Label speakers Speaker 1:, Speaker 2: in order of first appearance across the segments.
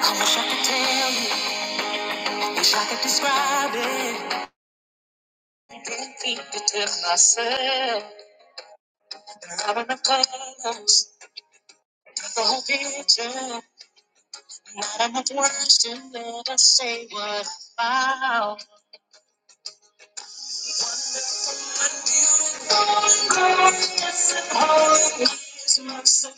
Speaker 1: I wish I could tell you, wish I could describe it. I Can't keep it to myself. i Not enough colors, not the whole picture. Not enough words to ever say what I found. This whole is mercy.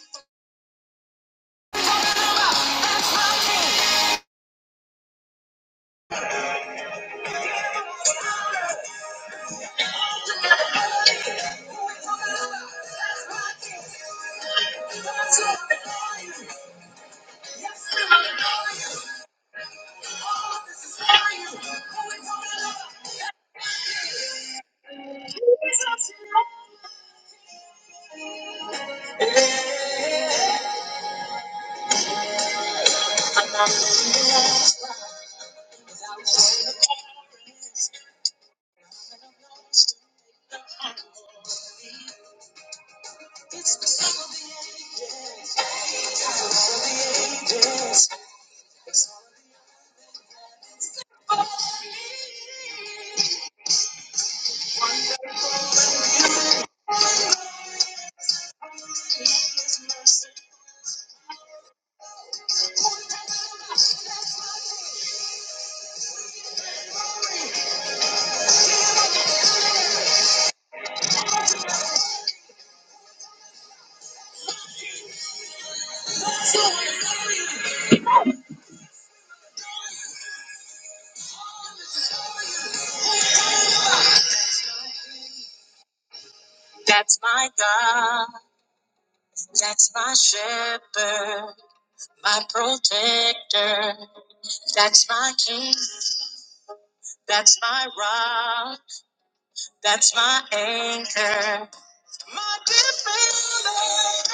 Speaker 1: I'm not religious. That's my God. That's my shepherd. My protector. That's my king. That's my rock. That's my anchor. My defender.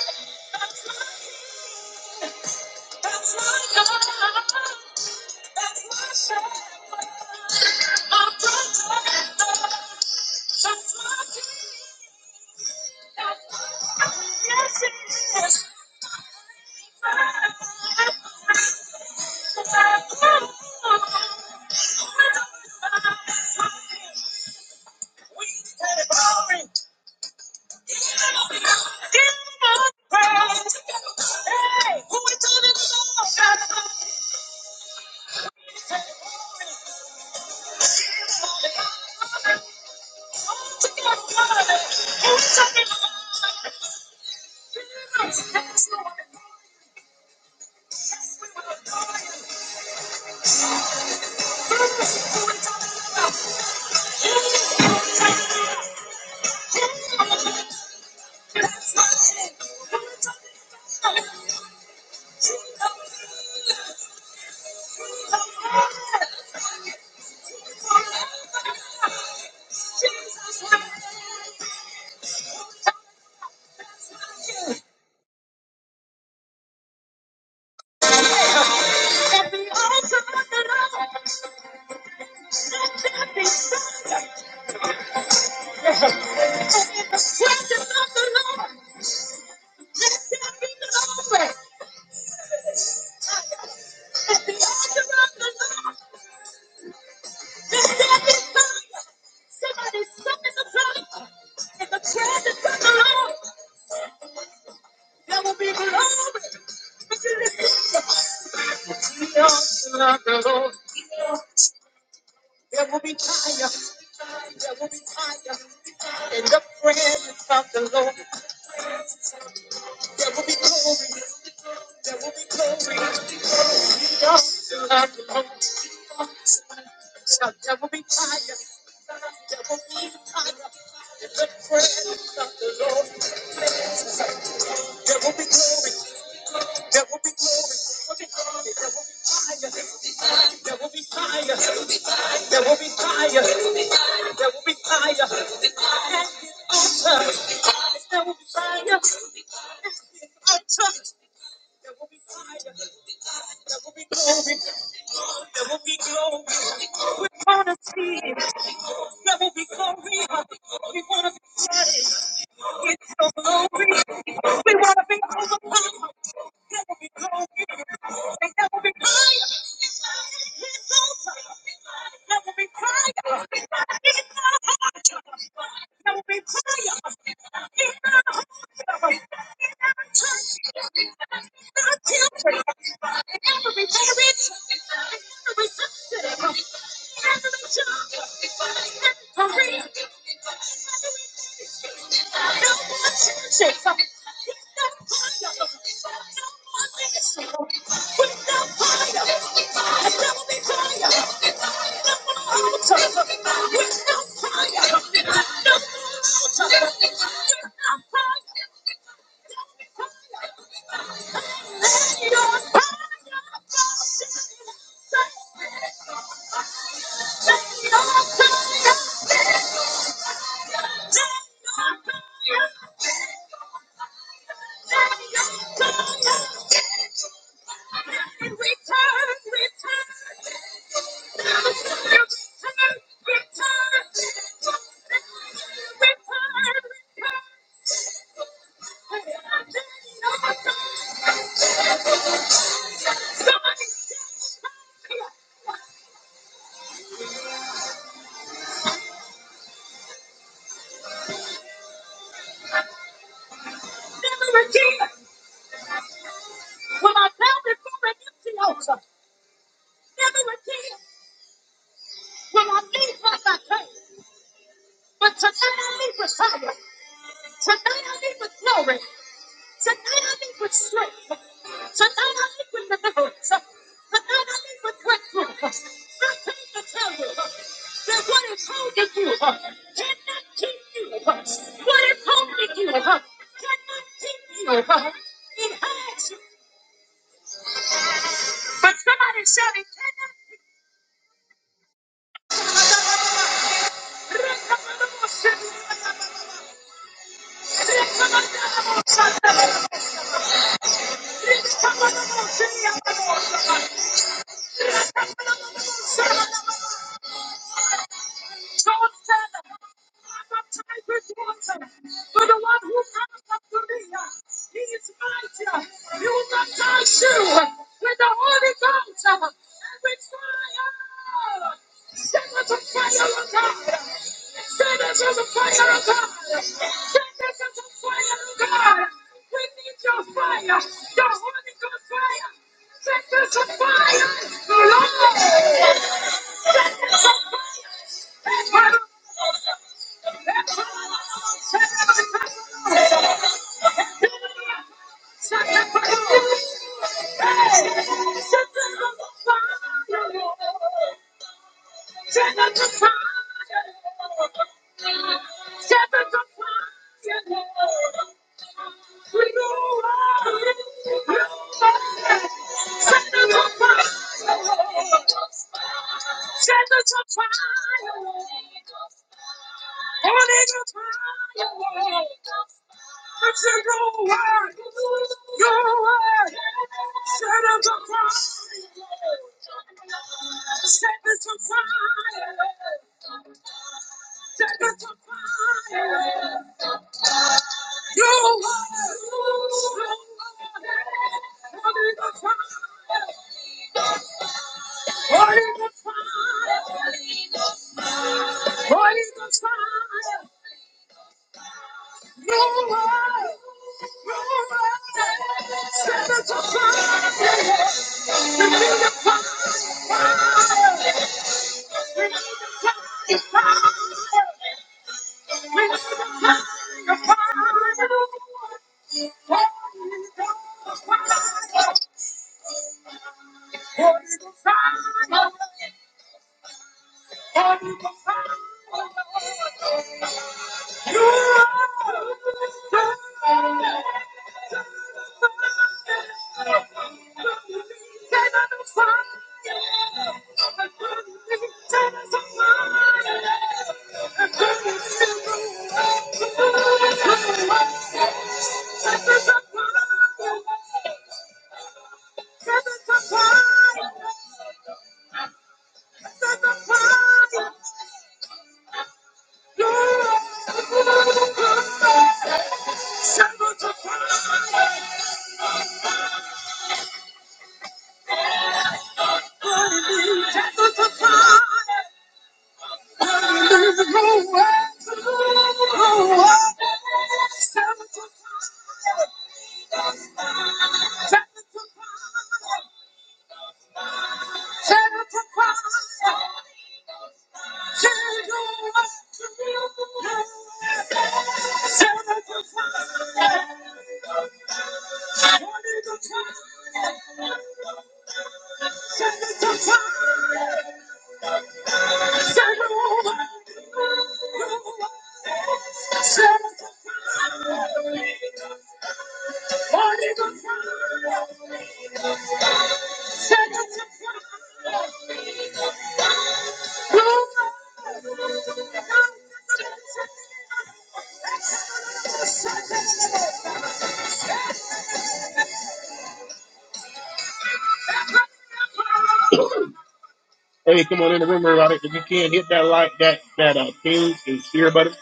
Speaker 1: Hey, come on in the room, everybody. If you can hit that like, that that uh, ping and share button.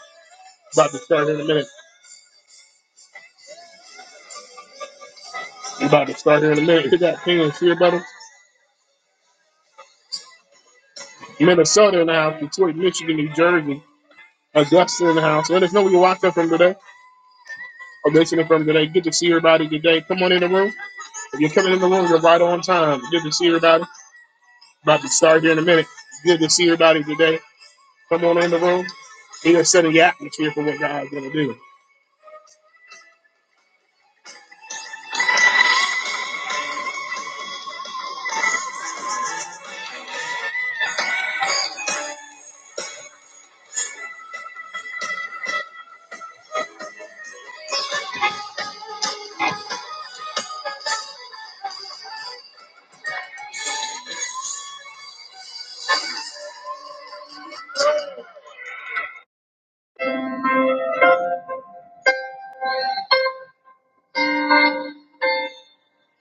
Speaker 1: About to start here in a minute. about to start here in a minute. Hit that ping and share button. Minnesota in the house, Detroit, Michigan, New Jersey, Augusta in the house. Let us know where you watched us from today or listening from today. Good to see everybody today. Come on in the room. If you're coming in the room, you're right on time. Good to see everybody. About to start here in a minute. Good to see everybody today. Come on in the room. He has set the atmosphere for what God's going to do.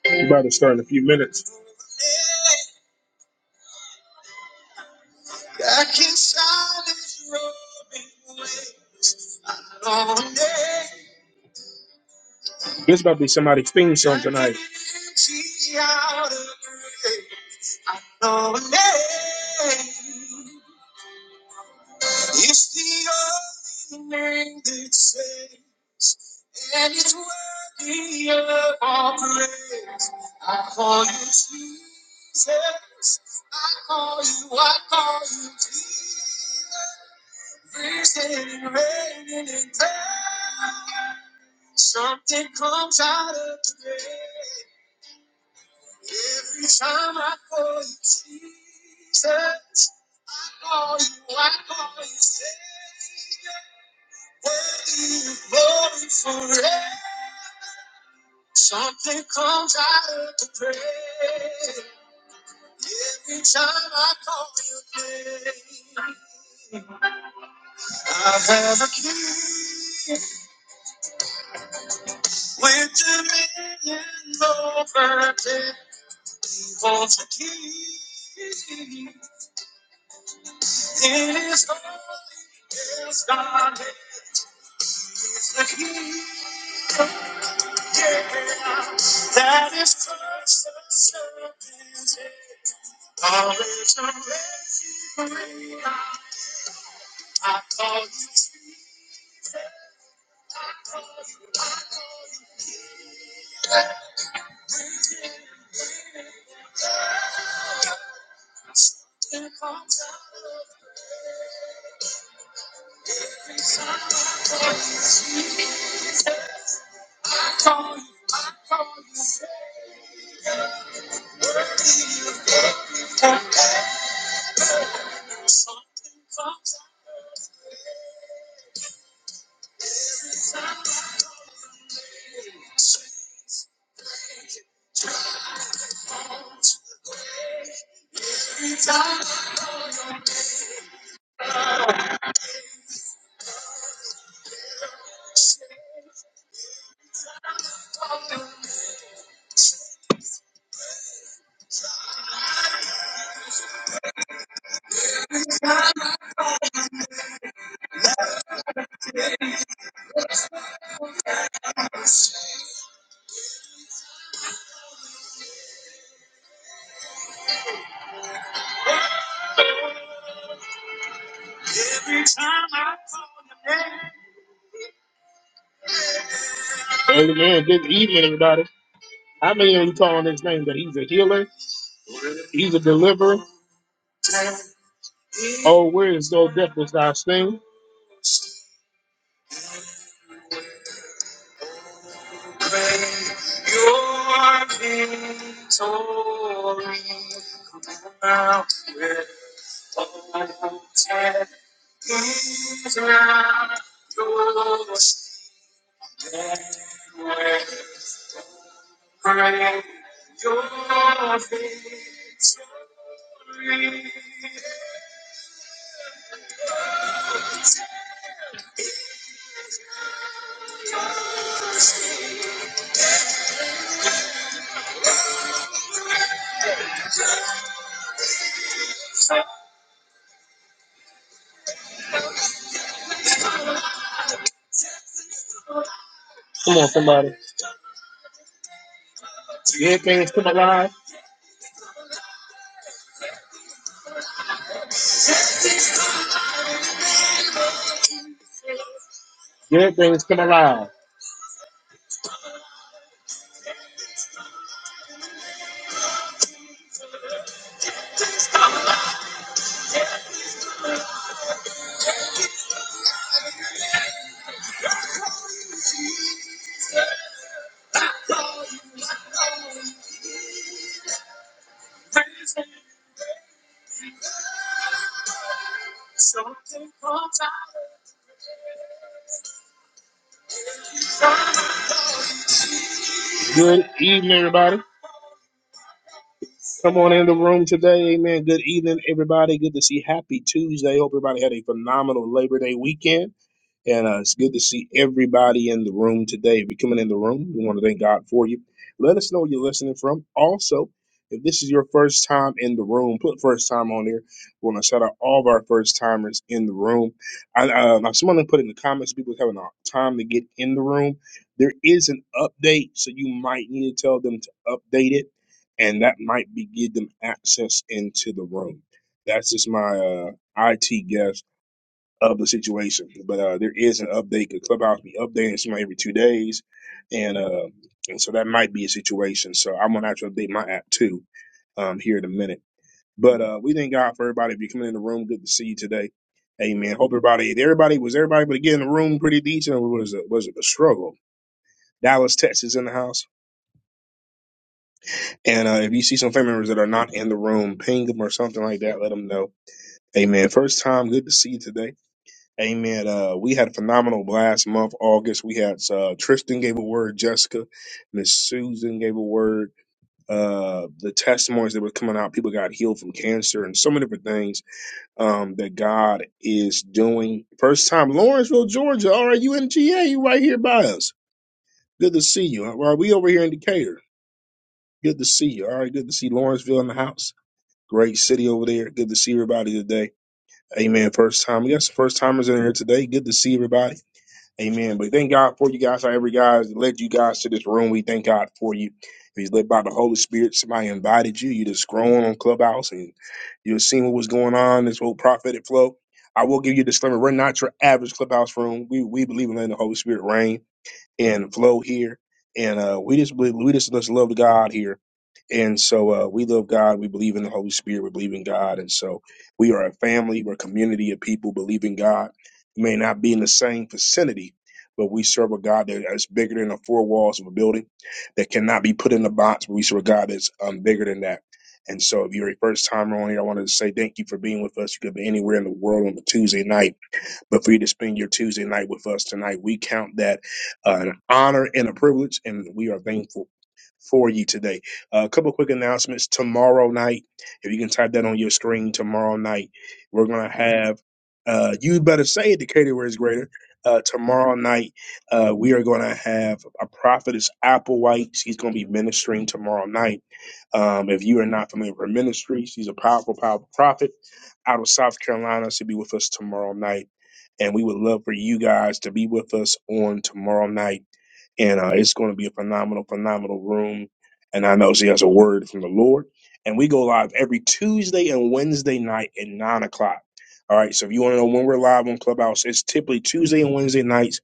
Speaker 1: We're about to start in a few minutes. This about to be somebody's theme song tonight. Amen. Good evening, everybody. How many of you call on his name that he's a healer? He's a deliverer. Oh, where is though death was thy sting? Come on, somebody. Good things come alive. Good things come alive. Good evening, everybody. Come on in the room today. Amen. Good evening, everybody. Good to see. Happy Tuesday. Hope everybody had a phenomenal Labor Day weekend. And uh, it's good to see everybody in the room today. If you're coming in the room, we want to thank God for you. Let us know where you're listening from. Also, if this is your first time in the room, put first time on here. We want to shout out all of our first timers in the room. I, uh, now someone put in the comments people having a time to get in the room. There is an update, so you might need to tell them to update it, and that might be give them access into the room. That's just my uh, IT guess of the situation. But uh, there is an update. The clubhouse be updating somebody every two days, and uh, and so that might be a situation. So I'm gonna actually update my app too um, here in a minute. But uh, we thank God for everybody. If you're coming in the room, good to see you today. Amen. Hope everybody, everybody was everybody, but again, the room pretty decent. It was a, was a struggle. Dallas, Texas, in the house. And uh, if you see some family members that are not in the room, ping them or something like that. Let them know. Amen. First time, good to see you today. Amen. Uh, we had a phenomenal last month, August. We had uh, Tristan gave a word, Jessica, Miss Susan gave a word. Uh, the testimonies that were coming out, people got healed from cancer and so many different things um, that God is doing. First time, Lawrenceville, Georgia. All right, you in GA? You right here by us. Good to see you. All right, we over here in Decatur. Good to see you. All right, good to see Lawrenceville in the house. Great city over there. Good to see everybody today. Amen. First time. We got some first timers in here today. Good to see everybody. Amen. But thank God for you guys, however, guys led you guys to this room. We thank God for you. If he's led by the Holy Spirit, somebody invited you. You just scrolling on Clubhouse and you're seeing what was going on, this whole prophetic flow. I will give you a disclaimer. We're not your average clubhouse room. We we believe in letting the Holy Spirit reign and flow here. And uh, we just believe, we just, just love God here. And so uh, we love God. We believe in the Holy Spirit. We believe in God. And so we are a family. We're a community of people believing God. We may not be in the same vicinity, but we serve a God that is bigger than the four walls of a building that cannot be put in a box. But we serve a God that's um, bigger than that. And so if you're a first timer on here, I wanted to say thank you for being with us. You could be anywhere in the world on a Tuesday night but for you to spend your Tuesday night with us tonight, we count that uh, an honor and a privilege, and we are thankful for you today. Uh, a couple of quick announcements. Tomorrow night, if you can type that on your screen, tomorrow night, we're going to have, uh, you better say it, Decatur where is greater. Uh, tomorrow night, uh, we are going to have a prophetess, Applewhite. She's going to be ministering tomorrow night. Um, if you are not familiar with her ministry, she's a powerful, powerful prophet out of South Carolina. She'll be with us tomorrow night and we would love for you guys to be with us on tomorrow night. And uh, it's going to be a phenomenal, phenomenal room. And I know she has a word from the Lord. And we go live every Tuesday and Wednesday night at nine o'clock. All right. So if you want to know when we're live on Clubhouse, it's typically Tuesday and Wednesday nights.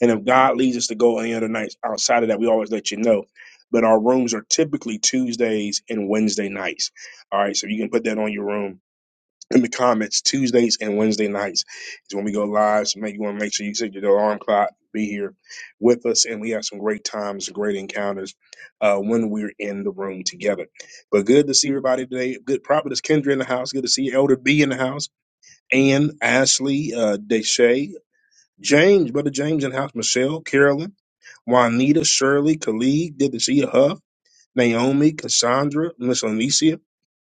Speaker 1: And if God leads us to go any other nights outside of that, we always let you know. But our rooms are typically Tuesdays and Wednesday nights. All right. So you can put that on your room in the comments Tuesdays and Wednesday nights is when we go live. So make you want to make sure you set your alarm clock, be here with us, and we have some great times, great encounters uh, when we're in the room together. But good to see everybody today. Good prophetess Kendra in the house. Good to see Elder B in the house. Ann, Ashley, uh, Deshay, James, brother James in the house. Michelle, Carolyn, Juanita, Shirley, Khalid. Good to see you, Huff. Naomi, Cassandra, Miss Onicia,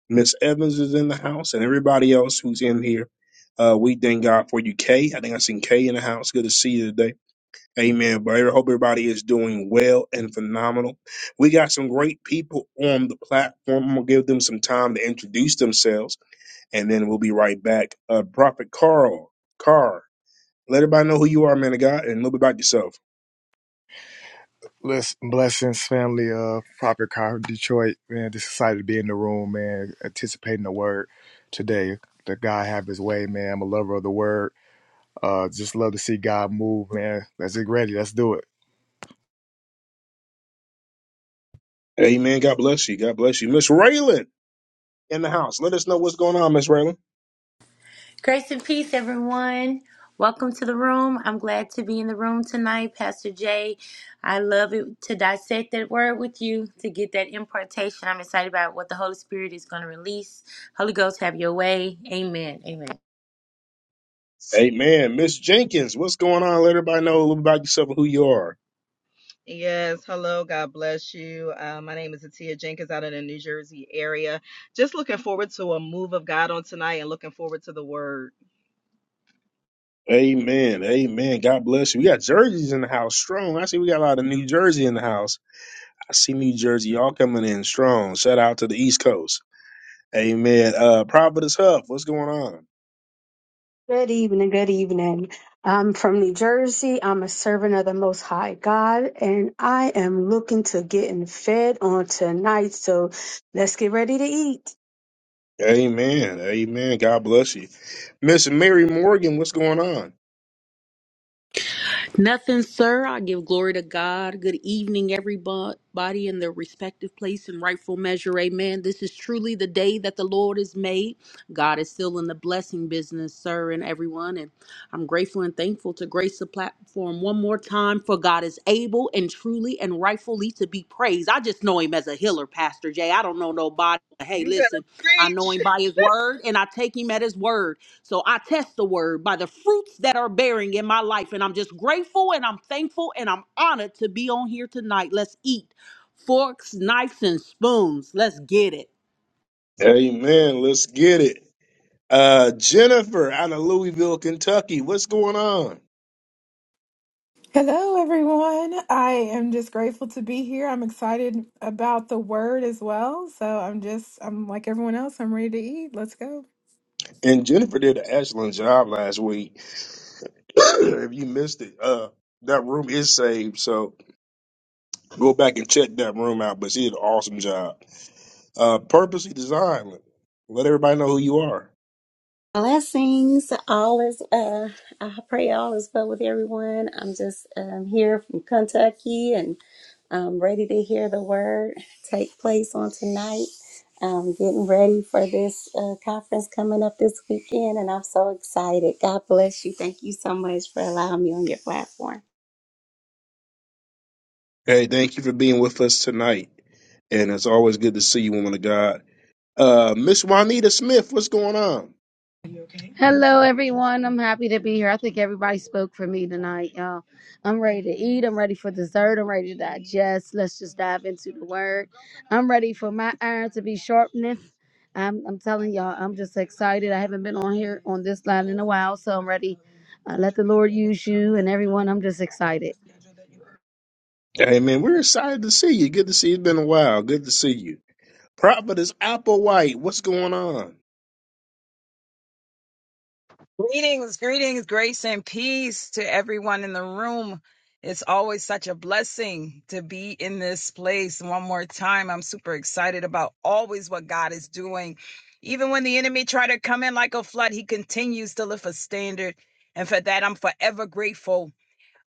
Speaker 1: Miss Evans is in the house, and everybody else who's in here. Uh, we thank God for you, Kay. I think I seen Kay in the house. Good to see you today. Amen. But I hope everybody is doing well and phenomenal. We got some great people on the platform. I'm gonna give them some time to introduce themselves, and then we'll be right back. Uh, Prophet Carl, Carr, let everybody know who you are, man of God, and a little bit about yourself.
Speaker 2: Bless, blessings, family of Prophet Car Detroit. Man, just excited to be in the room, man. Anticipating the word today. That God have His way, man. I'm a lover of the word. Uh, just love to see God move, man. Let's get ready. Let's do it.
Speaker 1: Amen. God bless you. God bless you, Miss Raylan in the house. Let us know what's going on, Miss Raylan.
Speaker 3: Grace and peace, everyone. Welcome to the room. I'm glad to be in the room tonight, Pastor Jay. I love it to dissect that word with you, to get that impartation. I'm excited about what the Holy Spirit is going to release. Holy Ghost, have your way. Amen. Amen.
Speaker 1: Amen. Miss Jenkins, what's going on? Let everybody know a little about yourself and who you are.
Speaker 4: Yes, hello, God bless you. Uh, my name is Atia Jenkins out in the New Jersey area. Just looking forward to a move of God on tonight and looking forward to the word.
Speaker 1: Amen. Amen. God bless you. We got jerseys in the house strong. I see we got a lot of New Jersey in the house. I see New Jersey. Y'all coming in strong. Shout out to the East Coast. Amen. Uh Providence Huff, what's going on?
Speaker 5: Good evening. Good evening. I'm from New Jersey. I'm a servant of the Most High God, and I am looking to getting fed on tonight. So let's get ready to eat.
Speaker 1: Amen. Amen. God bless you. Miss Mary Morgan, what's going on?
Speaker 6: Nothing, sir. I give glory to God. Good evening, everybody in their respective place and rightful measure. Amen. This is truly the day that the Lord has made. God is still in the blessing business, sir, and everyone. And I'm grateful and thankful to grace the platform one more time for God is able and truly and rightfully to be praised. I just know him as a healer, Pastor Jay. I don't know nobody. Hey,
Speaker 4: You better
Speaker 6: listen, I know
Speaker 4: preach.
Speaker 6: him by his word and I take him at his word. So I test the word by the fruits that are bearing in my life. And I'm just grateful and I'm thankful and I'm honored to be on here tonight. Let's eat forks, knives, and spoons. Let's get it.
Speaker 1: Amen. Let's get it. Uh Jennifer out of Louisville, Kentucky. What's going on?
Speaker 7: Hello, everyone. I am just grateful to be here. I'm excited about the word as well. So I'm just, I'm like everyone else, I'm ready to eat. Let's go.
Speaker 1: And Jennifer did an excellent job last week Uh, if you missed it, uh, that room is saved. So go back and check that room out. But she did an awesome job. Uh, purposely designed. Let everybody know who you are.
Speaker 8: Blessings. All is uh I pray all is well with everyone. I'm just um here from Kentucky and I'm ready to hear the word take place on tonight. Um getting ready for this uh, conference coming up this weekend and I'm so excited. God bless you. Thank you so much for allowing me on your platform.
Speaker 1: Hey, thank you for being with us tonight. And it's always good to see you, woman of God. Uh, Miss Juanita Smith, what's going on?
Speaker 9: Hello, everyone. I'm happy to be here. I think everybody spoke for me tonight, y'all. I'm ready to eat. I'm ready for dessert. I'm ready to digest. Let's just dive into the word. I'm ready for my iron to be sharpened. I'm, I'm telling y'all, I'm just excited. I haven't been on here on this line in a while, so I'm ready. Uh, let the Lord use you and everyone. I'm just excited.
Speaker 1: Hey, man, we're excited to see you. Good to see you. It's been a while. Good to see you. Prophetess Applewhite, what's going on?
Speaker 10: Greetings, greetings, grace and peace to everyone in the room. It's always such a blessing to be in this place. One more time, I'm super excited about always what God is doing. Even when the enemy try to come in like a flood, he continues to lift a standard. And for that, I'm forever grateful.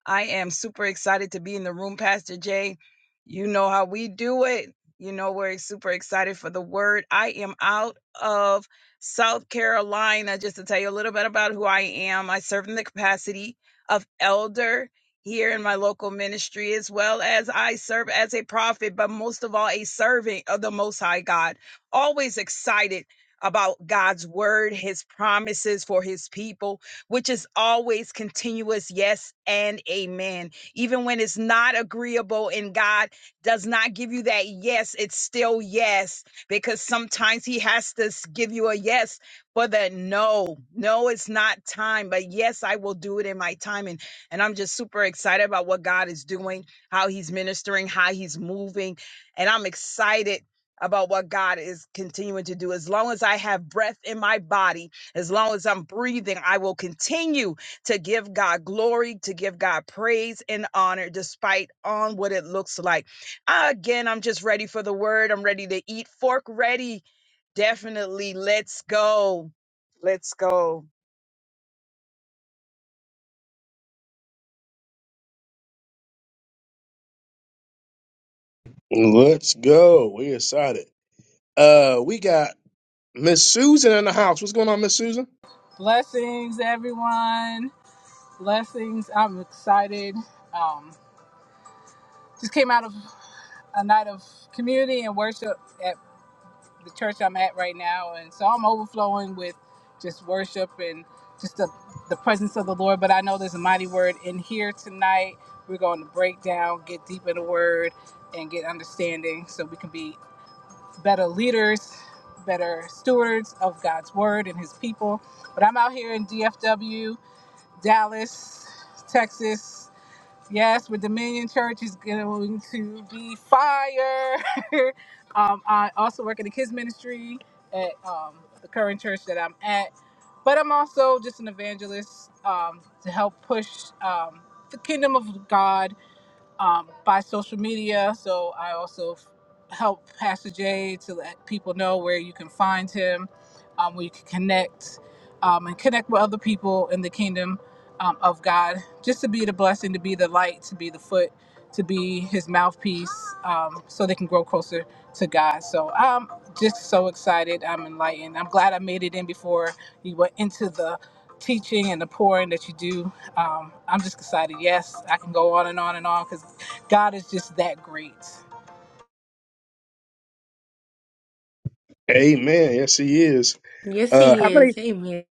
Speaker 10: I am super excited to be in the room, Pastor Jay. You know how we do it. You know, we're super excited for the word. I am out of South Carolina. Just to tell you a little bit about who I am, I serve in the capacity of elder here in my local ministry, as well as I serve as a prophet, but most of all, a servant of the Most High God. Always excited about God's word, his promises for his people which is always continuous. Yes and amen. Even when it's not agreeable and God does not give you that yes, it's still yes because sometimes He has to s- give you a yes for the no. No, it's not time, but yes, I will do it in my time. And, and I'm just super excited about what God is doing, how He's ministering, how He's moving. And I'm excited about what God is continuing to do. As long as I have breath in my body, as long as I'm breathing, I will continue to give God glory, to give God praise and honor, despite on what it looks like. Again, I'm just ready for the word. I'm ready to eat. Fork ready. Definitely. Let's go. Let's go.
Speaker 1: Let's go. We're excited. Uh, we got Miss Susan in the house. What's going on, Miss Susan?
Speaker 11: Blessings, everyone. Blessings. I'm excited. Um, just came out of a night of community and worship at the church I'm at right now, and so I'm overflowing with just worship and just the, the presence of the Lord. But I know there's a mighty word in here tonight. We're going to break down, get deep in the word, and get understanding so we can be better leaders, better stewards of God's word and His people. But I'm out here in DFW Dallas, Texas. Yes, with Dominion Church is going to be fire. um, I also work in the kids ministry at um, the current church that I'm at, but I'm also just an evangelist um, to help push um, the kingdom of God um, by social media. So I also f- help Pastor Jay to let people know where you can find him, um, where you can connect um, and connect with other people in the kingdom um, of God, just to be the blessing, to be the light, to be the foot, to be his mouthpiece, um, so they can grow closer to God. So I'm just so excited. I'm enlightened. I'm glad I made it in before you went into the teaching and the pouring that you do um, I'm just excited. Yes, I can go on and on and on because God is just that great.
Speaker 1: Amen. Yes, he is.
Speaker 3: Yes,
Speaker 1: Uh,
Speaker 3: He
Speaker 1: how many?
Speaker 3: is. Amen.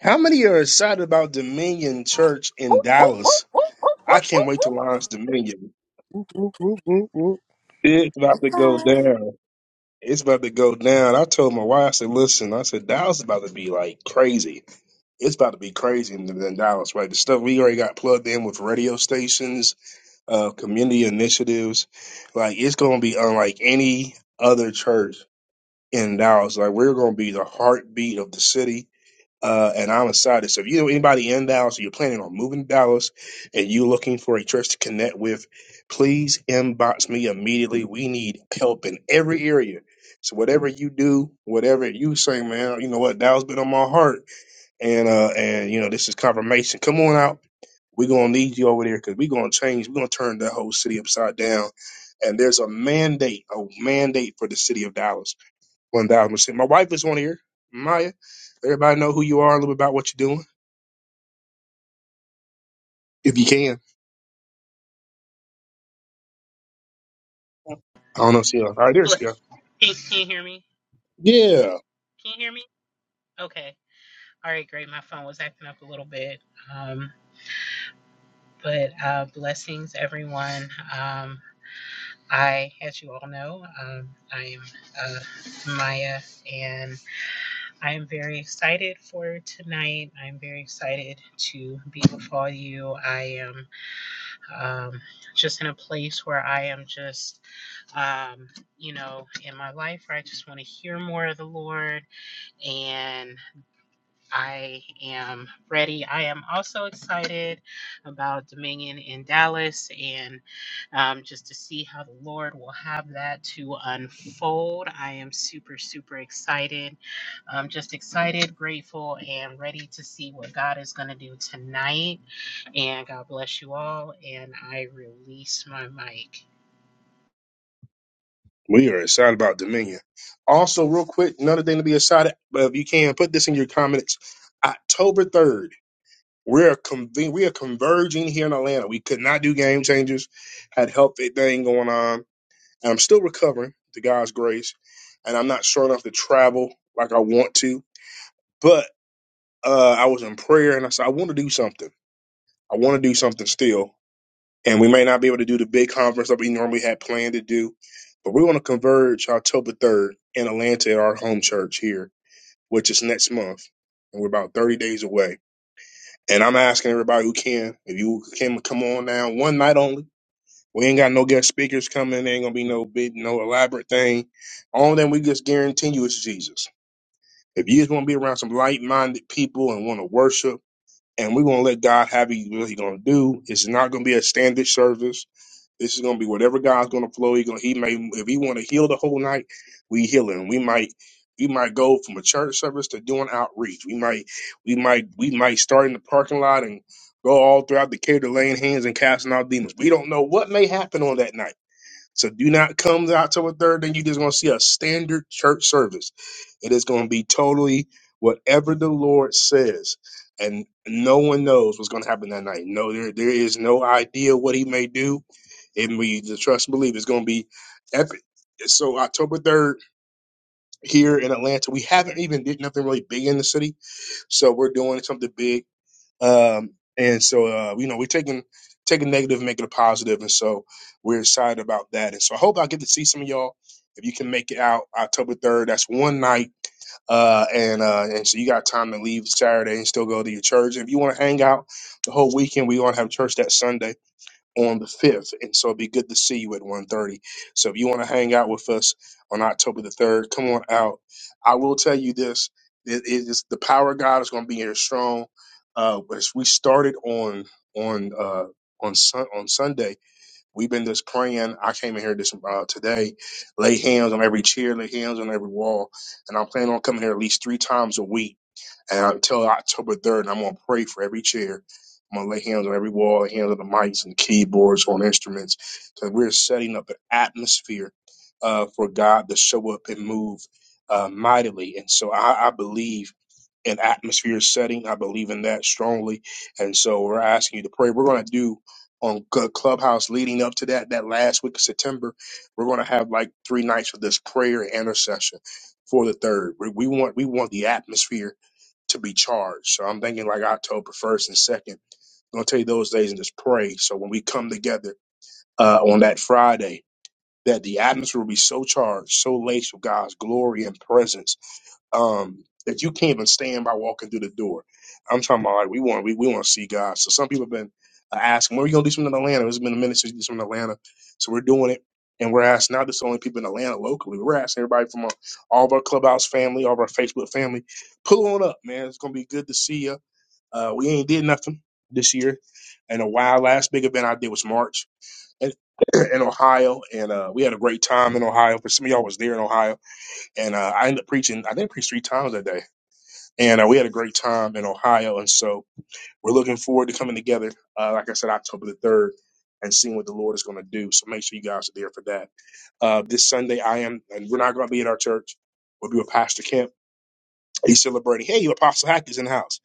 Speaker 1: How many are excited about Dominion Church in
Speaker 11: Whoop, whoop,
Speaker 1: Dallas?
Speaker 11: whoop, whoop,
Speaker 1: I
Speaker 11: whoop, whoop,
Speaker 1: can't wait
Speaker 11: whoop.
Speaker 1: to launch Dominion.
Speaker 2: Whoop, whoop, whoop, whoop, whoop.
Speaker 1: It's about
Speaker 6: Okay,
Speaker 1: to go down. It's about to go down. I told my wife, I said, "Listen, I said Dallas is about to be like crazy. It's about to be crazy in, in Dallas, right? The stuff we already got plugged in with radio stations, uh, community initiatives, like it's going to be unlike any other church in Dallas. Like we're going to be the heartbeat of the city." uh, and I'm excited. So if you know anybody in Dallas or you're planning on moving to Dallas and you're looking for a church to connect with, please inbox me immediately. We need help in every area. So whatever you do, whatever you say, man, you know what, Dallas been on my heart. And uh and you know, this is confirmation. Come on out. We're gonna need you over there because we're gonna change, we're gonna turn that whole city upside down. And there's a mandate, a mandate for the city of Dallas. One thousand percent. My wife is on here, Maya. Everybody know who you are, a little bit about what you're doing, if you can. I don't know, Sheila. All right, there's Sheila.
Speaker 12: Bless. Can, can you hear me?
Speaker 1: Yeah,
Speaker 12: Can you hear me? Okay. All right, great. My phone was acting up a little bit. Um, but uh, blessings, everyone. Um, I, as you all know, um, I am uh, Maya, and I am very excited for tonight. I'm very excited to be with all you. I am um, just in a place where I am just, um, you know, in my life where I just want to hear more of the Lord and. I am ready. I am also excited about Dominion in Dallas and um, just to see how the Lord will have that to unfold. I am super, super excited. I'm just excited, grateful, and ready to see what God is going to do tonight. And God bless you all. And I release my mic.
Speaker 1: we are excited about Dominion. Also, real quick, another thing to be excited, but if you can, put this in your comments. October 3rd, we're conven- we are converging here in Atlanta. We could not do game changers, had health thing going on. And I'm still recovering, to God's grace, and I'm not sure enough to travel like I want to. But uh, I was in prayer, and I said, I want to do something. I want to do something still and we may not be able to do the big conference that we normally had planned to do, but we're going to converge October 3rd in Atlanta at our home church here, which is next month, and we're about 30 days away. And I'm asking everybody who can, if you can come on now, one night only. We ain't got no guest speakers coming. There ain't gonna be no big, no elaborate thing. Only thing we just guarantee you is Jesus. If you just want to be around some light-minded people and want to worship, and we're gonna let God have you what He's gonna do. It's not gonna be a standard service. This is gonna be whatever God's gonna flow. He gonna he may if he want to heal the whole night, we heal him. We might we might go from a church service to doing outreach. We might we might we might start in the parking lot and go all throughout the care laying hands and casting out demons. We don't know what may happen on that night. So do not come out till the third, then you're just gonna see a standard church service. It is gonna be totally whatever the Lord says. And no one knows what's gonna happen that night. No, there there is no idea what he may do and we the trust and believe it's going to be epic. So October third here in Atlanta, we haven't even did nothing really big in the city, so we're doing something big. Um, and so uh, you know we're taking taking negative, and making it positive, and so we're excited about that. And so I hope I get to see some of y'all. If you can make it out October third, that's one night, uh, and uh, and so you got time to leave Saturday and still go to your church. If you want to hang out the whole weekend, we going to have church that Sunday on the 5th. And so it'd be good to see you at one thirty. So if you want to hang out with us on October the 3rd, come on out. I will tell you this. It, it is, the power of God is going to be here strong. Uh, but as we started on on uh, on sun, on Sunday, we've been just praying. I came in here this uh, today, lay hands on every chair, lay hands on every wall, and I'm planning on coming here at least three times a week and until October 3rd, I'm going to pray for every chair. I'm going to lay hands on every wall, hands on the mics and keyboards, on instruments. Because we're setting up an atmosphere uh, for God to show up and move uh, mightily. And so I, I believe in atmosphere setting. I believe in that strongly. And so we're asking you to pray. We're going to do on Cl- Clubhouse leading up to that, that last week of September, we're going to have like three nights of this prayer and intercession for the third. We, we want, we want the atmosphere to be charged. So I'm thinking like October 1st and 2nd. I'm going to take those days and just pray. So when we come together uh, on that Friday, that the atmosphere will be so charged, so laced with God's glory and presence um, that you can't even stand by walking through the door. I'm talking about like we want we, we want to see God. So some people have been uh, asking, when are you going to do something in Atlanta? It's been a minute since you did something in Atlanta. So we're doing it. And we're asking not just only people in Atlanta locally, we're asking everybody from uh, all of our clubhouse family, all of our Facebook family, pull on up, man. It's going to be good to see you uh, we ain't did nothing this year in a while. Last big event I did was March in, in Ohio, and uh, we had a great time in Ohio. For some of y'all was there in Ohio, and uh, I ended up preaching. I think I preached three times that day, and uh, we had a great time in Ohio. And so we're looking forward to coming together. Uh, like I said, October the third. And seeing what the Lord is going to do. So make sure you guys are there for that. Uh, this Sunday, I am, and we're not going to be at our church. We'll be with Pastor Kemp. He's celebrating. Hey, Apostle Hack is in the house.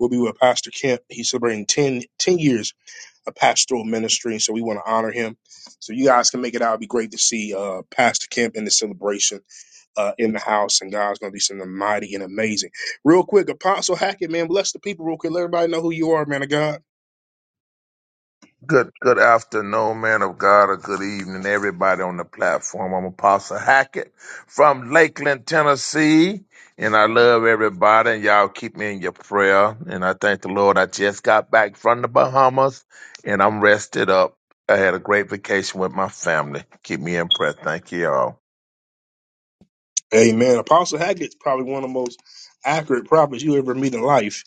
Speaker 1: We'll be with Pastor Kemp. He's celebrating 10 10 years a pastoral ministry, so we want to honor him. So you guys can make it out. It'd be great to see uh, Pastor Kemp in the celebration uh, in the house, and God's going to do something mighty and amazing. Real quick, Apostle Hackett, man, bless the people real quick. Let everybody know who you are, man of God.
Speaker 13: Good good afternoon, man of God, or good evening, everybody on the platform. I'm Apostle Hackett from Lakeland, Tennessee. And I love everybody, and y'all keep me in your prayer. And I thank the Lord. I just got back from the Bahamas and I'm rested up. I had a great vacation with my family. Keep me in prayer. Thank you all.
Speaker 1: Amen. Apostle Hackett's probably one of the most accurate prophets you ever meet in life.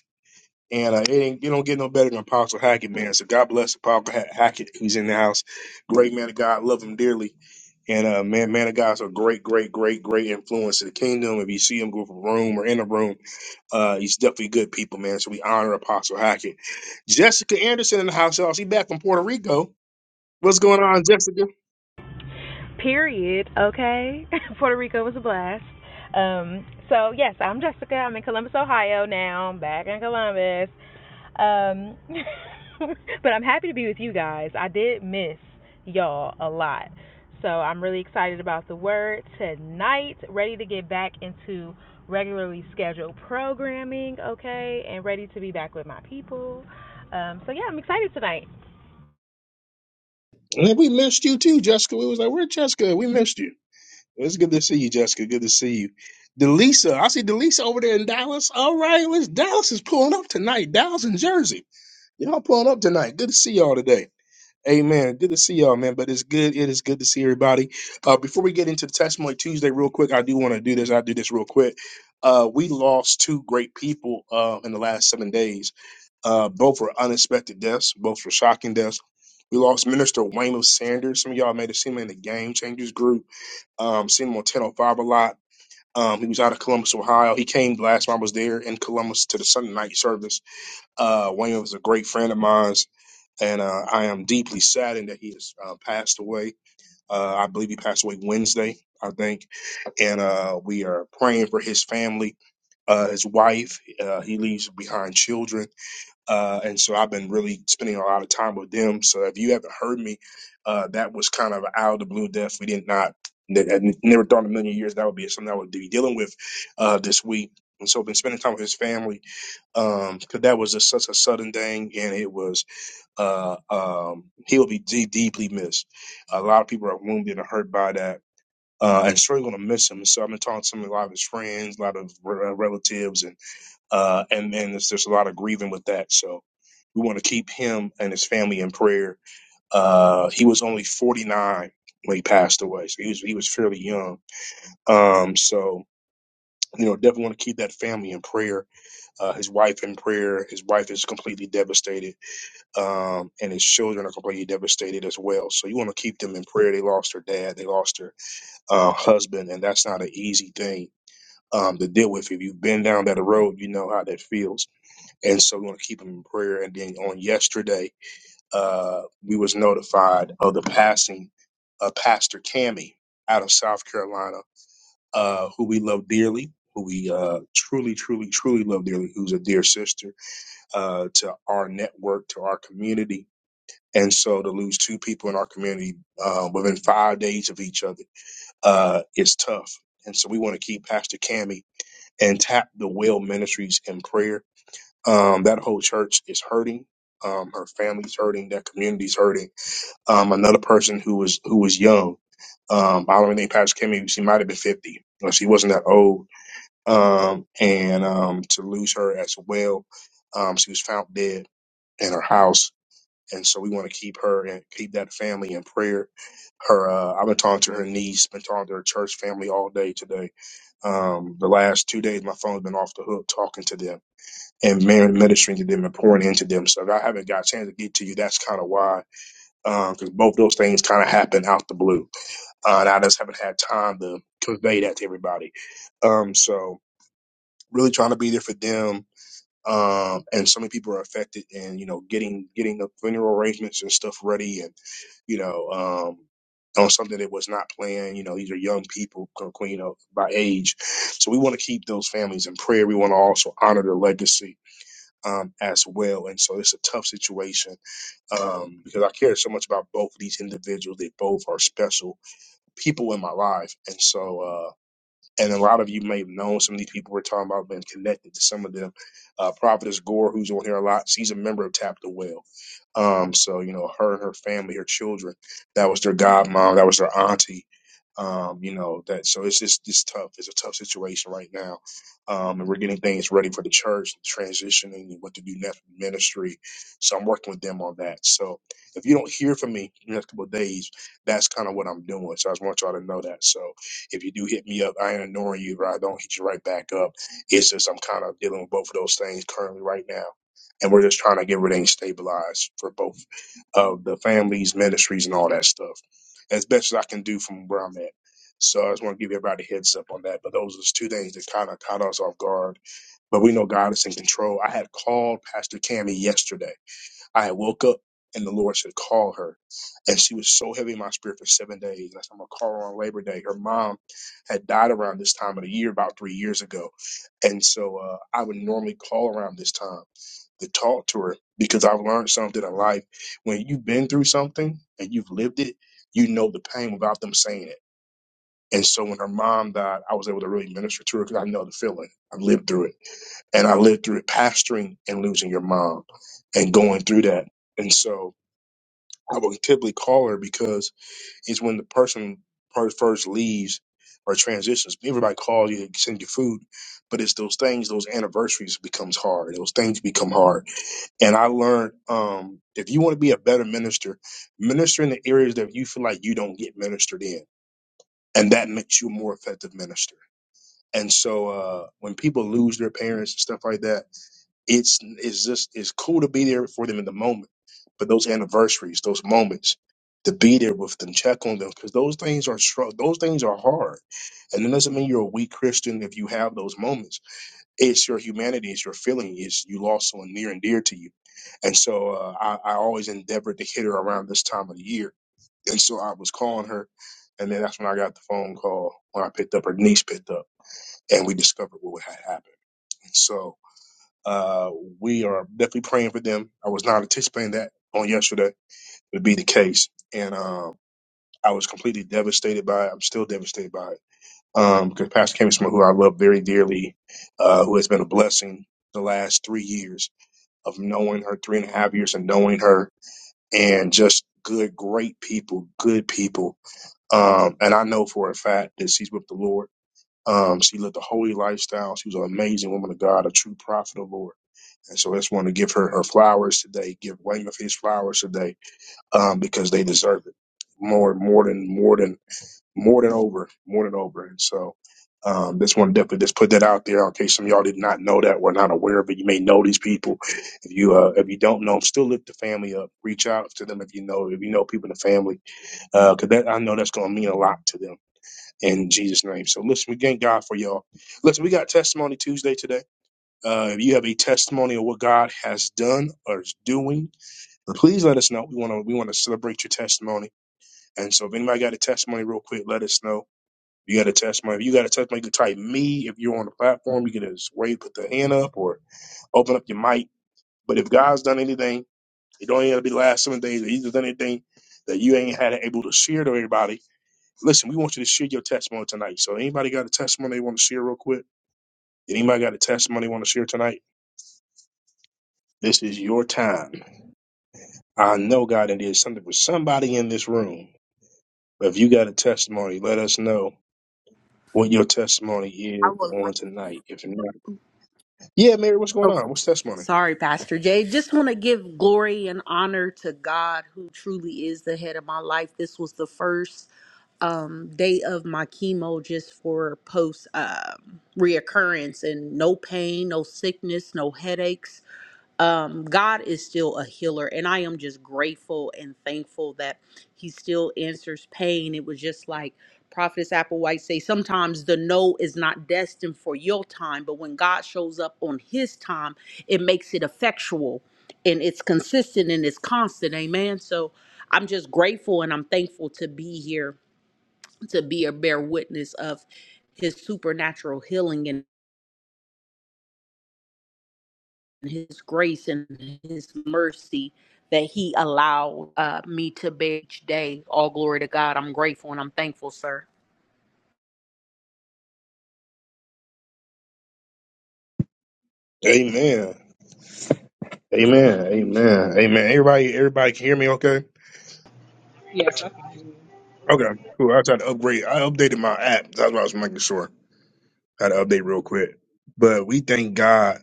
Speaker 1: And uh, it ain't, you don't get no better than Apostle Hackett, man. So God bless Apostle Ha- Hackett, who's in the house. Great man of God. Love him dearly. And uh, man, man of God's a great, great, great, great influence to the kingdom. If you see him go from room or in a room, uh, he's definitely good people, man. So we honor Apostle Hackett. Jessica Anderson in the house, y'all. She back from Puerto Rico. What's going on, Jessica?
Speaker 14: Period. Okay. Puerto Rico was a blast. Um, so yes, I'm Jessica. I'm in Columbus, Ohio now. I'm back in Columbus. Um, but I'm happy to be with you guys. I did miss y'all a lot. So I'm really excited about the word tonight. Ready to get back into regularly scheduled programming, okay, and ready to be back with my people. Um, so yeah, I'm excited tonight.
Speaker 1: Man, we missed you too, Jessica. We was like, where Jessica? We missed you. It's good to see you, Jessica. Good to see you. Delisa, I see Delisa over there in Dallas. All right, let's Dallas is pulling up tonight. Dallas and Jersey. Y'all pulling up tonight. Good to see y'all today. Amen. Good to see y'all, man. But it's good. It is good to see everybody. Uh, before we get into the testimony Tuesday, real quick, I do want to do this. I do this real quick. Uh, we lost two great people uh, in the last seven days. Uh, both were unexpected deaths. Both were shocking deaths. We lost Minister Waymo Sanders. Some of y'all may have seen him in the Game Changers group. Um, seen him on 1005 a lot. Um, he was out of Columbus, Ohio. He came last time I was there in Columbus to the Sunday night service. Uh, Waymo was a great friend of mine and uh, I am deeply saddened that he has uh, passed away. Uh, I believe he passed away Wednesday, I think, and uh, we are praying for his family, uh, his wife. Uh, he leaves behind children, uh, and so I've been really spending a lot of time with them. So if you haven't heard me, uh, that was kind of out of the blue death. We did not. I never thought in a million years that would be something I would be dealing with uh, this week. And so I've been spending time with his family because that was just such a sudden thing. And it was uh, um, he will be de- deeply missed. A lot of people are wounded and hurt by that. Uh, and sure, going to miss him. So I've been talking to him, a lot of his friends, a lot of re- uh, relatives, and uh, and then there's just a lot of grieving with that. So we want to keep him and his family in prayer. Uh, he was only 49 when he passed away, so he was he was fairly young. Um, so you know, definitely want to keep that family in prayer. Uh, his wife in prayer. His wife is completely devastated um, and his children are completely devastated as well. So you want to keep them in prayer. They lost their dad, they lost their uh, husband, and that's not an easy thing um, to deal with. If you've been down that road, you know how that feels. And so we want to keep them in prayer. And then on yesterday, uh, we was notified of the passing of Pastor Tammy out of South Carolina, uh, who we love dearly. Who we uh, truly, truly, truly love dearly, who's a dear sister uh, to our network, to our community, and so to lose two people in our community uh, within five days of each other uh, is tough. And so we want to keep Pastor Cami and tap the Well Ministries in prayer. Um, that whole church is hurting. Um, her family's hurting. That community's hurting. Um, another person who was who was young. Um, I don't even think Pastor Kimmy. She might have been fifty. Well, She wasn't that old. Um, and um, to lose her as well. Um, she was found dead in her house and so we want to keep her and keep that family in prayer. Her, uh, I've been talking to her niece, been talking to her church family all day today. Um, the last two days, my phone's been off the hook talking to them and man- ministering to them and pouring into them. So if I haven't got a chance to get to you, that's kind of why, because both those things kind of happen out the blue, uh, and I just haven't had time to convey that to everybody. Um, so really trying to be there for them um, and so many people are affected and you know getting getting the funeral arrangements and stuff ready and you know um, on something that was not planned you know these are young people you know by age so we want to keep those families in prayer we want to also honor their legacy um, as well and so it's a tough situation um, because i care so much about both of these individuals they both are special people in my life and so uh, and a lot of you may have known some of these people we're talking about been connected to some of them. Uh, Prophetess Gore, who's on here a lot, she's a member of Tap the Well. Um, so you know, her and her family, her children, that was their godmom, that was their auntie. Um, you know that, so it's just it's tough. It's a tough situation right now, um, and we're getting things ready for the church, transitioning, and what to do next with ministry. So I'm working with them on that. So if you don't hear from me in the next couple of days, that's kind of what I'm doing. So I just want y'all to know that. So if you do hit me up, I ain't ignoring you, but I don't hit you right back up. It's just I'm kind of dealing with both of those things currently right now. And we're just trying to get everything stabilized for both of the families, ministries, and all that stuff as best as I can do from where I'm at. So I just want to give everybody a heads up on that. But those are just two things that kind of caught us off guard. But we know God is in control. I had called Pastor Cammy yesterday I woke up and the Lord said, call her. And she was so heavy in my spirit for seven days. And I said, I'm going to call her on Labor Day. Her mom had died around this time of the year, about three years ago. And so uh, I would normally call around this time to talk to her because I've learned something in life. When you've been through something and you've lived it, you know the pain without them saying it. And so when her mom died, I was able to really minister to her because I know the feeling. I've lived through it and I lived through it pastoring and losing your mom and going through that. And so I would typically call her because it's when the person per- first leaves or transitions. Everybody calls you, send you food, but it's those things, those anniversaries becomes hard. Those things become hard. And I learned um, if you want to be a better minister, minister in the areas that you feel like you don't get ministered in. And that makes you a more effective minister. And so uh, when people lose their parents and stuff like that, it's it's just it's cool to be there for them in the moment, but those anniversaries, those moments, to be there with them, check on them, because those things are str- those things are hard. And it doesn't mean you're a weak Christian if you have those moments. It's your humanity, it's your feeling, it's you lost someone near and dear to you. And so uh, I, I always endeavored to hit her around this time of the year. And so I was calling her, and then that's when I got the phone call when I picked up her niece picked up, and we discovered what had happened. Uh, we are definitely praying for them. I was not anticipating that on yesterday would be the case, and um, I was completely devastated by it. I'm still devastated by it Um, 'cause because Pastor Cam is someone who I love very dearly, uh, who has been a blessing the last three years of knowing her, three and a half years of knowing her, and just good, great people, good people. Um, and I know for a fact that she's with the Lord. Um, she lived a holy lifestyle. She was an amazing woman of God, a true prophet of the Lord and so I just want to give her her flowers today, give Weymouth his flowers today, um, because they deserve it more, more than, more than, more than over, more than over. And so, um, just want to definitely just put that out there in case some of y'all did not know that, were not aware of it. You may know these people. If you, uh, if you don't know them, still lift the family up, reach out to them. If you know, if you know people in the family, uh, cause that, I know that's going to mean a lot to them in Jesus name. So listen, we thank God for y'all. Listen, we got testimony Tuesday today. Uh, if you have a testimony of what God has done or is doing, please let us know. We want to we want to celebrate your testimony. And so, if anybody got a testimony, real quick, let us know. If you got a testimony, if you got a testimony, you can type me. If you're on the platform, you can just wave, put the hand up, or open up your mic. But if God's done anything, it don't even have to be the last seven days. If He's done anything that you ain't had able to share to everybody. Listen, we want you to share your testimony tonight. So, anybody got a testimony they want to share, real quick? Anybody got a testimony they want to share tonight? This is your time. I know, God, that there's something for somebody in this room. But if you got a testimony, let us know what your testimony
Speaker 6: I
Speaker 1: is
Speaker 6: would
Speaker 1: on
Speaker 6: like.
Speaker 1: tonight. If not, yeah, Mary, what's going
Speaker 6: Okay.
Speaker 1: on? What's testimony?
Speaker 6: Sorry, Pastor Jay. Just want to give glory and honor to God who truly is the head of my life. This was the first um, day of my chemo just for post um, reoccurrence and no pain, no sickness, no headaches. um, God is still a healer, and I am just grateful and thankful that He still answers pain. It was just like Prophetess Applewhite say, sometimes the no is not destined for your time, but when God shows up on His time, it makes it effectual, and it's consistent and it's constant. Amen. So I'm just grateful and I'm thankful to be here to be a bear witness of His supernatural healing and his grace and his mercy that he allowed uh, me to bear each day. All glory to God. I'm grateful and I'm thankful, sir.
Speaker 1: Amen. Amen. Amen. Amen. Everybody, everybody can hear me okay?
Speaker 11: Yeah,
Speaker 1: Okay, cool. I tried to upgrade. I updated my app. That's what I was making sure. I had to update real quick. But we thank God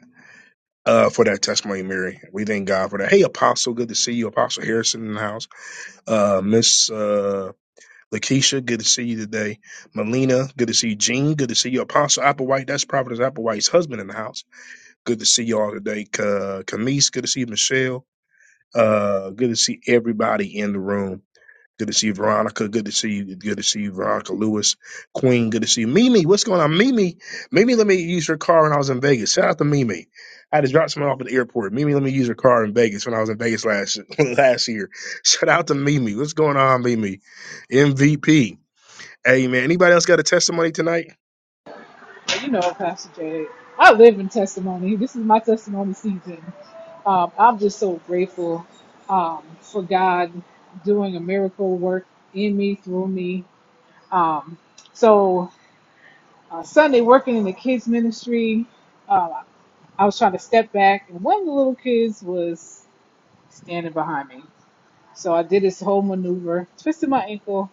Speaker 1: uh, for that testimony, Mary. We thank God for that. Hey, Apostle, good to see you. Apostle Harrison in the house. Uh, Miss uh, Lakeisha, good to see you today. Melina, good to see you. Gene, good to see you. Apostle Applewhite, that's Prophetess Applewhite's husband in the house. Good to see you all today. Ka- Kamis, good to see you. Michelle, uh, good to see everybody in the room. Good to see you, Veronica. Good to see you. Good to see you, Veronica Lewis. Queen, good to see you. Mimi, what's going on? Mimi, Mimi, let me use your car when I was in Vegas. Shout out to Mimi. I just dropped someone off at the airport. Mimi, let me use your car in Vegas when I was in Vegas last last year. Shout out to Mimi. What's going on, Mimi? MVP. Amen. Anybody else got a testimony tonight?
Speaker 11: but you know, Pastor Jay, I live in testimony. This is my testimony season. Um, I'm just so grateful um, for God doing a miracle work in me, through me. Um, so, uh, Sunday, working in the kids' ministry, uh, I was trying to step back, and one of the little kids was standing behind me. So I did this whole maneuver, twisted my ankle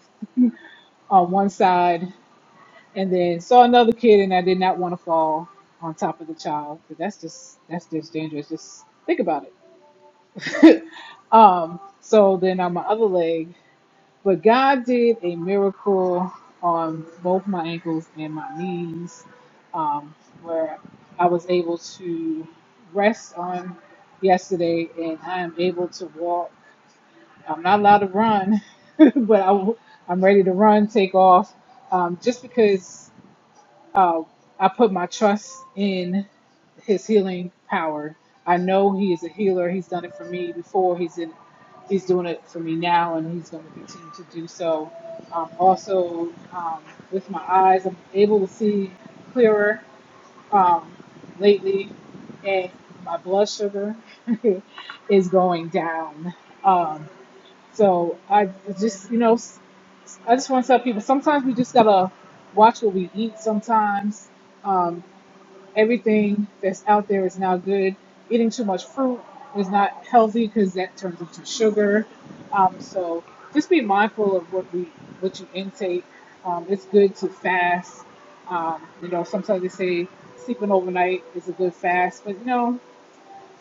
Speaker 11: on one side, and then saw another kid, and I did not want to fall on top of the child. 'cause That's just that's just dangerous. Just think about it. um. So then on my other leg, but God did a miracle on both my ankles and my knees, um, where I was able to rest on yesterday, and I am able to walk. I'm not allowed to run, but I, am ready to run, take off, um, just because I put my trust in His healing power. I know He is a healer. He's done it for me before. He's in, He's doing it for me now, and He's going to continue to do so. Um, also, um, with my eyes, I'm able to see clearer um, lately, and my blood sugar is going down. Um, So I just, you know, I just want to tell people sometimes we just gotta watch what we eat. Sometimes um, everything that's out there is not good. Eating too much fruit is not healthy because that turns into sugar. Um, so just be mindful of what we what you intake. Um, it's good to fast. Um, you know, sometimes they say sleeping overnight is a good fast, but you know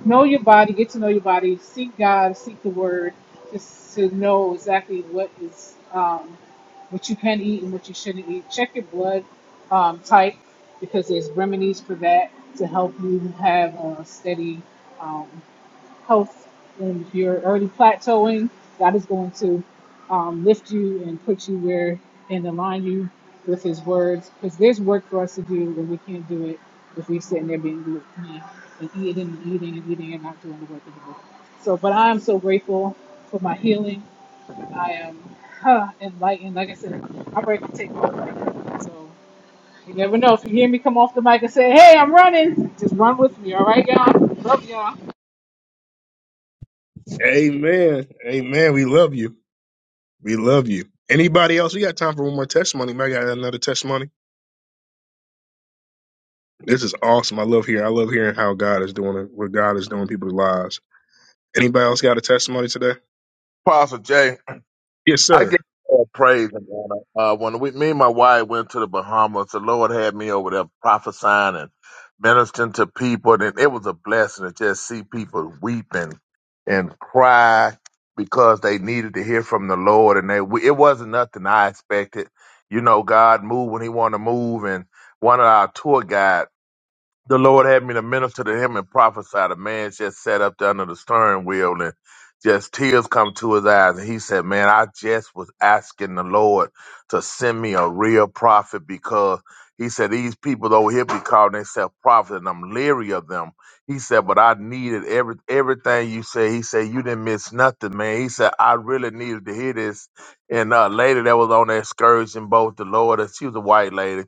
Speaker 11: know your body, get to know your body, seek God, seek the Word, just to know exactly what is um, what you can eat and what you shouldn't eat. Check your blood um, type because there's remedies for that to help you have a steady. Um, health and if you're already plateauing god is going to um, lift you and put you where and align you with his words because there's work for us to do and we can't do it if we're sitting there being glued and eating and eating and eating and not doing the work of the lord so but i'm so grateful for my healing i am huh, enlightened like i said i'm ready to take over so you never know if you hear me come off the mic and say hey i'm running just run with me all right y'all love y'all
Speaker 1: Amen. Amen. We love you. We love you. Anybody else? We got time for one more testimony. Might got another testimony. This is awesome. I love hearing. I love hearing how God is doing it, what God is doing in people's lives. Anybody else got a testimony today?
Speaker 13: Apostle Jay.
Speaker 1: Yes,
Speaker 13: I
Speaker 1: sir.
Speaker 13: give all praise and honor. Uh, when we, me and my wife went to the Bahamas, the Lord had me over there prophesying and ministering to people, and it was a blessing to just see people weeping and and cry because they needed to hear from the Lord, and they we, it wasn't nothing I expected. You know, God moved when He wanted to move, and one of our tour guides the Lord had me to minister to him and prophesy. The man just sat up there under the steering wheel and just tears come to his eyes. And he said, Man, I just was asking the Lord to send me a real prophet because he said, These people over here be calling themselves prophets and I'm leery of them. He said, But I needed every everything you said. He said, You didn't miss nothing, man. He said, I really needed to hear this. And a lady that was on the excursion boat, the Lord, she was a white lady.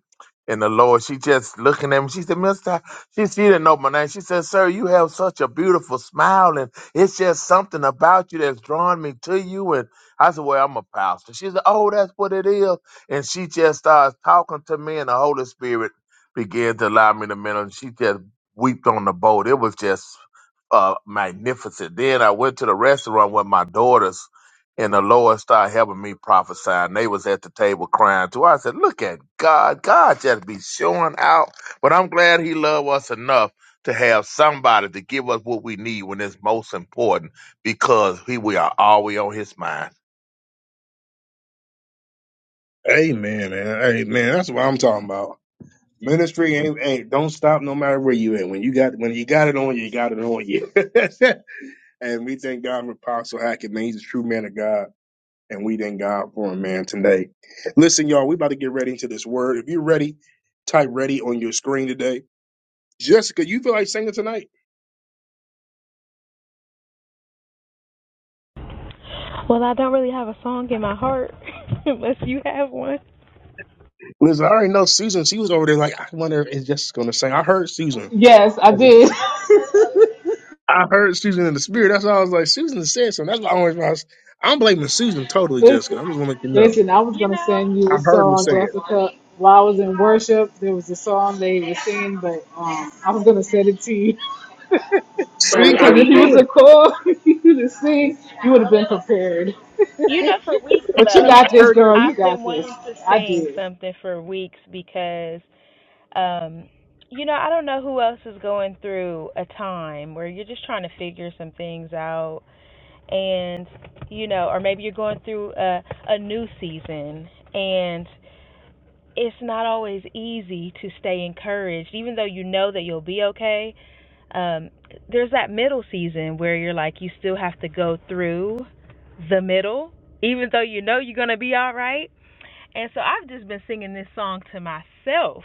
Speaker 13: And the Lord, she just looking at me. She said, Mister. She, she didn't know my name. She said, Sir, you have such a beautiful smile, and it's just something about you that's drawing me to you. And I said, Well, I'm a pastor. She said, Oh, that's what it is. And she just starts talking to me, and the Holy Spirit began to allow me to minister. She just wept on the boat. It was just uh, magnificent. Then I went to the restaurant with my daughters, and the Lord started helping me prophesy. And they was at the table crying too. I said, "Look at God! God just be showing out." But I'm glad he loved us enough to have somebody to give us what we need when it's most important because he, we are always on his mind.
Speaker 1: Amen, man. Amen. That's what I'm talking about. Ministry ain't, ain't don't stop no matter where you at. When you got when you got it on you, you got it on you. and we thank God for Apostle Hackett, man. He's a true man of God and we thank God for him, man, today. Listen, y'all, we about to get ready into this word. If you're ready, type ready on your screen today. Jessica, you feel like singing tonight?
Speaker 14: Well, I don't really have a song in my heart unless you have one.
Speaker 1: Listen, I already know Susan. She was over there like, I wonder if Jessica's going to sing. I heard Susan.
Speaker 11: yes i did
Speaker 1: I heard Susan in the spirit. That's why I was like, Susan said something. That's why I always was. I'm blaming Susan totally, Jessica.
Speaker 11: Listen,
Speaker 1: I'm just want to let you know.
Speaker 11: listen, I was
Speaker 14: You
Speaker 11: gonna
Speaker 14: know,
Speaker 11: send you
Speaker 1: I
Speaker 11: a
Speaker 1: heard her
Speaker 11: song,
Speaker 1: say it.
Speaker 11: Jessica. While I was in worship, there was a song they were singing, but um, I was gonna send it to you
Speaker 1: See, I
Speaker 11: because if you was
Speaker 1: knew
Speaker 11: a
Speaker 1: it.
Speaker 11: call you to sing, you would have been prepared.
Speaker 14: you know, for weeks
Speaker 11: But you
Speaker 1: I
Speaker 11: got
Speaker 14: though,
Speaker 11: this,
Speaker 1: heard that.
Speaker 11: girl. You
Speaker 14: I've
Speaker 11: got
Speaker 14: been
Speaker 11: this.
Speaker 14: wanting to
Speaker 11: I
Speaker 14: sing
Speaker 11: did.
Speaker 14: something for weeks because, um, you know, I don't know who else is going through a time where you're just trying to figure some things out, and you know, or maybe you're going through a a new season, and it's not always easy to stay encouraged, even though you know that you'll be okay. um, there's that middle season where you're like you still have to go through the middle, even though you know you're gonna be all right. And so I've just been singing this song to myself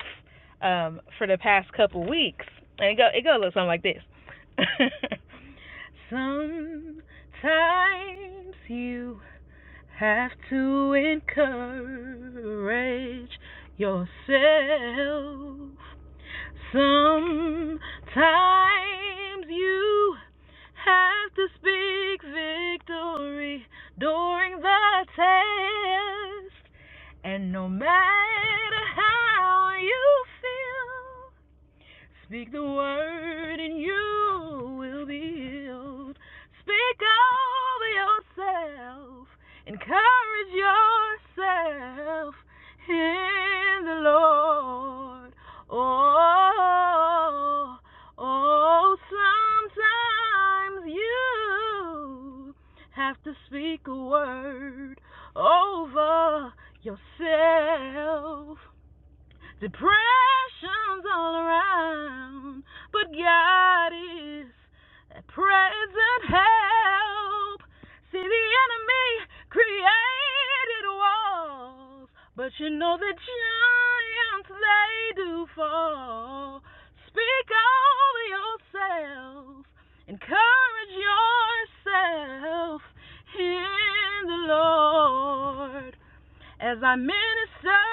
Speaker 14: um, for the past couple weeks, and it go it go a little something like this. Sometimes you have to encourage yourself Sometimes you have to speak victory during the test. And no matter how you feel, Speak the word and you will be healed. Speak over yourself. Encourage yourself in the Lord. Oh, oh, sometimes you have to speak a word over yourself. Depression's all around, but God is a present help. See, the enemy created walls, but you know the giants they do fall. Speak over yourself, encourage yourself in the Lord as I minister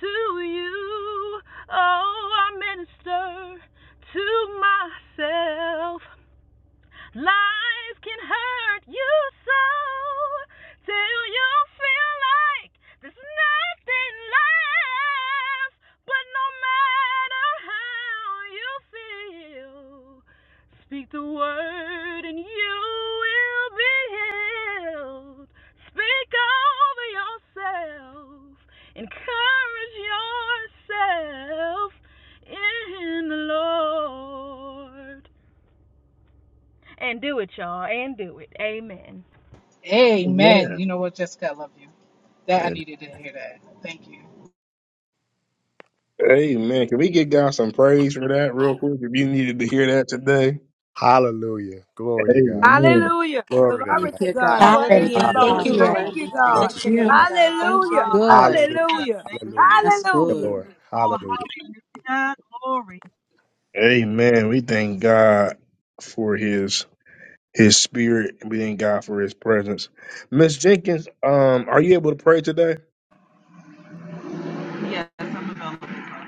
Speaker 14: to you. Oh, I minister to myself Lies can hurt you so till you feel like there's nothing left. But no matter how you feel, speak the word and you will be healed. Speak over yourself, encourage yourself in the Lord. And do it, y'all. And do it. Amen.
Speaker 11: Amen.
Speaker 1: Man.
Speaker 11: You know what, Jessica, I love you. That I
Speaker 2: Amen.
Speaker 11: needed to hear that. Thank you.
Speaker 1: Amen. Can we get God some praise for that real quick if you needed to hear that today?
Speaker 2: Hallelujah. Glory to God.
Speaker 1: Amen.
Speaker 15: Hallelujah.
Speaker 2: Glory to
Speaker 15: Glory
Speaker 6: Thank
Speaker 2: God.
Speaker 15: to
Speaker 6: you,
Speaker 15: God.
Speaker 4: Yes,
Speaker 6: God.
Speaker 15: Praise
Speaker 6: Thank
Speaker 15: the
Speaker 6: you,
Speaker 3: Hallelujah. Thank
Speaker 2: Hallelujah.
Speaker 15: Lord.
Speaker 3: you,
Speaker 6: Father
Speaker 8: Hallelujah.
Speaker 15: Thank
Speaker 3: Lord.
Speaker 6: God.
Speaker 15: you,
Speaker 6: We
Speaker 2: Glory
Speaker 6: thank
Speaker 15: God.
Speaker 3: Bless
Speaker 2: to
Speaker 3: your
Speaker 6: you.
Speaker 3: name,
Speaker 2: God.
Speaker 3: God. Thank you,
Speaker 15: Hallelujah.
Speaker 3: Lord.
Speaker 6: Good.
Speaker 2: Hallelujah.
Speaker 4: hallelujah.
Speaker 15: Hallelujah.
Speaker 4: Thank
Speaker 2: Hallelujah.
Speaker 4: you,
Speaker 6: That's
Speaker 2: The
Speaker 15: Hallelujah.
Speaker 6: good.
Speaker 2: Lord.
Speaker 4: Oh,
Speaker 2: Hallelujah.
Speaker 4: hallelujah. Glory.
Speaker 1: Amen. We thank God for his his spirit and we thank God for his presence. Miss Jenkins, um, are you able to pray today?
Speaker 4: Yes, I'm available.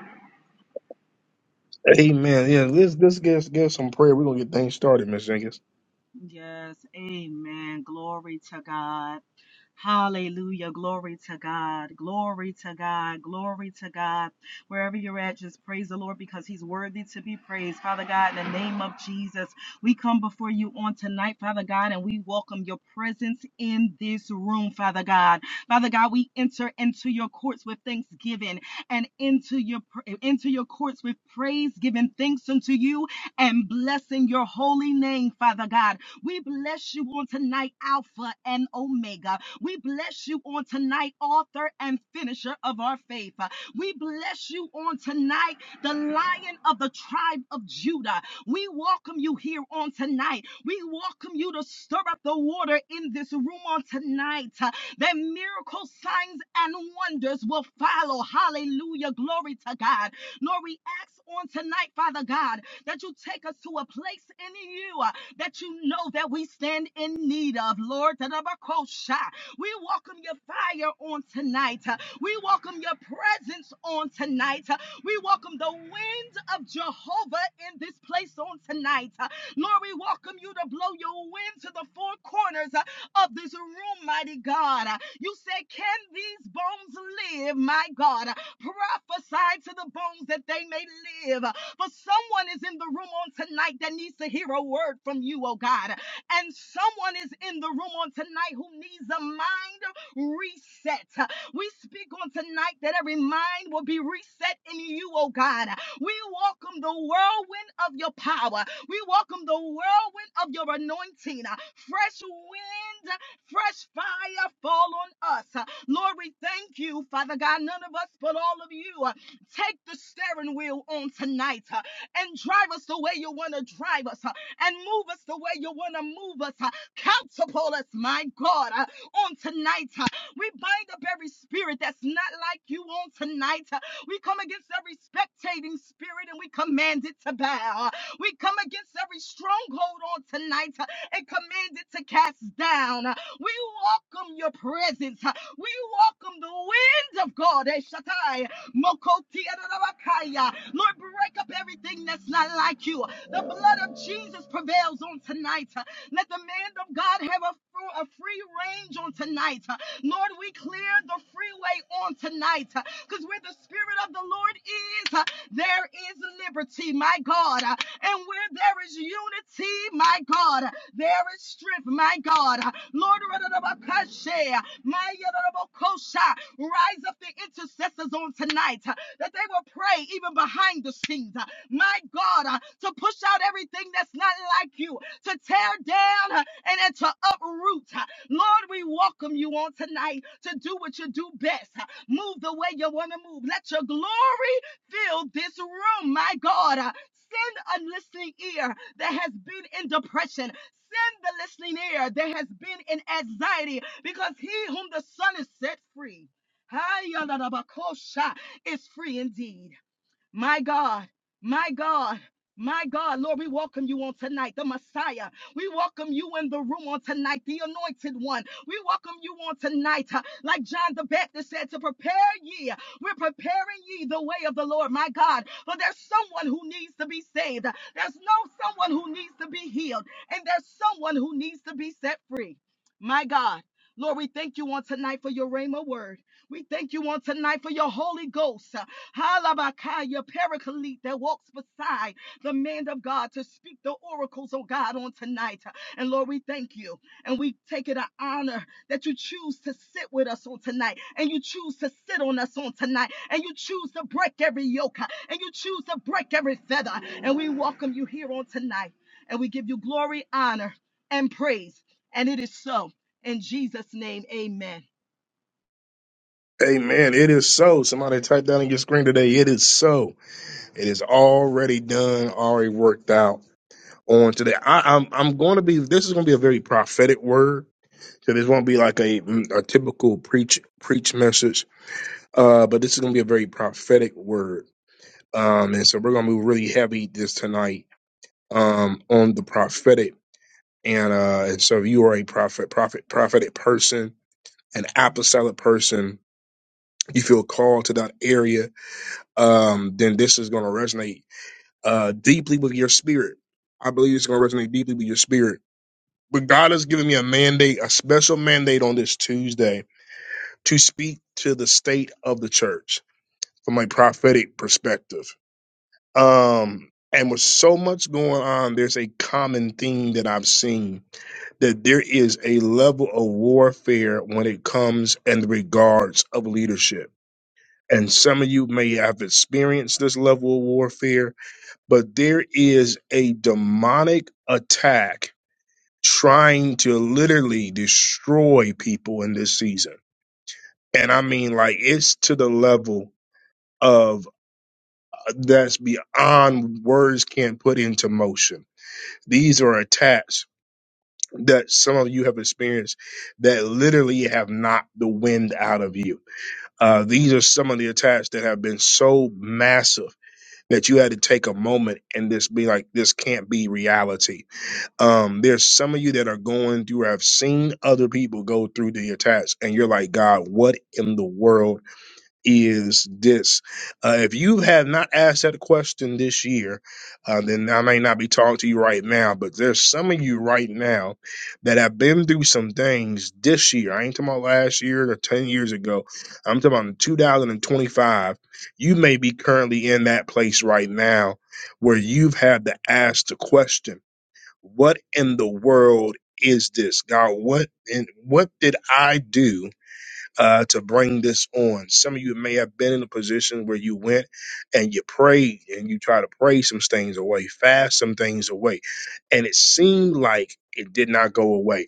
Speaker 1: Amen. Yeah, let's let's get get some prayer. We're gonna get things started, Miss Jenkins.
Speaker 4: Yes, amen. Glory to God. Hallelujah. Glory to God. Glory to God. Glory to God. Wherever you're at, just praise the Lord because he's worthy to be praised. Father God, in the name of Jesus, we come before you on tonight, Father God, and we welcome your presence in this room, Father God. Father God, we enter into your courts with thanksgiving and into your into your courts with praise, giving thanks unto you and blessing your holy name, Father God. We bless you on tonight, Alpha and Omega. We bless you on tonight, author and finisher of our faith. We bless you on tonight, the lion of the tribe of Judah. We welcome you here on tonight. We welcome you to stir up the water in this room on tonight uh, that miracle signs and wonders will follow. Hallelujah. Glory to God. Lord, we ask on tonight, Father God, that you take us to a place in you that you know that we stand in need of, Lord. We welcome your fire on tonight. We welcome your presence on tonight. We welcome the wind of Jehovah in this place on tonight. Lord, we welcome you to blow your wind to the four corners of this room, mighty God. You say, Can these bones live, my God? Prophesy to the bones that they may live. But someone is in the room on tonight that needs to hear a word from you, oh God. And someone is in the room on tonight who needs a mind reset. We speak on tonight that every mind will be reset in you, oh God. We welcome the whirlwind of your power. We welcome the whirlwind of your anointing. Fresh wind, fresh fire fall on us. Lord, we thank you, Father God, none of us but all of you. Take the steering wheel on tonight uh, and drive us the way you want to drive us uh, and move us the way you want to move us. uh, Counterpole us, my God, uh, on tonight. uh. We bind up every spirit that's not like you on tonight. uh. We come against every spectating spirit and we command it to bow. Uh, We come against every stronghold on tonight uh, and command it to cast down. Uh, We welcome your presence. uh, We welcome the wind of God. eh, Shaddai. Lord, break up everything that's not like you. The blood of Jesus prevails on tonight. Let the man of God have a, fr- a free range on tonight. Lord, we clear the freeway on tonight because where the Spirit of the Lord is, there is liberty. My God, and where there is unity, my God, there is strength, my God. Lord, Radabakashe, my Yadabakosha, rise up the intercessors on tonight uh, that they will pray even behind the scenes. uh, My God, uh, to push out everything that's not like you, to tear down uh, and, and to uproot. uh. Lord, we welcome you on tonight to do what you do best. uh, Move the way you want to move. Let your glory Fill this room, my God. Uh, Send a listening ear that has been in depression. Send the listening ear that has been in anxiety because he whom the Son is set free. Hayalabakosha, Is free indeed. My God, my God, my God, Lord, we welcome you on tonight, the Messiah. We welcome you in the room on tonight, the anointed one. We welcome you on tonight, uh, like John the Baptist said, to prepare ye. We're preparing ye the way of the Lord, my God. For there's someone who needs to be saved. There's no someone who needs to be healed. And there's someone who needs to be set free. My God. Lord, we thank you on tonight for your Rhema word. We thank you on tonight for your Holy Ghost. Halabakaya paraclete that walks beside the man of God to speak the oracles, oh God, on tonight. And Lord, we thank you. And we take it an honor that you choose to sit with us on tonight. And you choose to sit on us on tonight. And you choose to break every yoke. And you choose to break every feather. And we welcome you here on tonight. And we give you glory, honor, and praise. And it is so. In Jesus' name, amen.
Speaker 1: Amen. It is so. Somebody type that on your screen today. It is so. It is already done, already worked out on today. I, I'm I'm gonna be this is gonna be a very prophetic word. So this won't be like a, a typical preach preach message. Uh, but this is gonna be a very prophetic word Um, and so we're gonna move really heavy this tonight um, on the prophetic. And uh, and so if you are a prophet, prophet, prophetic person, an apostolic person, you feel called to that area, um, then this is gonna resonate uh, deeply with your spirit. I believe it's gonna resonate deeply with your spirit. But God has given me a mandate, a special mandate on this Tuesday to speak to the state of the church from a prophetic perspective Um, and with so much going on, there's a common theme that I've seen that there is a level of warfare when it comes in regards of leadership. And some of you may have experienced this level of warfare, but there is a demonic attack trying to literally destroy people in this season. And I mean, like, it's to the level of uh, that's beyond words can't put into motion These are attacks that some of you have experienced that literally have knocked the wind out of you. Uh, these are some of the attacks that have been so massive that you had to take a moment and just be like, this can't be reality. Um, there's some of you that are going through, I've seen other people go through the attacks, and you're like, God, what in the world? is this. Uh, if you have not asked that question this year, uh, then I may not be talking to you right now, but there's some of you right now that have been through some things this year. I ain't talking about last year or 10 years ago. I'm talking about in 2025. You may be currently in that place right now where you've had to ask the question, what in the world is this? God, what and what did I do? uh, to bring this on. Some of you may have been in a position where you went and you prayed and you try to pray some things away, fast some things away, and it seemed like it did not go away.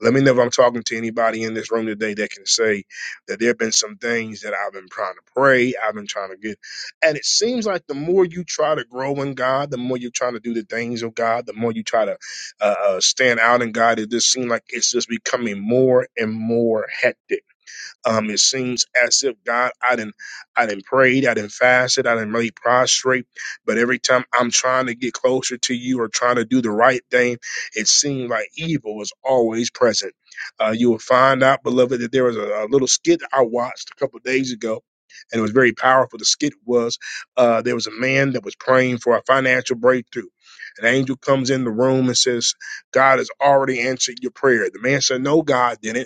Speaker 1: Let me know if I'm talking to anybody in this room today that can say that there have been some things that I've been trying to pray, I've been trying to get, and it seems like the more you try to grow in God, the more you're trying to do the things of God, the more you try to uh, uh, stand out in God, it just seems like it's just becoming more and more hectic um, it seems as if God, I didn't, I didn't prayed, I didn't fasted, I didn't really prostrate, but every time I'm trying to get closer to you or trying to do the right thing, it seemed like evil is always present. Uh, you will find out, beloved, that there was a, a little skit I watched a couple of days ago. And it was very powerful. The skit was uh, there was a man that was praying for a financial breakthrough. An angel comes in the room and says, God has already answered your prayer. The man said, No, God didn't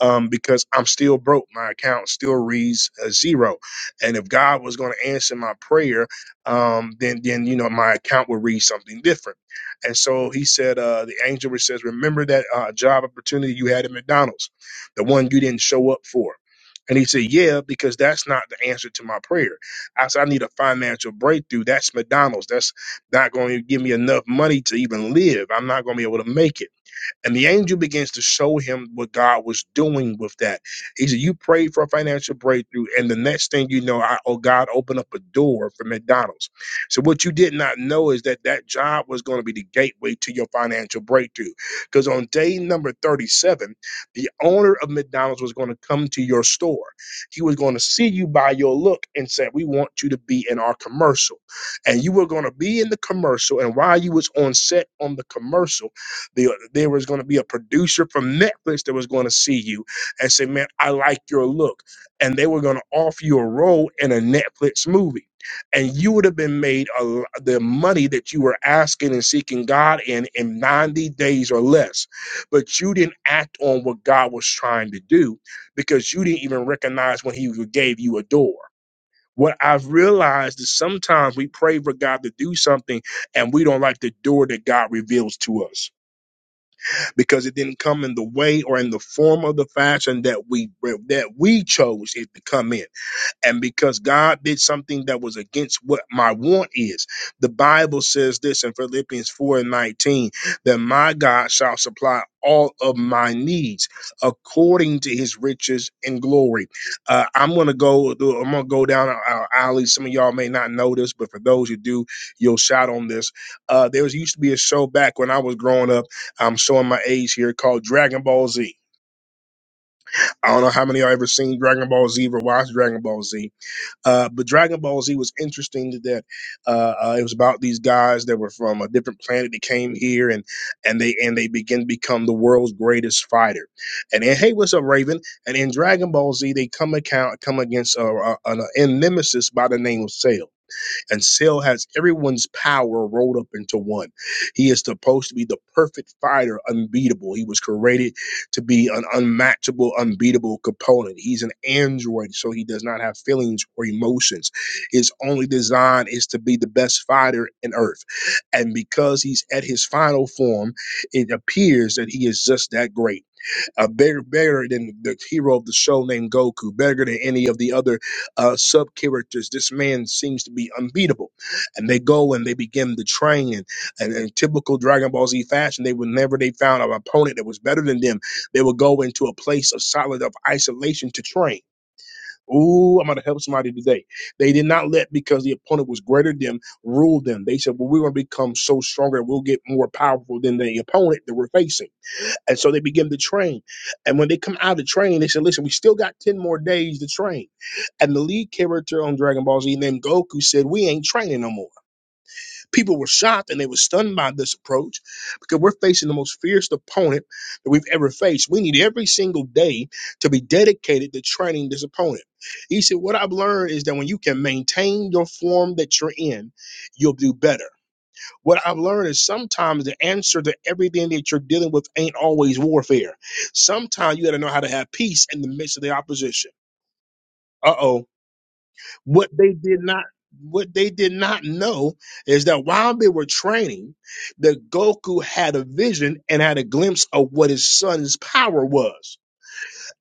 Speaker 1: um, because I'm still broke. My account still reads uh, zero. And if God was going to answer my prayer, um, then then you know my account would read something different. And so he said, uh, the angel says, remember that uh, job opportunity you had at McDonald's, the one you didn't show up for. And he said, Yeah, because that's not the answer to my prayer. I said, I need a financial breakthrough. That's McDonald's. That's not going to give me enough money to even live. I'm not going to be able to make it. And the angel begins to show him what God was doing with that. He said, You prayed for a financial breakthrough, and the next thing you know, I, oh, God opened up a door for McDonald's. So, what you did not know is that that job was going to be the gateway to your financial breakthrough. Because on day number 37, the owner of McDonald's was going to come to your store. He was going to see you by your look and said, We want you to be in our commercial. And you were going to be in the commercial. And while you was on set on the commercial, the, there was going to be a producer from Netflix that was going to see you and say, "Man, I like your look," and they were going to offer you a role in a Netflix movie, and you would have been made a, l- the money that you were asking and seeking God in in ninety days or less, but you didn't act on what God was trying to do because you didn't even recognize when He gave you a door. What I've realized is sometimes we pray for God to do something and we don't like the door that God reveals to us because it didn't come in the way or in the form of the fashion that we that we chose it to come in. And because God did something that was against what my want is, the Bible says this in Philippians 4 and 19 that my God shall supply all of my needs according to his riches and glory. Uh, I'm gonna go, I'm gonna go down our alley. Some of y'all may not know this, but for those who do, you'll shout on this. Uh, there was used to be a show back when I was growing up. I'm showing my age here called Dragon Ball Z. I don't know how many of y'all ever seen Dragon Ball Z or watched Dragon Ball Z uh, but Dragon Ball Z was interesting that uh, uh, it was about these guys that were from a different planet that came here and and they and they begin to become the world's greatest fighter. And then, hey, what's up, Raven? And in Dragon Ball Z, they come account come against uh, uh, an, an nemesis by the name of Cell and Cell has everyone's power rolled up into one. He is supposed to be the perfect fighter, unbeatable. He was created to be an unmatchable, unbeatable component. He's an android, so he does not have feelings or emotions. His only design is to be the best fighter in Earth. And because he's at his final form, it appears that he is just that great uh, better better than the hero of the show named Goku, bigger than any of the other uh, sub characters. This man seems to be unbeatable, and they go and they begin to train. And, and in typical Dragon Ball Z fashion, they would never they found an opponent that was better than them. They would go into a place of solid of isolation to train. Ooh, I'm gonna help somebody today. They did not let because the opponent was greater than rule them. They said, "Well, we're gonna become so stronger, we'll get more powerful than the opponent that we're facing." And so they begin to train. And when they come out of training, they said, listen, we still got 10 more days to train. And the lead character on Dragon Ball Z named Goku said, we ain't training no more. People were shocked and they were stunned by this approach because we're facing the most fierce opponent that we've ever faced. We need every single day to be dedicated to training this opponent. He said, what I've learned is that when you can maintain your form that you're in, you'll do better. What I've learned is sometimes the answer to everything that you're dealing with ain't always warfare. Sometimes you got to know how to have peace in the midst of the opposition. Uh oh. What they did not. What they did not know is that while they were training, the Goku had a vision and had a glimpse of what his son's power was.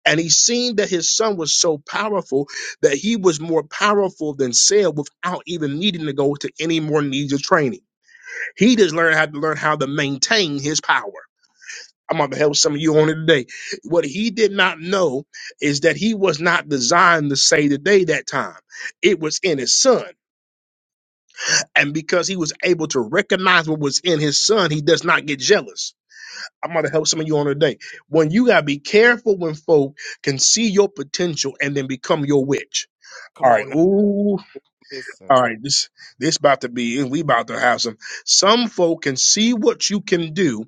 Speaker 1: And he seen that his son was so powerful that he was more powerful than Cell without even needing to go to any more needs of training. He just learned how to learn how to maintain his power. I'm going to help some of you on it today. What he did not know is that he was not designed to say the day that time. It was in his son. And because he was able to recognize what was in his son, he does not get jealous. I'm going to help some of you on today. When you gotta be careful when folk can see your potential and then become your witch. All
Speaker 2: Come
Speaker 1: right,
Speaker 2: on now,
Speaker 1: ooh,
Speaker 2: listen.
Speaker 1: all right. This this about to be, we about to have some. Some folk can see what you can do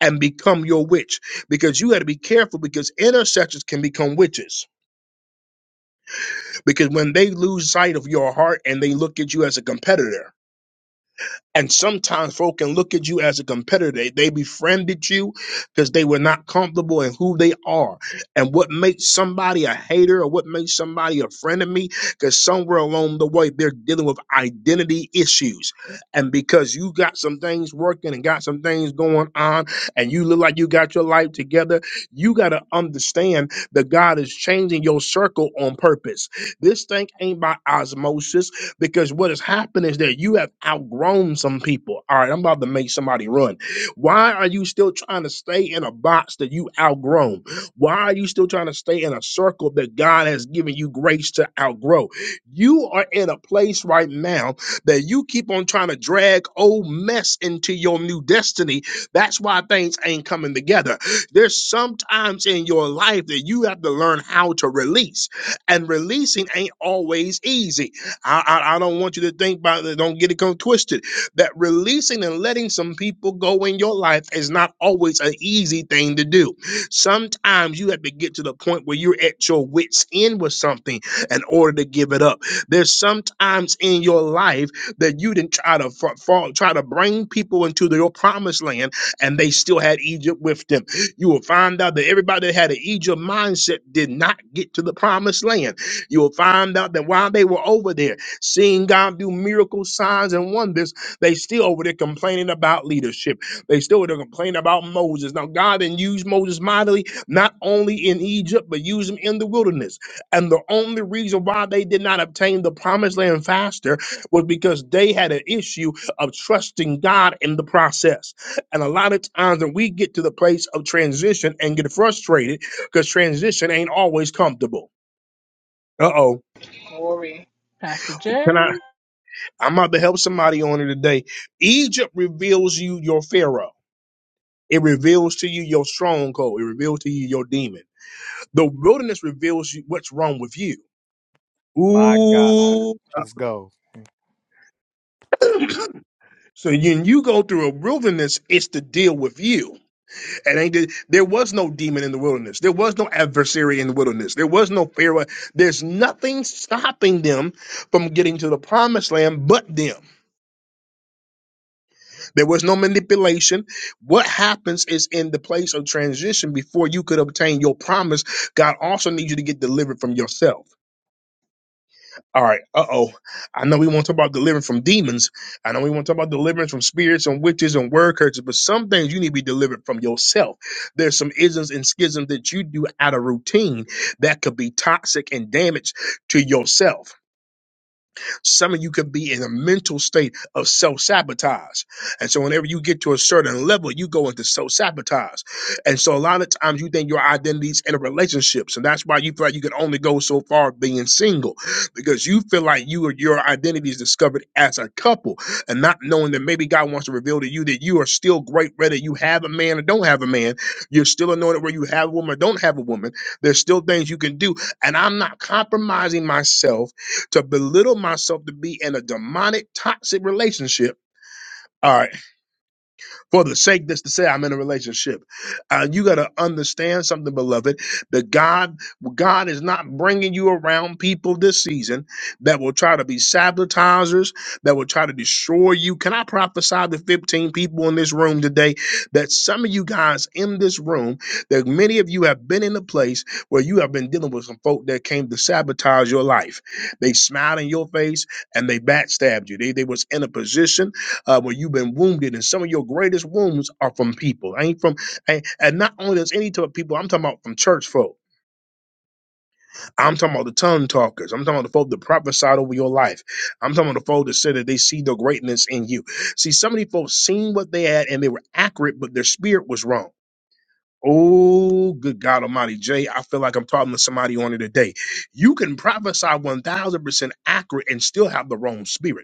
Speaker 1: and become your witch because you got to be careful because intercessors can become witches because when they lose sight of your heart and they look at you as a competitor and sometimes folk can look at you as a competitor. They, they befriended you because they were not comfortable in who they are. And what makes somebody a hater or what makes somebody a friend of me, because somewhere along the way, they're dealing with identity issues. And because you got some things working and got some things going on, and you look like you got your life together, you got to understand that God is changing your circle on purpose. This thing ain't by osmosis because what has happened is that you have outgrown some people. All right, I'm about to make somebody run. Why are you still trying to stay in a box that you outgrown? Why are you still trying to stay in a circle that God has given you grace to outgrow? You are in a place right now that you keep on trying to drag old mess into your new destiny. That's why things ain't coming together. There's sometimes in your life that you have to learn how to release, and releasing ain't always easy. I, I, I don't want you to think about it. Don't get it come twisted. That releasing and letting some people go in your life is not always an easy thing to do. Sometimes you have to get to the point where you're at your wits end with something in order to give it up. There's sometimes in your life that you didn't try to fa- fall, try to bring people into the- your promised land, and they still had Egypt with them. You will find out that everybody that had an Egypt mindset did not get to the promised land you will find out that while they were over there, seeing God do miracle signs and wonders, they still over there complaining about leadership. They still were complaining about Moses. Now, God then used Moses mightily, not only in Egypt, but used him in the wilderness. And the only reason why they did not obtain the promised land faster was because they had an issue of trusting God in the process. And a lot of times when we get to the place of transition and get frustrated, because transition ain't always comfortable. Uh oh can I? I'm about to help somebody on it today. Egypt reveals you your Pharaoh. It reveals to you your stronghold. It reveals to you your demon. The wilderness reveals you what's wrong with you.
Speaker 2: My God.
Speaker 1: Ooh.
Speaker 2: Let's go.
Speaker 1: So when you go through a wilderness, it's to deal with you. It ain't that- there was no demon in the wilderness. There was no adversary in the wilderness. There was no Pharaoh. There's nothing stopping them from getting to the promised land but them. There was no manipulation. What happens is in the place of transition before you could obtain your promise, God also needs you to get delivered from yourself. All right, uh oh. I know we want to talk about deliverance from demons. I know we want to talk about deliverance from spirits and witches and word curses, but some things you need to be delivered from yourself. There's some isms and schisms that you do out of routine that could be toxic and damage to yourself. Some of you could be in a mental state of self sabotage. And so, whenever you get to a certain level, you go into self sabotage. And so, a lot of times, you think your identity's in relationships, and that's why you feel like you can only go so far being single because you feel like you your identity is discovered as a couple and not knowing that maybe God wants to reveal to you that you are still great, whether you have a man or don't have a man. You're still anointed where you have a woman or don't have a woman. There's still things you can do. And I'm not compromising myself to belittle myself to be in a demonic, toxic relationship. All right for the sake that's to say I'm in a relationship. Uh, you got to understand something, beloved. That God, God is not bringing you around people this season that will try to be sabotagers, that will try to destroy you. Can I prophesy to 15 people in this room today that some of you guys in this room, that many of you have been in a place where you have been dealing with some folk that came to sabotage your life. They smiled in your face and they backstabbed you. They, they was in a position uh, where you've been wounded, and some of your greatest wounds are from people. I ain't from, and, and not only does any type of people, I'm talking about from church folk. I'm talking about the tongue talkers. I'm talking about the folk that prophesied over your life. I'm talking about the folk that said that they see the greatness in you. See, some of these folks seen what they had and they were accurate, but their spirit was wrong. Oh, good God Almighty, Jay! I feel like I'm talking to somebody on it today. You can prophesy 1,000% accurate and still have the wrong spirit.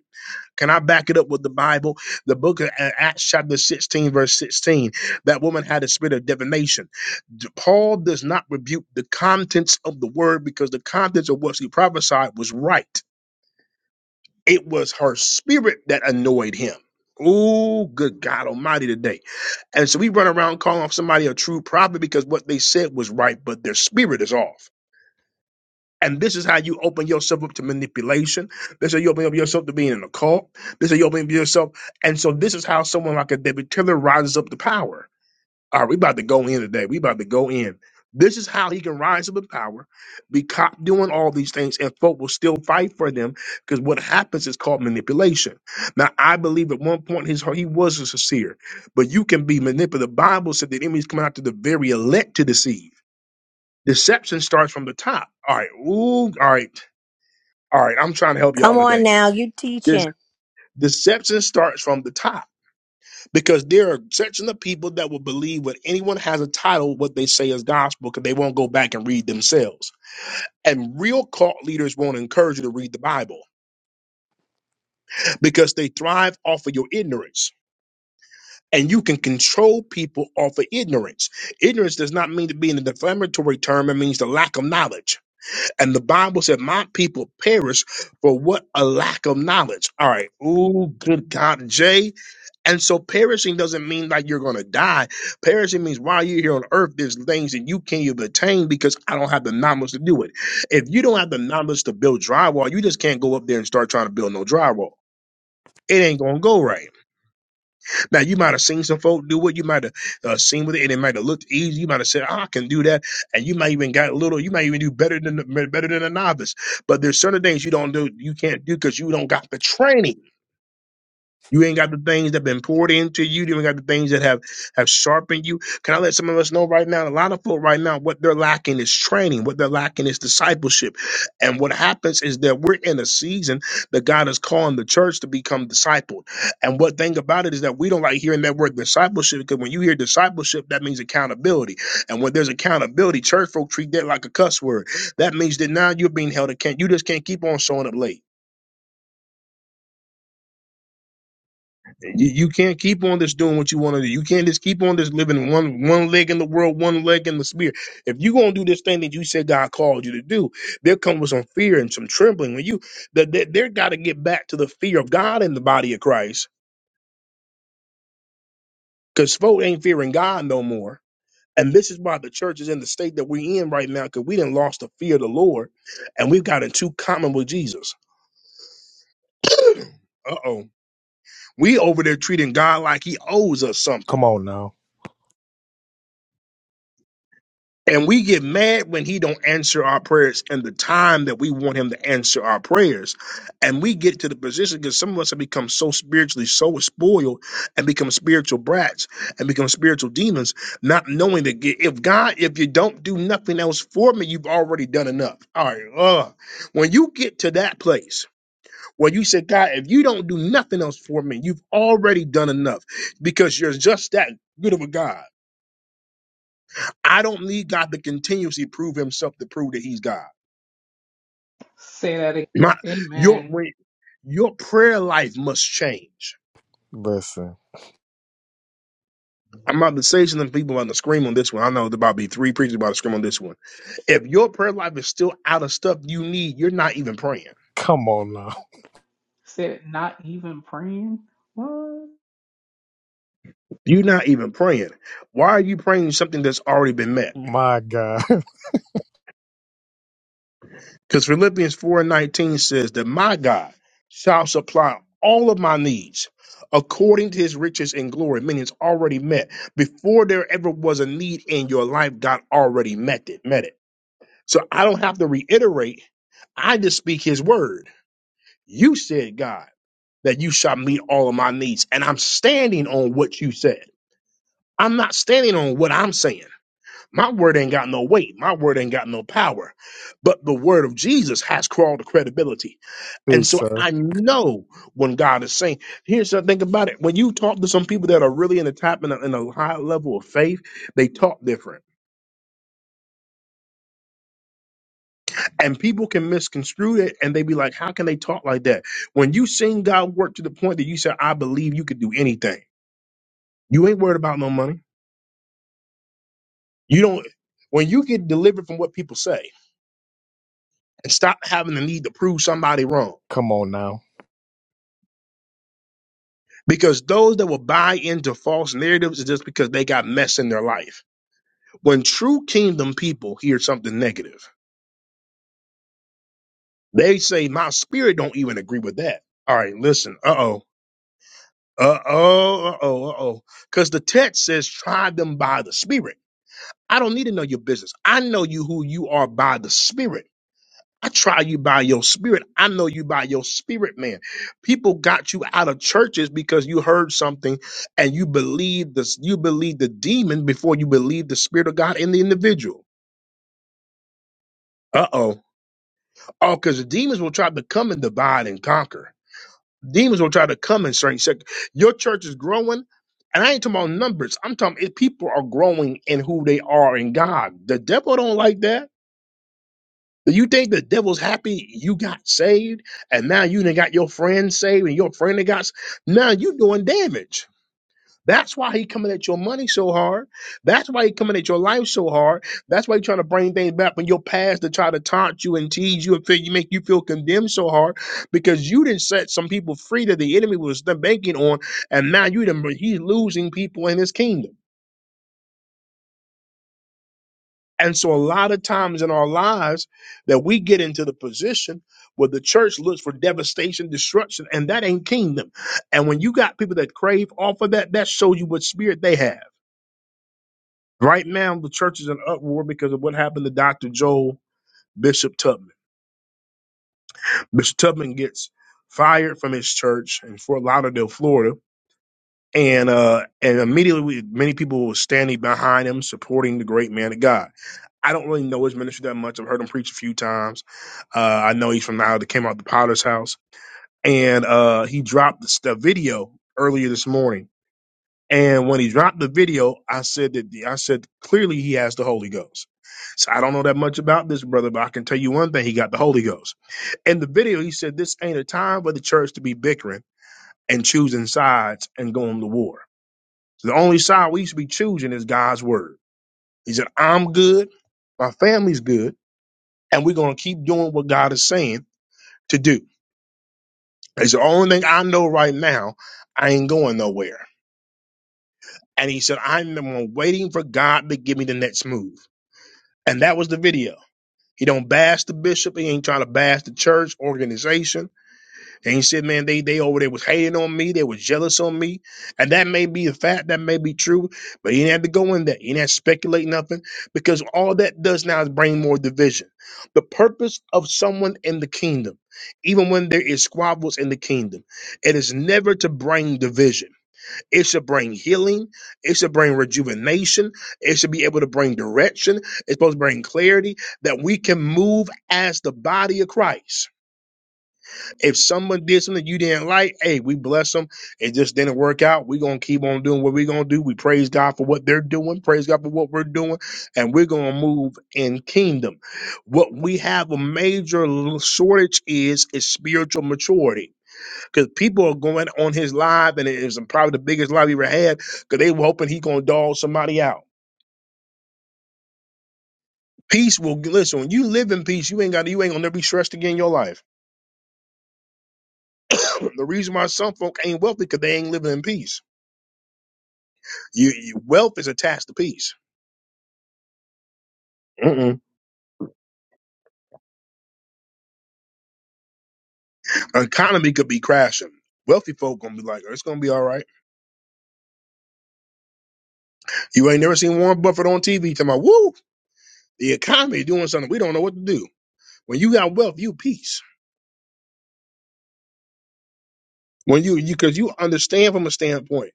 Speaker 1: Can I back it up with the Bible? The book of A- Acts, chapter 16, verse 16. That woman had a spirit of divination. D- Paul does not rebuke the contents of the word because the contents of what she prophesied was right. It was her spirit that annoyed him. Oh, good God Almighty today. And so we run around calling somebody a true prophet because what they said was right, but their spirit is off. And this is how you open yourself up to manipulation. This is how you open up yourself to being in a cult. This is how you open up yourself. And so this is how someone like a David Taylor rises up to power. All right, we about to go in today. We about to go in. This is how he can rise up to power, be caught doing all these things, and folk will still fight for them because what happens is called manipulation. Now, I believe at one point his he was a sincere, but you can be manipulated. The Bible said that enemies come out to the very elect to deceive. Deception starts from the top. All right, ooh, all right. All right, I'm trying to help
Speaker 16: Come
Speaker 1: y'all
Speaker 16: on
Speaker 1: today.
Speaker 16: now, you
Speaker 1: This
Speaker 16: teaching.
Speaker 1: deception starts from the top because there are sections of people that will believe when anyone has a title, what they say is gospel, because they won't go back and read themselves. And real cult leaders won't encourage you to read the Bible because they thrive off of your ignorance. And you can control people off of ignorance. Ignorance does not mean to be in a defamatory term, it means the lack of knowledge. And the Bible said, My people perish for what a lack of knowledge. All right. Ooh, good God. Jay, And so perishing doesn't mean like you're going to die. Perishing means while you're here on earth, there's things that you can't even attain because I don't have the knowledge to do it. If you don't have the knowledge to build drywall, you just can't go up there and start trying to build no drywall. It ain't gonna go right. Now you might have seen some folk do it. You might have uh, seen with it, and it might have looked easy. You might have said, "Ah, "I can do that," and you might even got a little. You might even do better than better than a novice. But there's certain things you don't do, you can't do because you don't got the training. You ain't got the things that have been poured into you. You ain't got the things that have have sharpened you. Can I let some of us know right now? A lot of folk right now, what they're lacking is training. What they're lacking is discipleship. And what happens is that we're in a season that God is calling the church to become discipled. And what thing about it is that we don't like hearing that word discipleship because when you hear discipleship, that means accountability. And when there's accountability, church folk treat that like a cuss word. That means that now you're being held accountable. You just can't keep on showing up late. you, you can't keep on just doing what you want to do. You can't just keep on just living one one leg in the world, one leg in the spirit. If you're gonna do this thing that you said God called you to do, there comes with some fear and some trembling. When you that they, they're got to get back to the fear of God in the body of Christ, because folk ain't fearing God no more. And this is why the church is in the state that we're in right now, because we didn't lost the fear of the Lord, and we've gotten too common with Jesus. Uh oh, we over there treating God like He owes us something.
Speaker 2: Come on now.
Speaker 1: And we get mad when he don't answer our prayers in the time that we want him to answer our prayers. And we get to the position because some of us have become so spiritually so spoiled and become spiritual brats and become spiritual demons, not knowing that g- if God, if you don't do nothing else for me, you've already done enough. All right. ugh. When you get to that place where you say, God, if you don't do nothing else for me, you've already done enough because you're just that good of a God. I don't need God to continuously prove himself to prove that he's God.
Speaker 11: Say that again.
Speaker 1: My your
Speaker 11: Amen.
Speaker 1: when, your prayer life must change.
Speaker 2: Listen.
Speaker 1: I'm about to say something people are gonna scream on this one. I know there about to be three preachers about to scream on this one. If your prayer life is still out of stuff you need, you're not even praying.
Speaker 2: Come on now.
Speaker 11: Said not even praying. What?
Speaker 1: You're not even praying. Why are you praying something that's already been met?
Speaker 2: My God.
Speaker 1: Because Philippians 4 and 19 says that my God shall supply all of my needs according to his riches and glory, meaning it's already met. Before there ever was a need in your life, God already met it, met it. So I don't have to reiterate. I just speak his word. You said, God, that you shall meet all of my needs. And I'm standing on what you said. I'm not standing on what I'm saying. My word ain't got no weight. My word ain't got no power. But the word of Jesus has crawled to credibility. And
Speaker 2: Big
Speaker 1: so
Speaker 2: sir.
Speaker 1: I know when God is saying, here's the thing about it. When you talk to some people that are really in the top and a, in a high level of faith, they talk different. And people can misconstrue it and they be like, how can they talk like that? When you seen God work to the point that you said, I believe you could do anything, you ain't worried about no money. You don't, when you get delivered from what people say and stop having the need to prove somebody wrong,
Speaker 2: Come on now.
Speaker 1: because those that will buy into false narratives is just because they got mess in their life When true kingdom people hear something negative, they say, My spirit don't even agree with that. All right, listen. Uh oh. Uh oh. Uh oh. Uh oh. Because the text says, Try them by the spirit. I don't need to know your business. I know you who you are by the spirit. I try you by your spirit. I know you by your spirit, man. People got you out of churches because you heard something and you believe this. You believe the demon before you believe the spirit of God in the individual. Uh oh Oh, because the demons will try to come and divide and conquer. Demons will try to come and certain sect. Your church is growing, and I ain't talking about numbers. I'm talking if people are growing in who they are in God. The devil don't like that. Do you think the devil's happy you got saved and now you done got your friend saved and your friend that got s- now you doing damage. That's why he coming at your money so hard. That's why he coming at your life so hard. That's why he trying to bring things back from your past to try to taunt you and tease you and feel, you make you feel condemned so hard because you didn't set some people free that the enemy was the- banking on, and now you done, he's losing people in his kingdom. And so a lot of times in our lives that we get into the position where the church looks for devastation, destruction, and that ain't kingdom. And when you got people that crave off of that, that shows you what spirit they have. Right now, the church is in uproar because of what happened to Dr. Joel Bishop Tubman. Bishop Tubman gets fired from his church in Fort Lauderdale, Florida, and uh, and immediately we, many people were standing behind him, supporting the great man of God. I don't really know his ministry that much. I've heard him preach a few times. Uh, I know he's from now that came out the Potter's House, and uh, he dropped this, the video earlier this morning And when he dropped the video, I said that the, I said clearly he has the Holy Ghost. So I don't know that much about this brother, but I can tell you one thing: he got the Holy Ghost. In the video, he said this ain't a time for the church to be bickering and choosing sides and going to war. The only side we should be choosing is God's word. He said, "I'm good, my family's good, and we're gonna keep doing what God is saying to do." It's the only thing I know right now. I ain't going nowhere. And he said, "I'm I'm waiting for God to give me the next move." And that was the video. He don't bash the bishop. He ain't trying to bash the church organization. And he said, man, they they over there was hating on me. They was jealous on me. And that may be a fact. That may be true. But he didn't have to go in there. He didn't have to speculate nothing because all that does now is bring more division. The purpose of someone in the kingdom, even when there is squabbles in the kingdom, it is never to bring division. It should bring healing. It should bring rejuvenation. It should be able to bring direction. It's supposed to bring clarity that we can move as the body of Christ. If someone did something you didn't like, hey, we bless them. It just didn't work out. We're going to keep on doing what we're going to do. We praise God for what they're doing. Praise God for what we're doing. And we're going to move in kingdom. What we have a major shortage is, is spiritual maturity because people are going on his live, and it was probably the biggest live he ever had because they were hoping he gonna dog somebody out. Peace will listen. When you live in peace, you ain't got you ain't gonna never be stressed again in your life. the reason why some folk ain't wealthy because they ain't living in peace. You, you wealth is attached to peace. Mm-mm. Economy could be crashing. Wealthy folk gonna be like, it's gonna be all right. You ain't never seen Warren Buffett on TV talking about, woo, the economy doing something we don't know what to do. When you got wealth, you peace. When you you because you understand from a standpoint.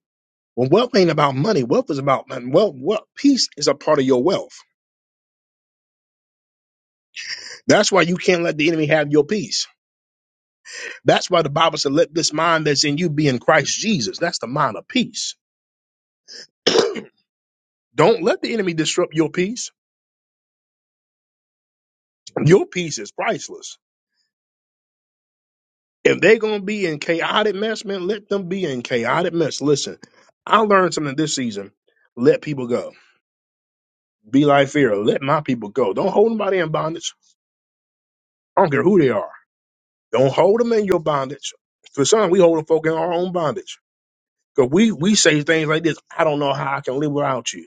Speaker 1: Well, wealth ain't about money. Wealth is about and wealth. Wealth, peace is a part of your wealth. That's why you can't let the enemy have your peace. That's why the Bible said, "Let this mind that's in you be in Christ Jesus." That's the mind of peace. Don't let the enemy disrupt your peace. Your peace is priceless. If they're gonna be in chaotic mess, man, let them be in chaotic mess. Listen, I learned something this season. Let people go. Be like Pharaoh. Let my people go. Don't hold nobody in bondage. I don't care who they are. Don't hold them in your bondage. For some, we hold folk in our own bondage. Because we, we say things like this I don't know how I can live without you.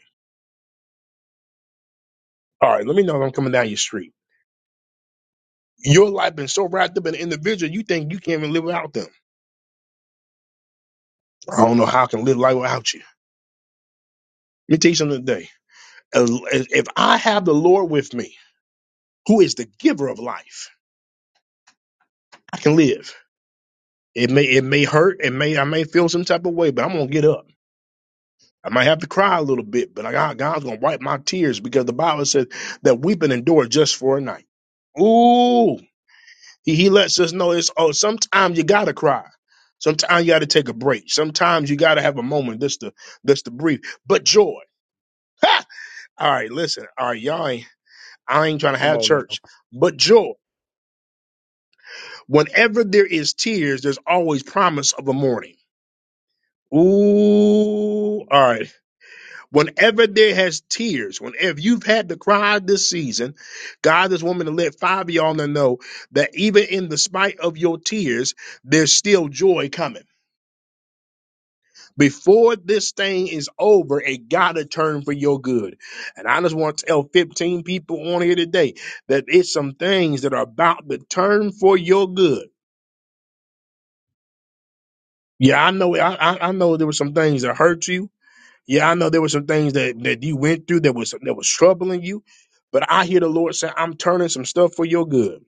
Speaker 1: All right, let me know if I'm coming down your street. Your life been so wrapped up in the individual, you think you can't even live without them. I don't know how I can live life without you. Let me tell you something today. As- as- If I have the Lord with me, who is the giver of life, I can live. It may it may hurt, it may I may feel some type of way, but I'm gonna get up. I might have to cry a little bit, but I got, God's gonna wipe my tears because the Bible says that weeping endure just for a night. Ooh, He, he lets us know it's oh, sometimes you gotta cry. Sometimes you gotta take a break. Sometimes you gotta have a moment just to just to breathe. But joy. Ha! All right, listen. All right, y'all ain't I ain't trying to
Speaker 2: Come
Speaker 1: have
Speaker 2: on now.
Speaker 1: church. But joy. Whenever there is tears, there's always promise of a morning. Ooh, all right. Whenever there has tears, whenever you've had to cry this season, God is wanting to let five of y'all know that even in the spite of your tears, there's still joy coming. Before this thing is over, it gotta turn for your good. And I just want to tell 15 people on here today that it's some things that are about to turn for your good. Yeah, I know I, I I know there were some things that hurt you. Yeah, I know there were some things that, that you went through that was that was troubling you. But I hear the Lord say, I'm turning some stuff for your good.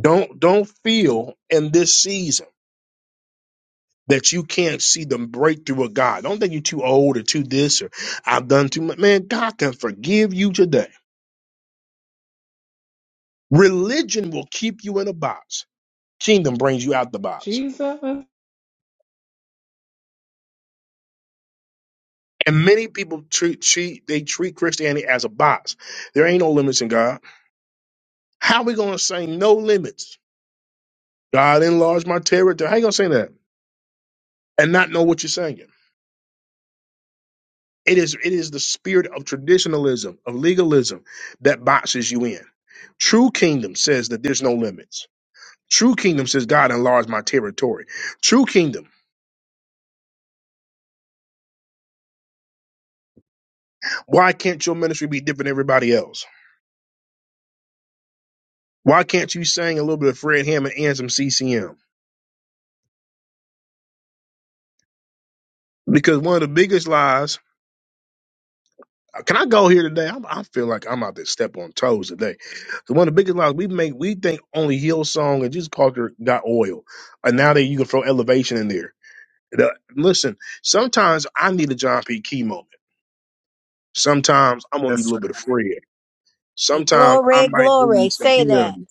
Speaker 1: Don't don't feel in this season. that you can't see the breakthrough of God. Don't think you're too old or too this or I've done too much. Man, God can forgive you today. Religion will keep you in a box. Kingdom brings you out the box.
Speaker 11: Jesus.
Speaker 1: And many people treat, treat they treat Christianity as a box. There ain't no limits in God. How we gonna say no limits? God enlarge my territory. How you gonna say that and not know what you're saying? It is it is the spirit of traditionalism of legalism that boxes you in. True kingdom says that there's no limits. True kingdom says, God enlarge my territory. True kingdom. Why can't your ministry be different than everybody else? Why can't you sing a little bit of Fred Hammond and some CCM? Because one of the biggest lies, uh, can I go here today? I'm, I feel like I'm out to step on toes today. So one of the biggest lies we make, we think only Hillsong and Jesus Parker got oil. And now that you can throw elevation in there. The- listen, sometimes I need a John P. Key moment. Sometimes I'm going to need a
Speaker 2: Yes,
Speaker 1: little bit
Speaker 2: sir.
Speaker 1: of Fred. Sometimes I
Speaker 16: Glory,
Speaker 1: might
Speaker 16: glory.
Speaker 1: need some
Speaker 16: Say that.
Speaker 1: hymns.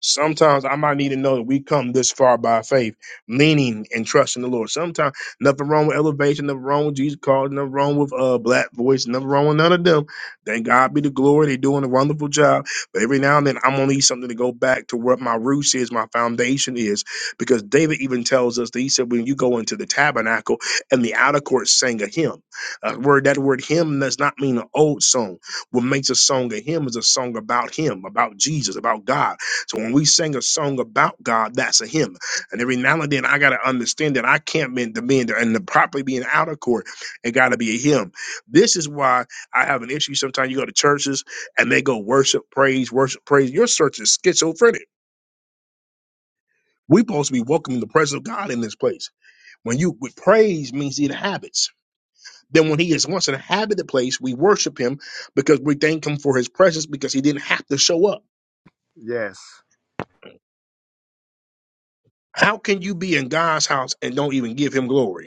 Speaker 1: Sometimes I might need to know that we come this far by faith, leaning and trusting the Lord. Sometimes nothing wrong with elevation, nothing wrong with Jesus calls, nothing wrong with uh black voice, nothing wrong with none of them. Thank God be the glory. They're doing a wonderful job. But every now and then I'm gonna need something to go back to what my roots is, my foundation is. Because David even tells us that he said, when you go into the tabernacle and the outer court sang a hymn. A word that word hymn does not mean an old song. What makes a song a hymn is a song about him, about Jesus, about God so when we sing a song about God, that's a hymn. And every now and then I gotta understand that I can't bend the bend and the properly being out of court, it gotta be a hymn. This is why I have an issue. Sometimes you go to churches and they go worship, praise, worship, praise. Your church is schizophrenic. We're supposed to be welcoming the presence of God in this place. When you with praise means he inhabits. Then when he is once inhabited the place, we worship him because we thank him for his presence because he didn't have to show up.
Speaker 2: Yes.
Speaker 1: How can you be in God's house and don't even give him glory?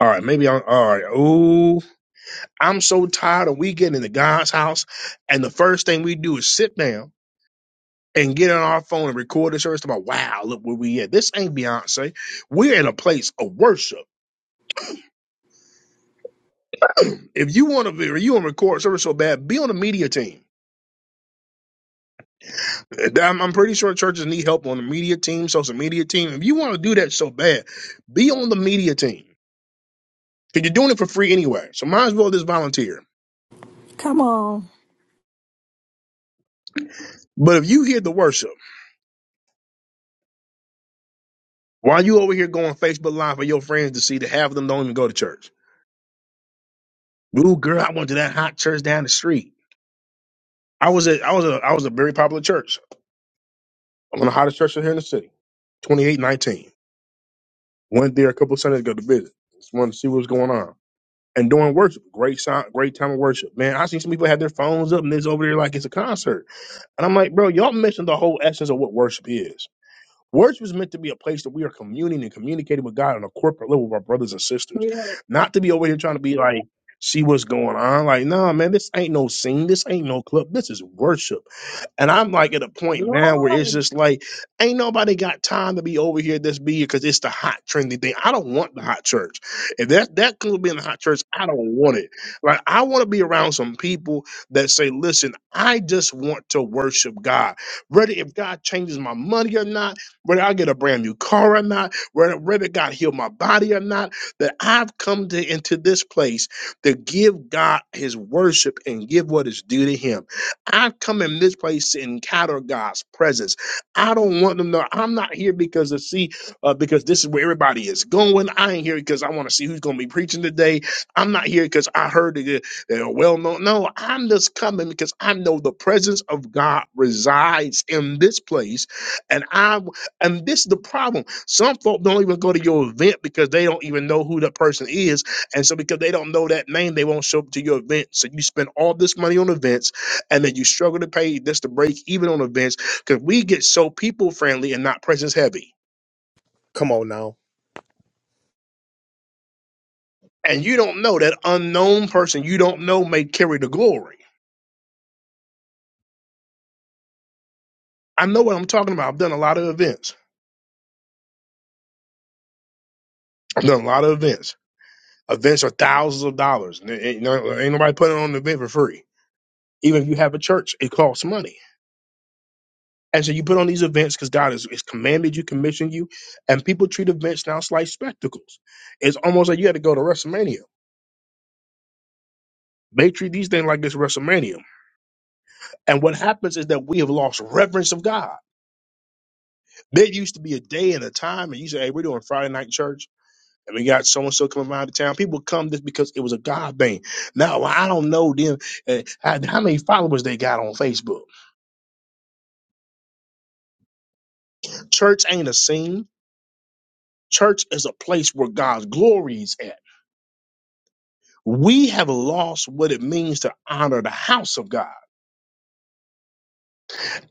Speaker 1: All right, maybe I'm all right. Ooh, I'm so tired of we getting into God's house, and the first thing we do is sit down and get on our phone and record the service. About wow, look where we at. This ain't Beyonce. We're in a place of worship. If you want to, be, if you want to record service so bad, be on the media team. I'm, I'm pretty sure churches need help on the media team, social media team. If you want to do that so bad, be on the media team because you're doing it for free anyway. So might as well just volunteer.
Speaker 7: Come on.
Speaker 1: But if you hear the worship. Why you over here going Facebook Live for your friends to see that half of them don't even go to church? Ooh, girl, I went to that hot church down the street. I was at I was a I was a very popular church. I'm in the hottest church here in the city. 2819. Went there a couple of Sundays ago to visit. Just wanted to see what was going on. And doing worship. Great sound, great time of worship. Man, I seen some people have their phones up and it's over there like it's a concert. And I'm like, bro, y'all missing the whole essence of what worship is. Words was meant to be a place that we are communing and communicating with God on a corporate level with our brothers and sisters, not to be over here trying to be like, see what's going on. Like, nah, man, this ain't no scene. This ain't no club. This is worship. And I'm like at a point now where it's just like, ain't nobody got time to be over here this be because it's the hot trendy thing. I don't want the hot church. If that that could be in the hot church, I don't want it. Like I want to be around some people that say, listen, I just want to worship God. Whether if God changes my money or not, whether I get a brand new car or not, whether whether God heal my body or not, that I've come to into this place to give God his worship and give what is due to him I've come in this place to encounter God's presence. I don't want them to. know I'm not here because to see, uh, because this is where everybody is going. I ain't here because I want to see who's going to be preaching today. I'm not here because I heard that they're well known. No, I'm just coming because I know the presence of God resides in this place, and I and this is the problem. Some folk don't even go to your event because they don't even know who that person is, and so because they don't know that name, they won't show up to your event. So you spend all this money on events and then you struggle to pay this to break even on events because we get so people friendly and not presence heavy.
Speaker 2: Come on now.
Speaker 1: And you don't know that unknown person you don't know may carry the glory. I know what I'm talking about. I've done a lot of events. I've done a lot of events. Events are thousands of dollars. N- Ain't, no- ain't nobody putting on an event for free. Even if you have a church, it costs money. And so you put on these events because God has, has commanded you, commissioned you, and people treat events now as like spectacles. It's almost like you had to go to WrestleMania. They treat these things like it's WrestleMania. And what happens is that we have lost reverence of God. There used to be a day and a time, and you say, "Hey, we're doing Friday night church, and we got so and so coming out of town." People come just because it was a God thing. Now well, I don't know them uh, how how many followers they got on Facebook. Church ain't a scene. Church is a place where God's glory is at. We have lost what it means to honor the house of God.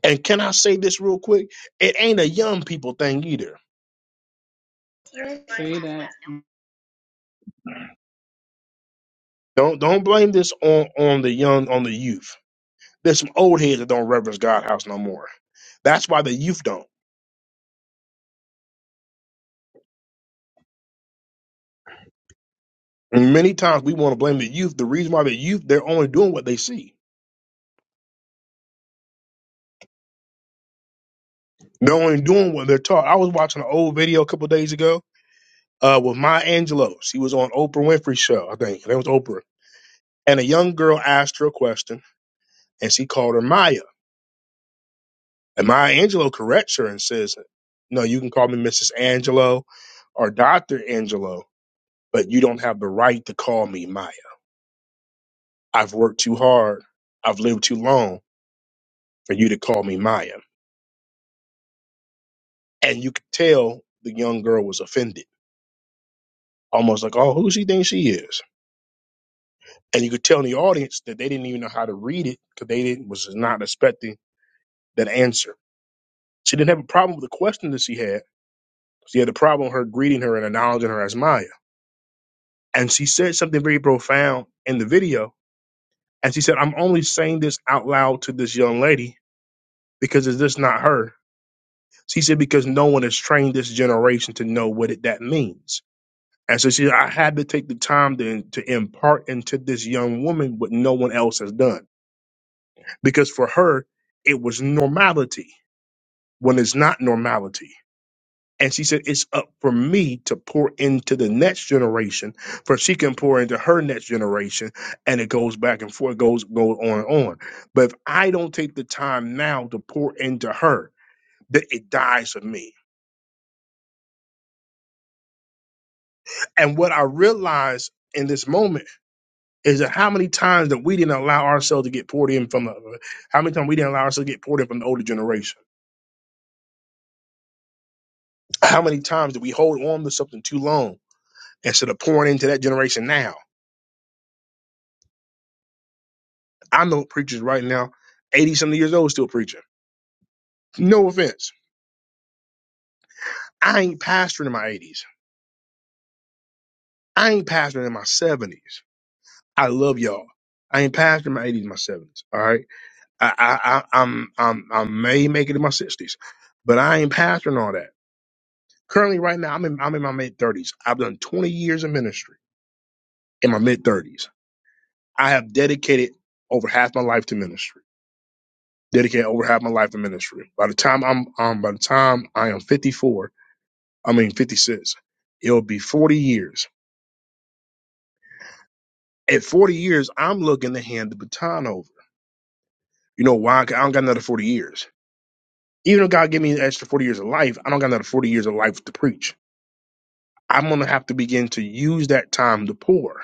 Speaker 1: And can I say this real quick? It ain't a young people thing either.
Speaker 11: Say that.
Speaker 1: Don't don't blame this on on the young on the youth There's some old heads that don't reverence God house no more. That's why the youth don't. And many times we want to blame the youth. The reason why the youth, they're only doing what they see. They're only doing what they're taught. I was watching an old video a couple days ago uh, with Maya Angelou. She was on Oprah Winfrey's show, I think. That was Oprah. And a young girl asked her a question, and she called her Maya. And Maya Angelou corrects her and says, no, you can call me Mrs. Angelo or Dr. Angelo, but you don't have the right to call me Maya. I've worked too hard. I've lived too long. for you to call me Maya. And you could tell the young girl was offended, almost like, oh, who she thinks she is? And you could tell in the audience that they didn't even know how to read it because they didn't, was not expecting that answer. She didn't have a problem with the question that she had. She had a problem with her greeting her and acknowledging her as Maya. And she said something very profound in the video. And she said, I'm only saying this out loud to this young lady because is this not her? She said, because no one has trained this generation to know what it, that means. And so she, I had to take the time to, to impart into this young woman what no one else has done. Because for her, it was normality when it's not normality. And she said, it's up for me to pour into the next generation, for she can pour into her next generation. And it goes back and forth, goes, goes on and on. But if I don't take the time now to pour into her, that it dies of me. And what I realized in this moment is that how many times that we didn't allow ourselves to get poured in from the, how many times we didn't allow ourselves to get poured in from the older generation? How many times did we hold on to something too long instead of pouring into that generation now? I know preachers right now, 80 something years old, still preaching. No offense. I ain't pastoring in my 80s. I ain't pastoring in my 70s. I love y'all. I ain't pastoring in my 80s, my 70s. All right. I, I, I, I'm, I'm, I may make it in my 60s, but I ain't pastoring all that. Currently, right now, I'm in I'm in my mid thirties. I've done 20 years of ministry in my mid thirties. I have dedicated over half my life to ministry. Dedicated over half my life to ministry. By the time I'm um by the time I am 54, I mean 56, it'll be 40 years. At 40 years, I'm looking to hand the baton over. You know why? 'Cause I don't got another 40 years. Even if God give me an extra 40 years of life, I don't got another 40 years of life to preach. I'm gonna have to begin to use that time to pour.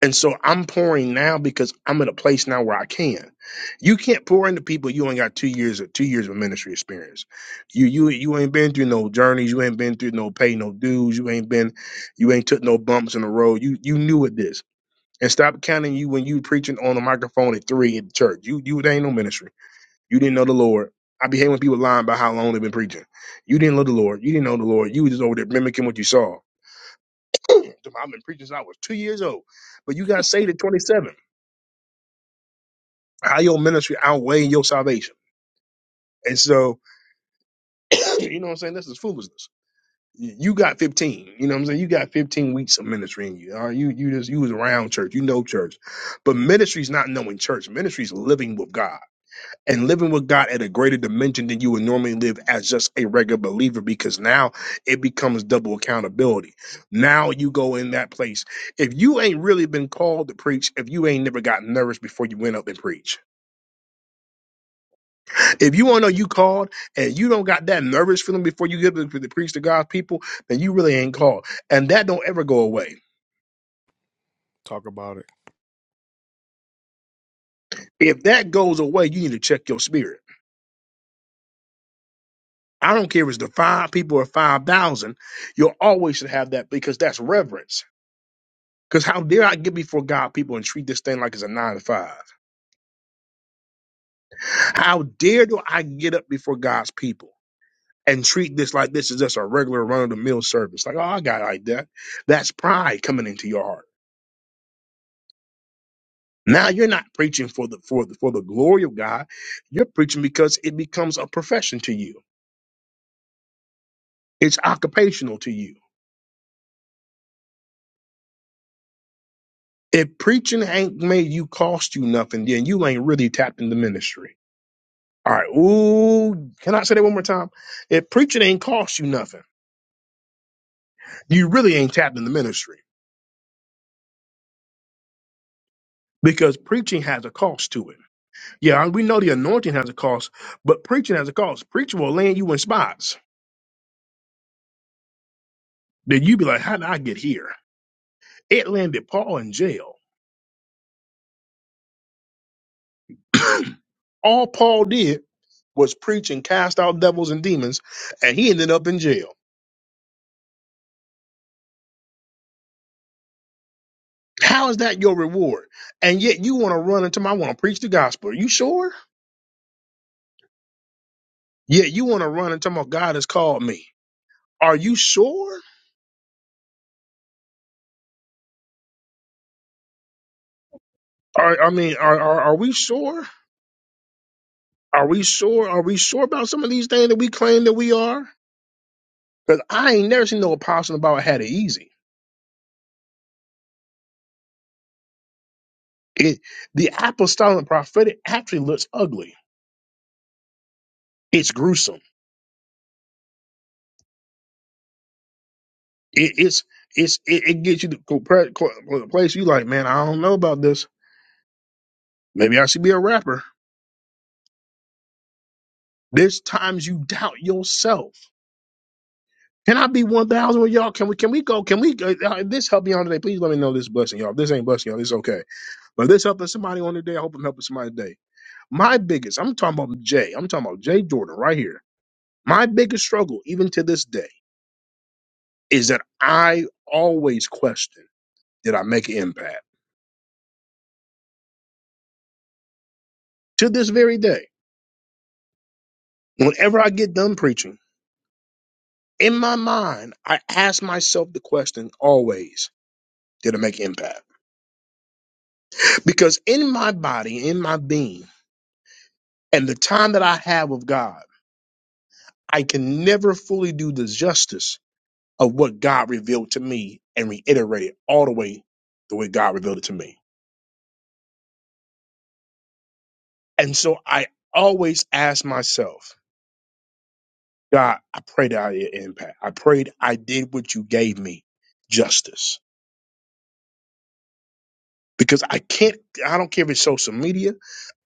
Speaker 1: And so I'm pouring now because I'm at a place now where I can. You can't pour into people you ain't got two years of two years of ministry experience. You you you ain't been through no journeys, you ain't been through no pay no dues, you ain't been you ain't took no bumps in the road. You you knew it this. And stop counting you when you preaching on a microphone at three at church. You you it ain't no ministry. You didn't know the Lord. I be hating when people lying about how long they've been preaching. You didn't know the Lord. You didn't know the Lord. You was just over there mimicking what you saw. I've been preaching since I was two years old, but you got saved at 27. How your ministry outweighing your salvation. And so, you know what I'm saying? This is foolishness. You you got 15. You know what I'm saying? You got 15 weeks of ministry in you. All right? You you just you was around church. You know church. But ministry's not knowing church. Ministry's living with God and living with God at a greater dimension than you would normally live as just a regular believer because now it becomes double accountability. Now you go in that place. If you ain't really been called to preach, if you ain't never got nervous before you went up and preached If you want to know you called and you don't got that nervous feeling before you get up to preach to God's people, then you really ain't called. And that don't ever go away.
Speaker 2: Talk about it.
Speaker 1: If that goes away, you need to check your spirit. I don't care if it's the five people or 5,000, you always should have that because that's reverence. Because how dare I get before God people and treat this thing like it's a nine to five? How dare do I get up before God's people and treat this like this is just a regular run of the mill service? Like, oh, I got it like that. That's pride coming into your heart. Now you're not preaching for the for the for the glory of God. You're preaching because it becomes a profession to you. It's occupational to you. If preaching ain't made you cost you nothing, then you ain't really tapped into ministry. All right. Ooh, can I say that one more time? If preaching ain't cost you nothing, you really ain't tapped into ministry because preaching has a cost to it. Yeah, we know the anointing has a cost, but preaching has a cost. Preaching will land you in spots that you be like, how did I get here? It landed Paul in jail. All Paul did was preach and cast out devils and demons, and he ended up in jail. How is that your reward? And yet you want to run into my, I want to preach the gospel. Are you sure? Yet you want to run into my, God has called me. Are you sure? Are, I mean, are, are, are we sure? Are we sure? Are we sure about some of these things that we claim that we are? Because I ain't never seen no apostle about had it easy. It, the apostolic prophetic actually looks ugly. It's gruesome It, it's it's it, it gets you to go pre- co- a place you like, man. I don't know about this. Maybe I should be a rapper. There's times you doubt yourself. Can I be one thousand with y'all? Can we? Can we go? Can we? go? Uh, if this help me on today, please let me know this blessing, y'all. If this ain't blessing, y'all, it's okay. But if this helping somebody on today, I hope I'm helping somebody today. My biggest, I'm talking about Jay. I'm talking about Jay Jordan right here. My biggest struggle, even to this day, is that I always question: Did I make an impact? To this very day, whenever I get done preaching. in my mind, I ask myself the question always, did it make impact? Because in my body, in my being, and the time that I have with God, I can never fully do the justice of what God revealed to me and reiterate it all the way the way God revealed it to me. And so I always ask myself, God, I prayed I did impact. I prayed I did what you gave me justice because I can't. I don't care if it's social media.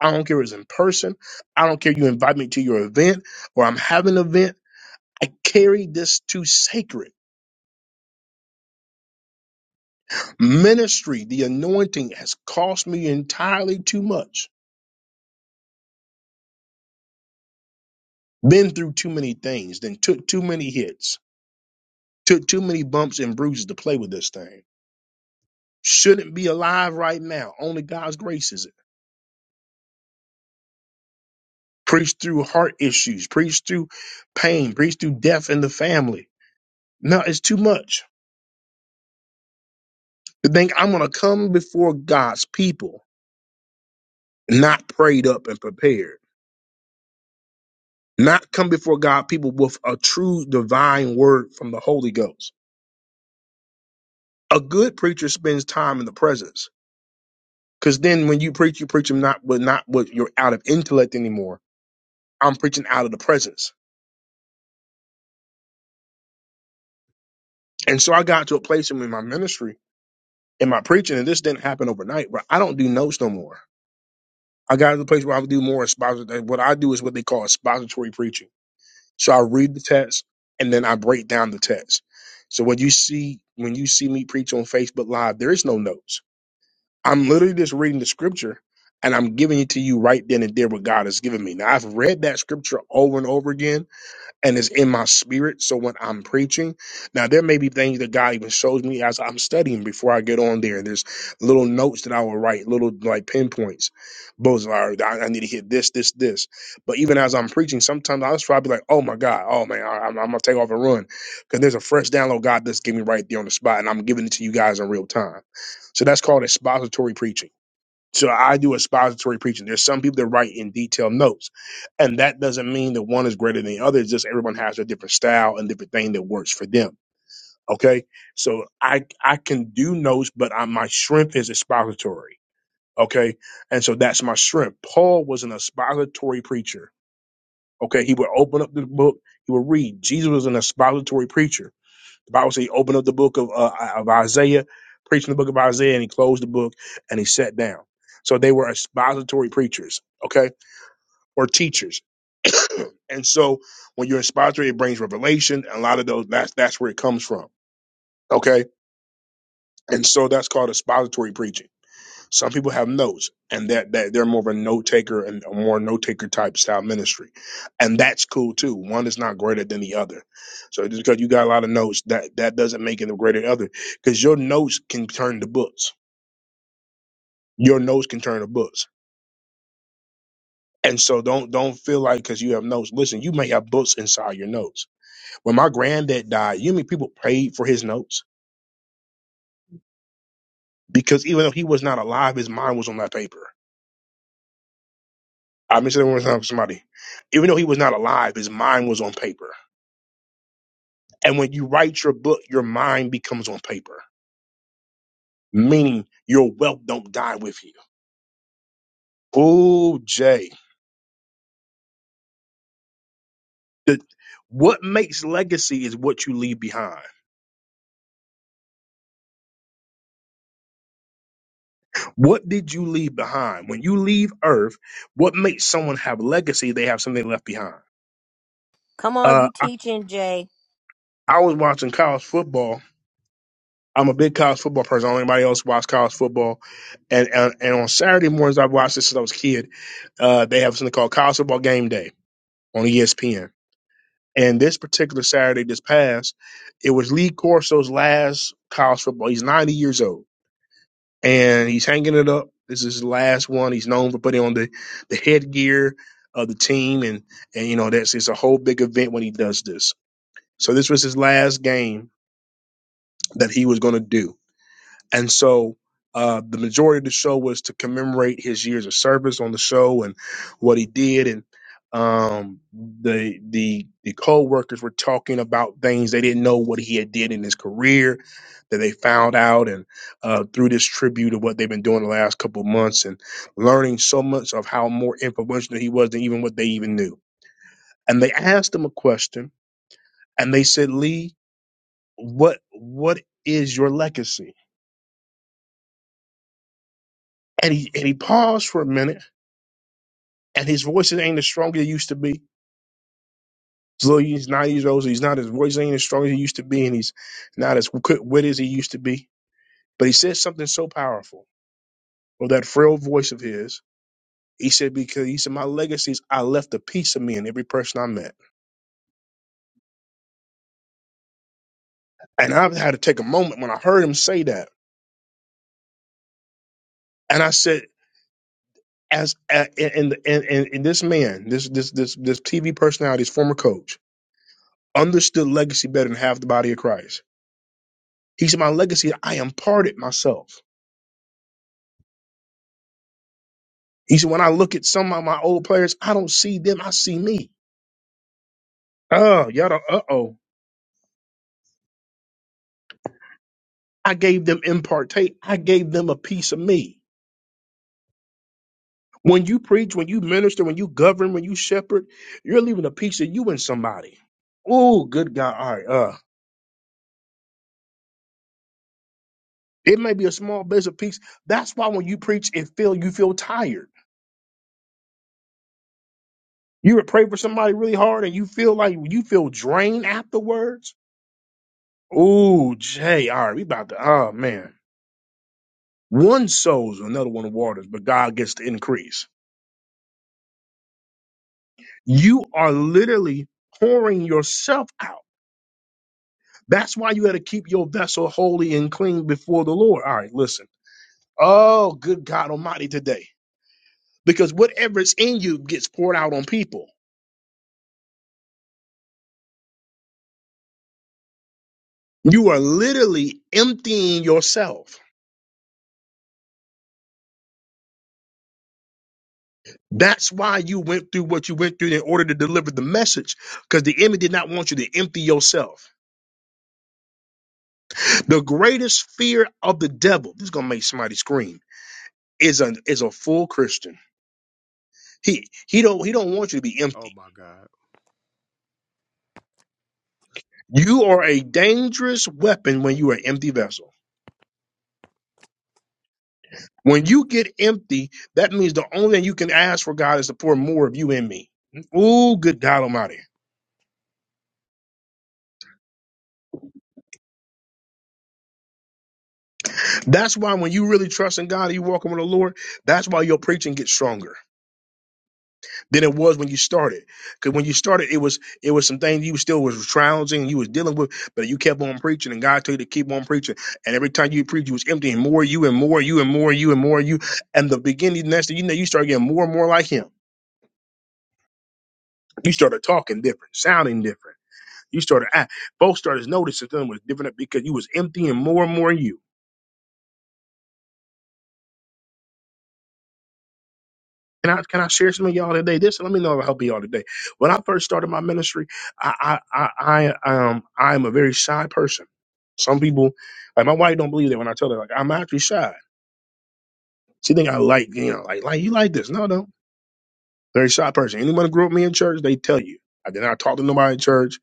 Speaker 1: I don't care if it's in person. I don't care if you invite me to your event or I'm having an event. I carry this too sacred. Ministry, the anointing has cost me entirely too much. Been through too many things, then took too many hits, took too many bumps and bruises to play with this thing. Shouldn't be alive right now. Only God's grace is it. Preach through heart issues, preach through pain, preach through death in the family. No, it's too much. to think I'm going to come before God's people not prayed up and prepared, not come before God people with a true divine word from the Holy Ghost. A good preacher spends time in the presence because then when you preach, you preach them not with not with you're out of intellect anymore. I'm preaching out of the presence. And so I got to a place in my ministry in my preaching, and this didn't happen overnight, but I don't do notes no more. I got to the place where I would do more expository. What I do is what they call expository preaching So I read the text and then I break down the text. So when you see when you see me preach on Facebook Live, there is no notes. I'm literally just reading the scripture and I'm giving it to you right then and there what God has given me. Now I've read that scripture over and over again and it's in my spirit. So when I'm preaching, now there may be things that God even shows me as I'm studying before I get on there. There's little notes that I will write, little like pinpoints. Both are I, I need to hit this, this, this. But even as I'm preaching, sometimes I'll just try to be like, oh my God, oh man, I, am I'm I'm gonna take off and run because there's a fresh download God just gave me right there on the spot, and I'm giving it to you guys in real time. So that's called expository preaching. So I do expository preaching. There's some people that write in detailed notes, and that doesn't mean that one is greater than the other. It's just everyone has a different style and different thing that works for them. Okay, so I I can do notes, but I, my strength is expository. Okay, and so that's my strength. Paul was an expository preacher. Okay, he would open up the book, he would read. Jesus was an expository preacher the Bible says he opened up the book of, uh, of Isaiah, preaching the book of Isaiah, and he closed the book and he sat down. So they were expository preachers, okay, or teachers. And so when you're expository, it brings revelation. And a lot of those, that's, that's where it comes from, okay? And so that's called expository preaching. Some people have notes, and that that they're more of a note taker and a more note taker type style ministry, and that's cool too. One is not greater than the other. So just because you got a lot of notes, that that doesn't make it a greater than the other, because your notes can turn to books. Your notes can turn to books. And so don't don't feel like because you have notes. Listen, you may have books inside your notes. When my granddad died, you mean people paid for his notes because even though he was not alive, his mind was on that paper. I mentioned it one time to somebody. Even though he was not alive, his mind was on paper And when you write your book, your mind becomes on paper, meaning your wealth don't die with you. Oh, Jay. The, what makes legacy is what you leave behind. What did you leave behind? When you leave Earth, what makes someone have legacy? They have something left behind.
Speaker 16: Come on,
Speaker 1: Uh,
Speaker 16: you teaching, Jay.
Speaker 1: I was watching college football. I'm a big college football person. I don't know anybody else watch college football. And, and and on Saturday mornings, I've watched this since I was a kid. Uh, they have something called College Football Game Day on ESPN And this particular Saturday, this past, it was Lee Corso's last college football. He's 90 years old and he's hanging it up. This is his last one. He's known for putting on the, the headgear of the team. And, and, you know, that's it's a whole big event when he does this. So this was his last game that he was going to do. And so uh, the majority of the show was to commemorate his years of service on the show and what he did. And um, the the the co-workers were talking about things they didn't know what he had did in his career that they found out and uh, through this tribute of what they've been doing the last couple of months and learning so much of how more influential he was than even what they even knew. And they asked him a question and they said, Lee, what what is your legacy? And he and he paused for a minute and his voice ain't as strong as it used to be. So he's 90 years old, so he's not his voice ain't as strong as it used to be, and he's not as quick wit as he used to be. But he said something so powerful with that frail voice of his. He said, because he said, my legacy is I left a piece of me in every person I met. And I've had to take a moment when I heard him say that. And I said, as a- and and, and, and this man, this this this this TV personality's former coach, understood legacy better than half the body of Christ. He said, My legacy, I imparted myself. He said, when I look at some of my old players, I don't see them. I see me. Oh, y'all don't. uh oh. I gave them impartate. I gave them a piece of me. When you preach, when you minister, when you govern, when you shepherd, you're leaving a piece of you in somebody. Oh, good God. All right. Uh, it may be a small bit of piece. That's why when you preach, it feel you feel tired. You would pray for somebody really hard and you feel like you feel drained afterwards. Oh, Jay. All right. We about to, oh, man. One sows, another one waters, but God gets the increase. You are literally pouring yourself out. That's why you got to keep your vessel holy and clean before the Lord. All right, listen. Oh, good God Almighty today. Because whatever is in you gets poured out on people. You are literally emptying yourself. That's why you went through what you went through in order to deliver the message, because the enemy did not want you to empty yourself. The greatest fear of the devil, this is going to make somebody scream is a is a full Christian. He he don't he don't want you to be
Speaker 2: Oh
Speaker 1: empty.
Speaker 2: my God.
Speaker 1: You are a dangerous weapon when you are an empty vessel. When you get empty, that means the only thing you can ask for God is to pour more of you in me. Oh, good God Almighty! That's why when you really trust in God, and you walking with the Lord. That's why your preaching gets stronger. than it was when you started. Because when you started, it was it was some things you still was trouncing, you was dealing with, but you kept on preaching, and God told you to keep on preaching. And every time you preach, you was emptying more you and more you and more you and more you. And the beginning, next thing you know, you started getting more and more like Him. You started talking different, sounding different. You started act. Folks started noticing something was different because you was emptying more and more you. Can I can I share some of y'all today? This let me know if I help y'all today. When I first started my ministry, I I I, I um I am a very shy person. Some people like my wife don't believe that when I tell her like I'm actually shy. She think I like you know like like you like this. No no very shy person. Anyone who grew up with me in church they tell you I did not talk to nobody in church.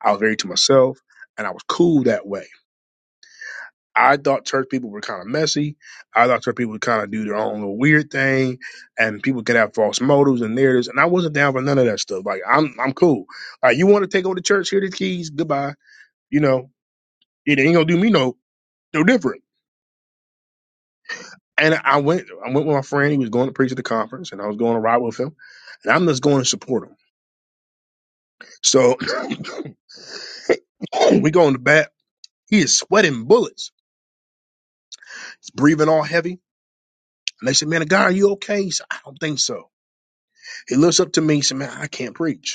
Speaker 1: I was very to myself and I was cool that way. I thought church people were kind of messy. I thought church people would kind of do their own little weird thing, and people could have false motives and narratives. And I wasn't down for none of that stuff. Like I'm, I'm cool. Like you want to take over the church? Here the keys. Goodbye. You know, it ain't gonna do me no no different. And I went, I went with my friend. He was going to preach at the conference, and I was going to ride with him. And I'm just going to support him. So we go in the back. He is sweating bullets. He's breathing all heavy. And they said, "Man, the guy, are you okay?" He said, "I don't think so." He looks up to me. He said, "Man, I can't preach."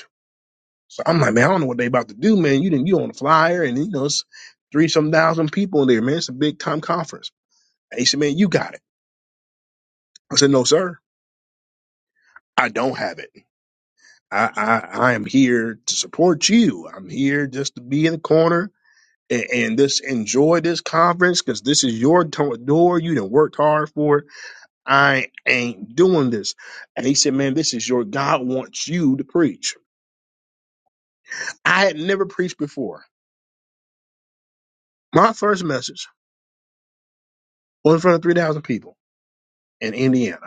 Speaker 1: So I'm like, man, I don't know what they about to do, man. You didn't, you on a flyer, and you know, it's three some thousand people in there, man. It's a big time conference. He said, man, you got it. I said, no, sir, I don't have it. I, I, I am here to support you. I'm here just to be in the corner and, and just enjoy this conference because this is your to- door. You done worked hard for it. I ain't doing this. And he said, man, this is your God wants you to preach. I had never preached before. My first message was in front of 3,000 people in Indiana.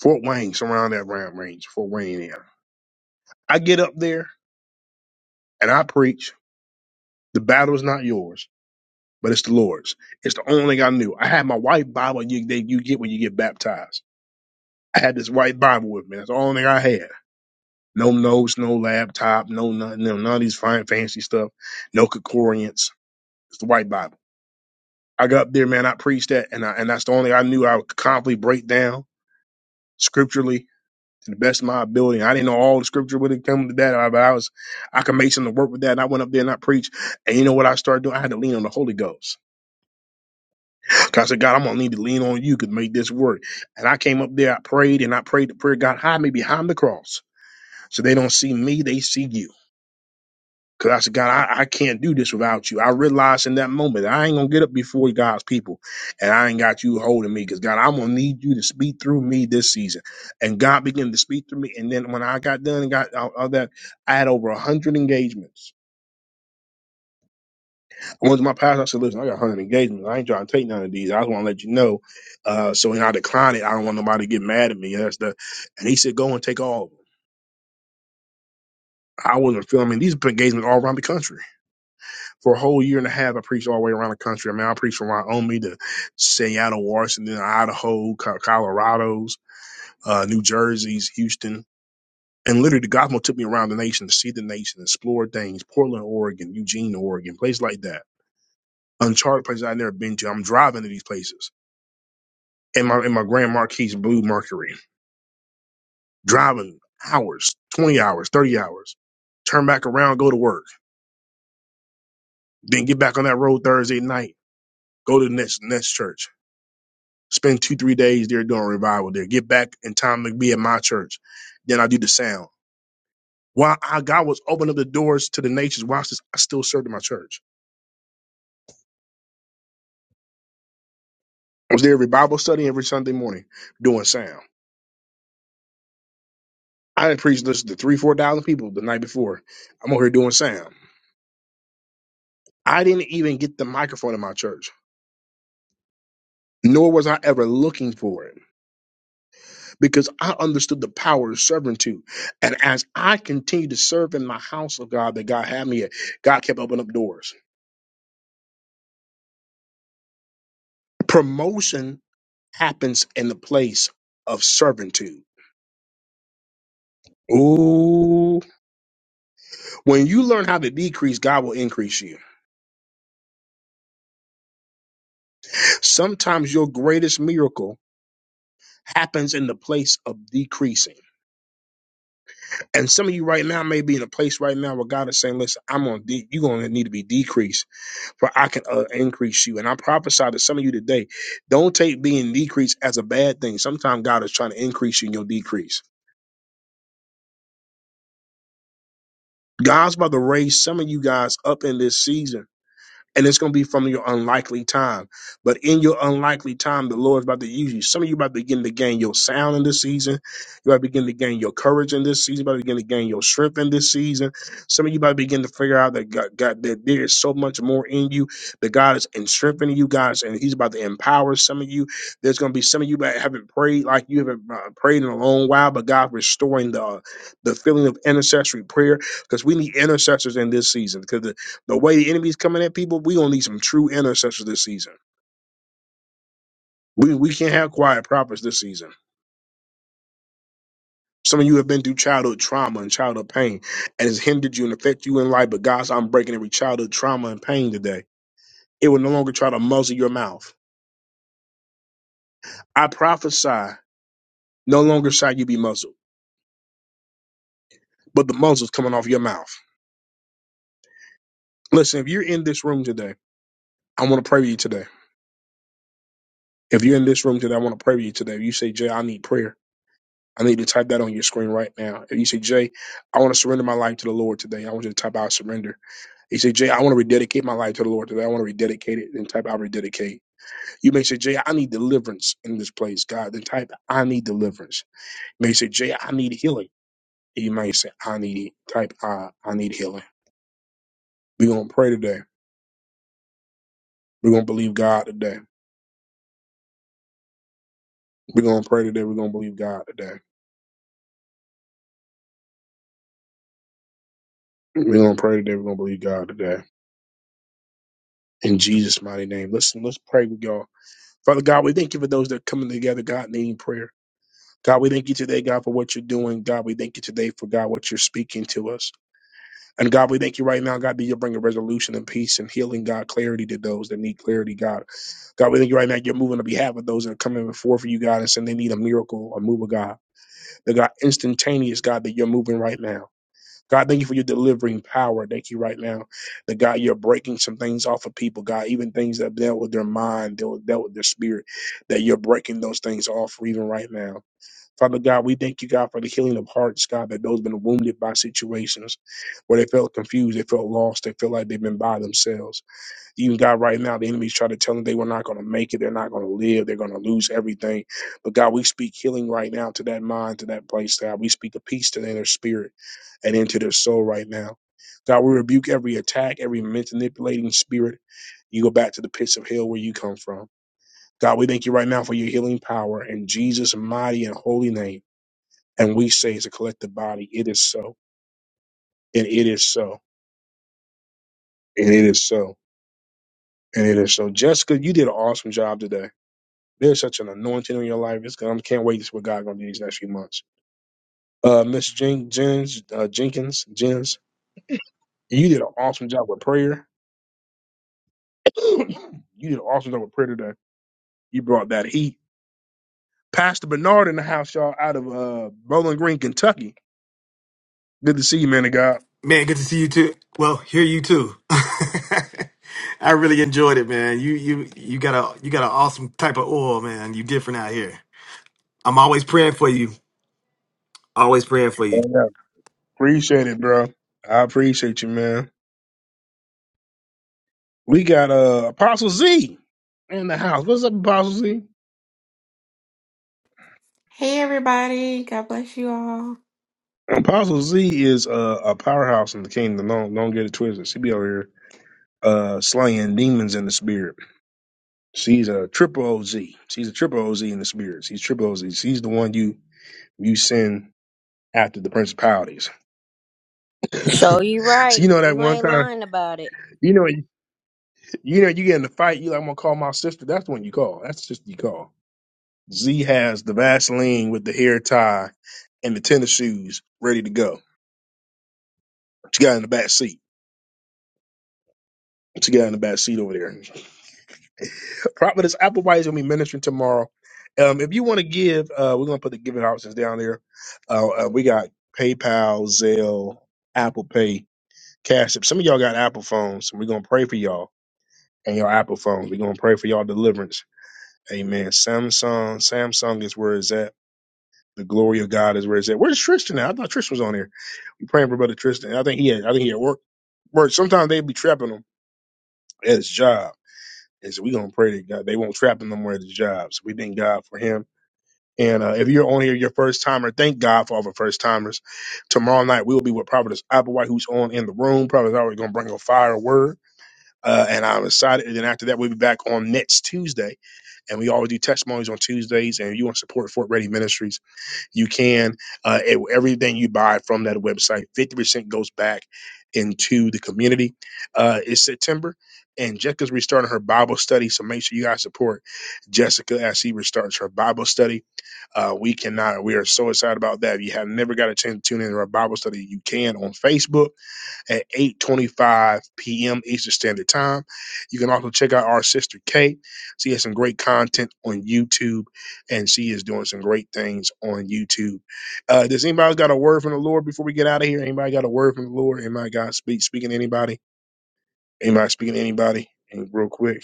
Speaker 1: Fort Wayne, surround that Round Range, Fort Wayne area. I get up there and I preach. The battle is not yours, but it's the Lord's. It's the only thing I knew. I had my white Bible you that you get when you get baptized. I had this white Bible with me. That's the only thing I had. No notes, no laptop, no nothing, no, none of these fine fancy stuff, no concordance. It's the white Bible. I got up there, man. I preached that, and I, and that's the only I knew I would confidently break down scripturally to the best of my ability. I didn't know all the scripture when it came to that, I- but I was I could make something work with that. And I went up there and I preached. And you know what I started doing? I had to lean on the Holy Ghost. 'Cause I said, God, I'm gonna need to lean on you to make this work. And I came up there, I prayed, and I prayed the prayer, God, hide me behind the cross. So they don't see me, they see you. Cause I said, God, I, I can't do this without you. I realized in that moment that I ain't gonna get up before God's people, and I ain't got you holding me. Cause God, I'm gonna need you to speak through me this season. And God began to speak through me. And then when I got done and got all, all that, I had over one hundred engagements. I went to my pastor. I said, Listen, I got one hundred engagements. I ain't trying to take none of these. I just want to let you know. Uh, so when I declined it, I don't want nobody to get mad at me. That's the. And he said, Go and take all of them. I wasn't feeling. I mean, these engagements all around the country. For a whole year and a half, I preached all the way around the country. I mean, I preached from Wyoming to Seattle, Washington, Idaho, Co- Colorado's, uh, New Jersey's, Houston. And literally, the gospel took me around the nation to see the nation, explore things, Portland, Oregon, Eugene, Oregon, places like that, uncharted places I've never been to. I'm driving to these places in my, in my Grand Marquis Blue Mercury, driving hours, 20 hours, 30 hours, turn back around, go to work, then get back on that road Thursday night, go to the next, next church Spend two, three days there doing revival there. Get back in time to be at my church. Then I do the sound. While I, God was opening up the doors to the nations, watch this, I still served in my church. I was there every Bible study every Sunday morning doing sound. I didn't preach this to three, four thousand people the night before. I'm over here doing sound. I didn't even get the microphone in my church, nor was I ever looking for it, because I understood the power of servitude. And as I continued to serve in my house of God that God had me at, God kept opening up doors. Promotion happens in the place of servitude. Ooh. When you learn how to decrease, God will increase you. Sometimes your greatest miracle happens in the place of decreasing. And some of you right now may be in a place right now where God is saying, listen, I'm going to, de- you're going to need to be decreased for I can uh, increase you. And I prophesy to some of you today, don't take being decreased as a bad thing. Sometimes God is trying to increase you in your decrease. God's about to raise some of you guys up in this season and it's going to be from your unlikely time. But in your unlikely time, the Lord is about to use you. Some of you about to begin to gain your sound in this season. You about to begin to gain your courage in this season. You about to begin to gain your strength in this season. Some of you about to begin to figure out that God, God that there is so much more in you. That God is in strengthening you guys, and He's about to empower some of you. There's going to be some of you that haven't prayed like you haven't uh, prayed in a long while, but God restoring the the feeling of intercessory prayer because we need intercessors in this season. because. The way the enemy's coming at people, we gonna need some true intercessors this season. We we can't have quiet prophets this season. Some of you have been through childhood trauma and childhood pain, and it's hindered you and affected you in life. But God's, I'm breaking every childhood trauma and pain today. It will no longer try to muzzle your mouth. I prophesy, no longer shall you be muzzled, but the muzzle's coming off your mouth. Listen, if you're in this room today, I want to pray with you today. If you're in this room today, I want to pray with you today. If you say, Jay, I need prayer. I need you to type that on your screen right now. If you say, Jay, I want to surrender my life to the Lord today, I want you to type out surrender. You say, Jay, I want to rededicate my life to the Lord today. I want to rededicate it. Then type out rededicate. You may say, Jay, I need deliverance in this place, God. Then type, I need deliverance. You may say, Jay, I need healing. You may say, I need, type, I, I need healing. We're going to pray today. We're going to believe God today. We're going to pray today. We're going to believe God today. We're going to pray today. We're going to believe God today. In Jesus' mighty name. Listen, let's pray with y'all. Father God, we thank you for those that are coming together, God, needing prayer. God, we thank you today, God, for what you're doing. God, we thank you today for God, what you're speaking to us. And God, we thank you right now, God, that you're bringing resolution and peace and healing, God, clarity to those that need clarity, God. God, we thank you right now, you're moving on behalf of those that are coming before for you, God, and saying they need a miracle, a move of God. The God, instantaneous, God, that you're moving right now. God, thank you for your delivering power. Thank you right now that God, you're breaking some things off of people, God, even things that dealt with their mind, dealt, dealt with their spirit, that you're breaking those things off even right now. Father God, we thank you, God, for the healing of hearts, God, that those been wounded by situations where they felt confused, they felt lost, they feel like they've been by themselves. Even God, right now, the enemy's trying to tell them they were not going to make it, they're not going to live, they're going to lose everything. But God, we speak healing right now to that mind, to that place, God. We speak a peace to their spirit and into their soul right now. God, we rebuke every attack, every manipulating spirit. You go back to the pits of hell where you come from. God, we thank you right now for your healing power in Jesus' mighty and holy name. And we say as a collective body, it is so, and it is so, and it is so, and it is so. Jessica, you did an awesome job today. There's such an anointing in your life. It's gonna, I can't wait to see what God's gonna do these next few months. Uh, Miss Jen, Jens, uh, Jenkins, Jens, you did an awesome job with prayer. you did an awesome job with prayer today You brought that heat. Pastor Bernard in the house, y'all, out of uh, Bowling Green, Kentucky. Good to see you, man of God.
Speaker 17: Man, good to see you too. Well, hear you too. I really enjoyed it, man. You you you got a you got an awesome type of oil, man. You different out here. I'm always praying for you. Always praying for you.
Speaker 1: Yeah. Appreciate it, bro. I appreciate you, man. We got uh, Apostle Z in the house. What's up, Apostle Z?
Speaker 18: Hey everybody, God bless you all.
Speaker 1: Apostle Z is uh, a powerhouse in the kingdom. Don't don't get it twisted. She be over here uh, slaying demons in the spirit. She's a triple OZ. She's a triple OZ in the spirit. She's triple OZ. She's the one you you send after the principalities.
Speaker 16: Show you
Speaker 1: so
Speaker 16: right.
Speaker 1: you know that
Speaker 16: You
Speaker 1: one
Speaker 16: ain't
Speaker 1: time.
Speaker 16: lying about it.
Speaker 1: You know, you you know, you get in the fight. You like, I'm gonna call my sister. That's when you call. That's just you call. Z has the Vaseline with the hair tie and the tennis shoes ready to go. She got in the back seat. She got in the back seat over there. Prophetess Applewhite is gonna be ministering tomorrow. Um, if you want to give, uh, we're gonna put the giving options down there. Uh, uh, we got PayPal, Zelle, Apple Pay, Cash App. Some of y'all got Apple phones, and we're gonna pray for y'all and your Apple phones. We're gonna pray for y'all deliverance. Amen. Samsung, Samsung is where it's at. The glory of God is where it's at. Where's Tristan at? I thought Tristan was on here. We praying for brother Tristan. I think he had I think he had work. Work. Sometimes they be trapping him at his job. And so we gonna pray that God they won't trap him no more at his job. So we thank God for him. And uh, if you're on here, your first timer, thank God for all the first timers. Tomorrow night we will be with Providence Applewhite, who's on in the room. Providence already gonna bring a fire word. Uh, and I'm excited. And then after that, we'll be back on next Tuesday. And we always do testimonies on Tuesdays. And if you want to support Fort Ready Ministries you can uh, it- everything you buy from that website 50% goes back into the community uh, it's september and jessica's restarting her bible study so make sure you guys support jessica as she restarts her bible study uh, we cannot we are so excited about that if you have never got a chance to tune in to our bible study you can on facebook at 8.25 p.m. Eastern Standard Time. You can also check out our sister Kate. She has some great content on YouTube, and she is doing some great things on YouTube. Uh, does anybody got a word from the Lord before we get out of here? Anybody got a word from the Lord? Anybody got speak, speaking to anybody? Anybody speaking to anybody? And real quick,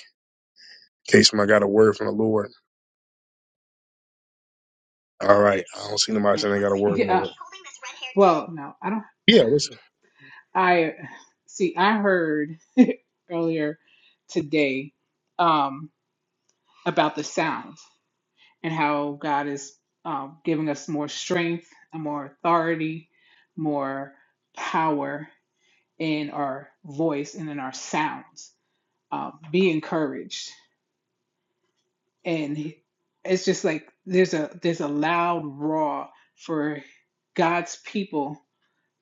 Speaker 1: in case somebody got a word from the Lord. All right. I don't see nobody saying they got a word from the
Speaker 11: Yeah.
Speaker 1: Lord.
Speaker 11: Well, no, I don't.
Speaker 1: Yeah, listen.
Speaker 11: I see. I heard earlier today um, about the sounds and how God is um, giving us more strength, and more authority, more power in our voice and in our sounds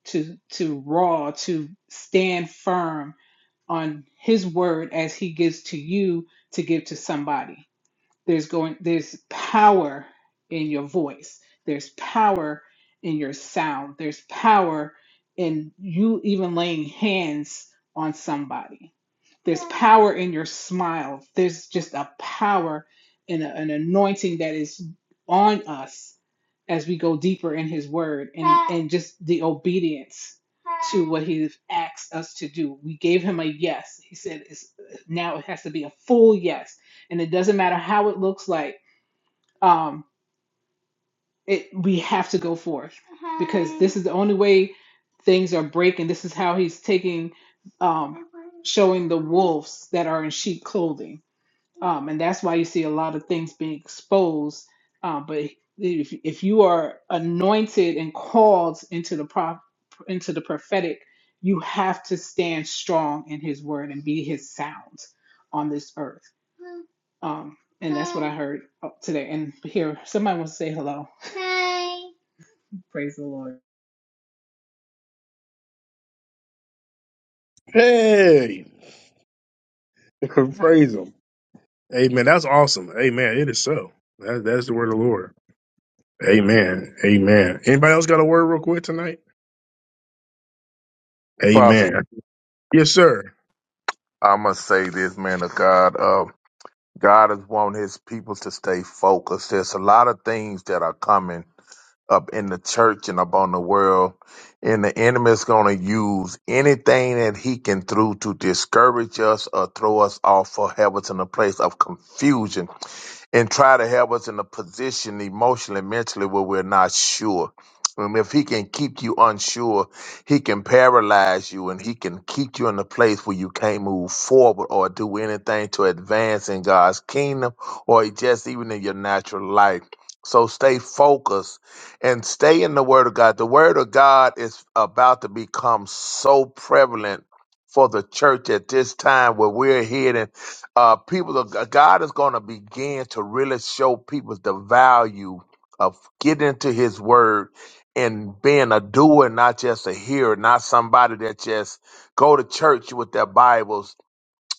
Speaker 11: to firm on His word as He gives to you. To get there's going there's power in your voice. There's power in your sound. There's power in you even laying hands on somebody. There's power in your smile. There's just a power and a- an anointing that is on us as we go deeper in His Word and, and just the obedience to what He's asked us to do. We gave Him a yes. He said, it's, now it has to be a full yes. And it doesn't matter how it looks like Um, it we have to go forth because this is the only way things are breaking. This is how he's taking, um, showing the wolves that are in sheep clothing um, and that's why you see a lot of things being exposed. Um, but if if you are anointed and called into the prop into the prophetic, you have to stand strong in His word and be His sound on this earth. Um, and that's what I heard uh, today. And here, somebody wants to say hello. Praise the Lord.
Speaker 1: Hey, praise him. Amen. That's awesome. Amen. It is so. That, that's the word of the Lord. Amen. Amen. Anybody else got a word real quick tonight?
Speaker 13: Pastor,
Speaker 1: Amen. Yes, sir.
Speaker 13: I must say this, man of God. Uh, God is wanting his people to stay focused. There's a lot of things that are coming up in the church and up on the world, and the enemy is going to use anything that he can through to discourage us or throw us off or have us in a place of confusion and try to have us in a position emotionally, mentally where we're not sure. And if he can keep you unsure, he can paralyze you and he can keep you in a place where you can't move forward or do anything to advance in God's kingdom or just even in your natural life. So stay focused and stay in the Word of God. The Word of God is about to become so prevalent for the church at this time where we're heading uh, people of God is going to begin to really show people the value of getting to His Word and being a doer, not just a hearer, not somebody that just go to church with their Bibles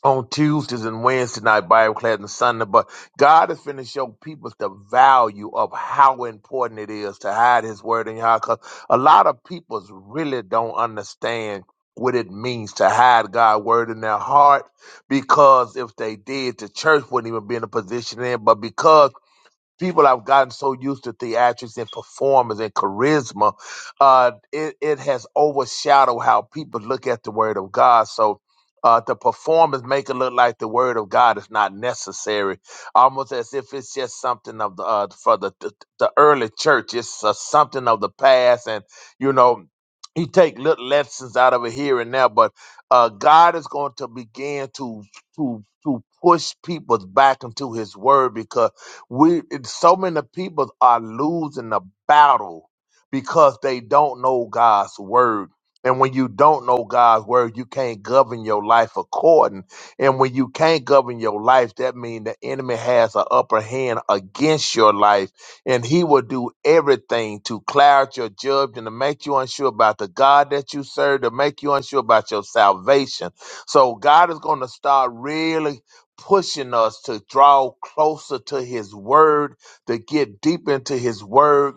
Speaker 13: on Tuesdays and Wednesday night Bible class and Sunday, but God is finna show people the value of how important it is to hide His word in your heart. Cause a lot of people really don't understand what it means to hide God's word in their heart, because if they did, the church wouldn't even be in a position in. But because people have gotten so used to theatrics and performance and charisma, uh, it, it has overshadowed how people look at the word of God. So uh, the performance make it look like the word of God is not necessary, almost as if it's just something of the uh, for the, the the early church. It's uh, something of the past, and you know. You take little lessons out of it here and there, but uh, God is going to begin to to to push people back into His Word because we and so many people are losing the battle because they don't know God's word. And when you don't know God's word, you can't govern your life according. And when you can't govern your life, that means the enemy has an upper hand against your life. And he will do everything to cloud your judgment, to make you unsure about the God that you serve, to make you unsure about your salvation. So God is going to start really pushing us to draw closer to his word, to get deep into his word,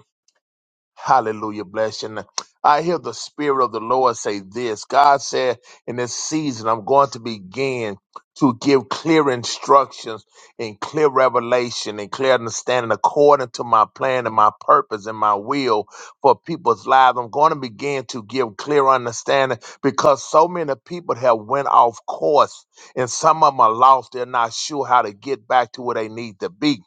Speaker 13: Hallelujah. Bless you. And I hear the Spirit of the Lord say this. God said, in this season, I'm going to begin to give clear instructions and clear revelation and clear understanding according to my plan and my purpose and my will for people's lives. I'm going to begin to give clear understanding because so many people have went off course and some of them are lost. They're not sure how to get back to where they need to be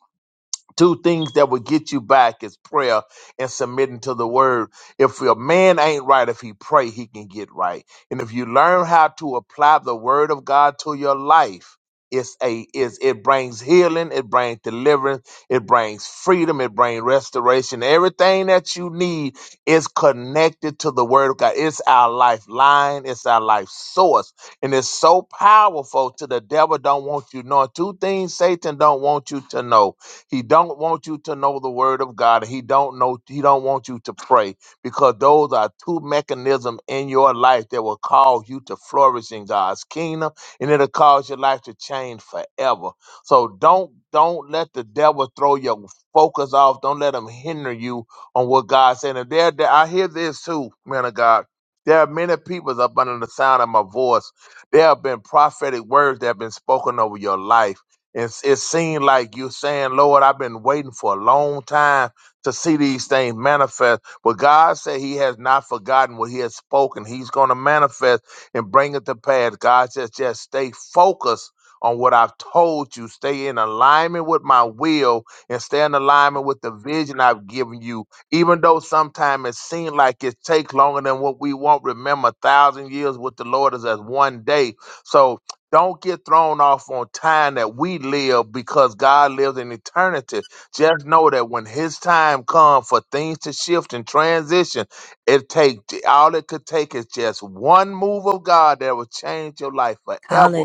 Speaker 13: two things that will get you back is prayer and submitting to the word if a man ain't right if he pray he can get right and if you learn how to apply the word of god to your life it's a is it brings healing it brings deliverance it brings freedom it brings restoration everything that you need is connected to the word of god it's our lifeline it's our life source and it's so powerful to the devil don't want you knowing two things satan don't want you to know he don't want you to know the word of God. He don't know he don't want you to pray because those are two mechanisms in your life that will cause you to flourish in God's kingdom and it'll cause your life to change forever. So don't don't let the devil throw your focus off. Don't let him hinder you on what God said. And there, there I hear this too, man of God. There are many people up under the sound of my voice. There have been prophetic words that have been spoken over your life it's, it seemed like you're saying, Lord, I've been waiting for a long time to see these things manifest. But God said He has not forgotten what He has spoken. He's going to manifest and bring it to pass. God says, just stay focused on what I've told you. Stay in alignment with my will and stay in alignment with the vision I've given you. Even though sometimes it seems like it takes longer than what we want, remember, a thousand years with the Lord is as one day. So, don't get thrown off on time that we live because God lives in eternity. Just know that when His time comes for things to shift and transition, it take all it could take is just one move of God that will change your life forever.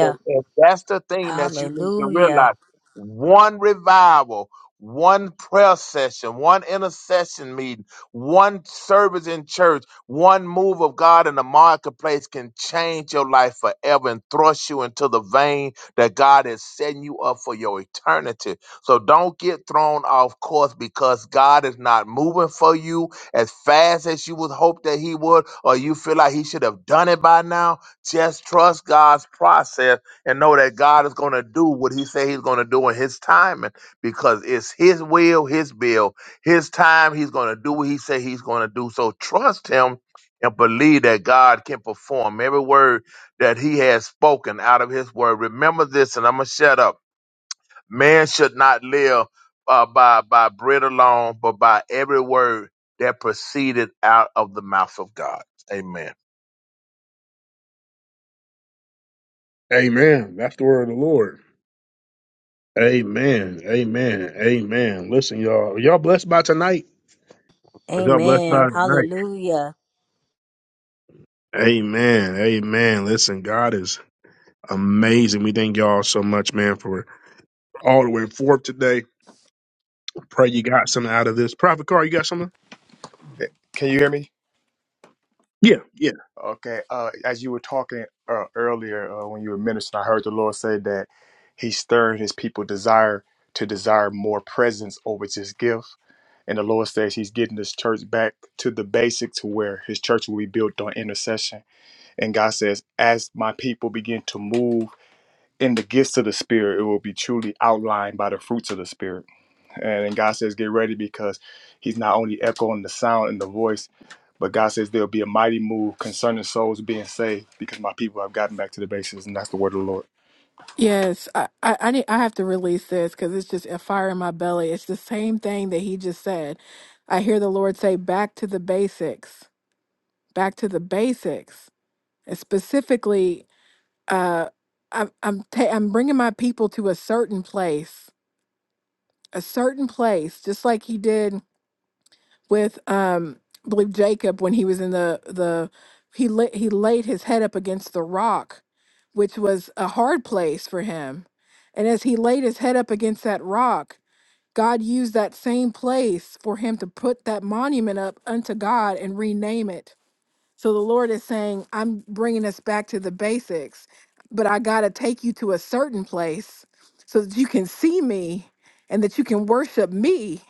Speaker 13: And and that's the thing that you need to
Speaker 16: Hallelujah.
Speaker 13: realize. One revival, one prayer session, one intercession meeting, one service in church one move of God in the marketplace can change your life forever and thrust you into the vein that God is setting you up for your eternity. So don't get thrown off course because God is not moving for you as fast as you would hope that He would, or you feel like He should have done it by now. Just trust God's process and know that God is going to do what He said He's going to do in His timing because it's His will, His bill, His time. He's going to do what He said He's going to do. So trust Him and believe that God can perform every word that he has spoken out of his word. Remember this, and I'm going to shut up. Man should not live uh, by, by bread alone, but by every word that proceeded out of the mouth of God. Amen.
Speaker 1: Amen. That's the word of the Lord. Amen. Amen. Amen. Listen, y'all. Y'all blessed by tonight. Are Y'all blessed
Speaker 16: Amen.
Speaker 1: by tonight.
Speaker 16: Hallelujah.
Speaker 1: Amen. Amen. Listen, God is amazing. We thank y'all so much, man, for all the way forth today. Pray you got something out of this. Prophet Carr, you got something?
Speaker 2: Eh, Can you hear me?
Speaker 1: Yeah, yeah.
Speaker 2: Okay. Uh as you were talking uh, earlier uh, when you were ministering, I heard the Lord say that he stirred his people desire to desire more presence over his gift. And the Lord says He's getting His church back to the basic to where His church will be built on intercession. And God says, as my people begin to move in the gifts of the spirit it will be truly outlined by the fruits of the spirit and, and god says get ready because he's not only echoing the sound and the voice but god says there'll be a mighty move concerning souls being saved because my people have gotten back to the basis and that's the word of the lord
Speaker 7: Yes, I, I, I need I have to release this because it's just a fire in my belly. It's the same thing that he just said. I hear the Lord say, "Back to the basics, back to the basics." And specifically, uh, I'm I'm ta- I'm bringing my people to a certain place, a certain place, just like he did with um I believe Jacob when he was in the the he la- he laid his head up against the rock which was a hard place for him and as he laid his head up against that rock God used that same place for him to put that monument up unto God and rename it so the Lord is saying I'm bringing us back to the basics but I got to take you to a certain place so that you can see me and that you can worship me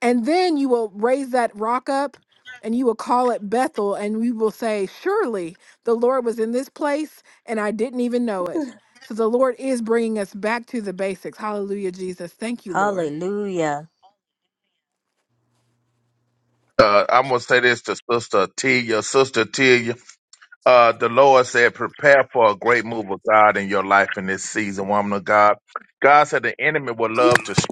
Speaker 7: and then you will raise that rock up and you will call it Bethel, and we will say, Surely the Lord was in this place, and I didn't even know it. So the Lord is bringing us back to the basics. Hallelujah, Jesus. Thank you, Lord.
Speaker 16: Hallelujah.
Speaker 13: Uh, I'm going to say this to Sister Tia. Sister Tia, uh, the Lord said, prepare for a great move of God in your life in this season, woman of God. God said the enemy would love to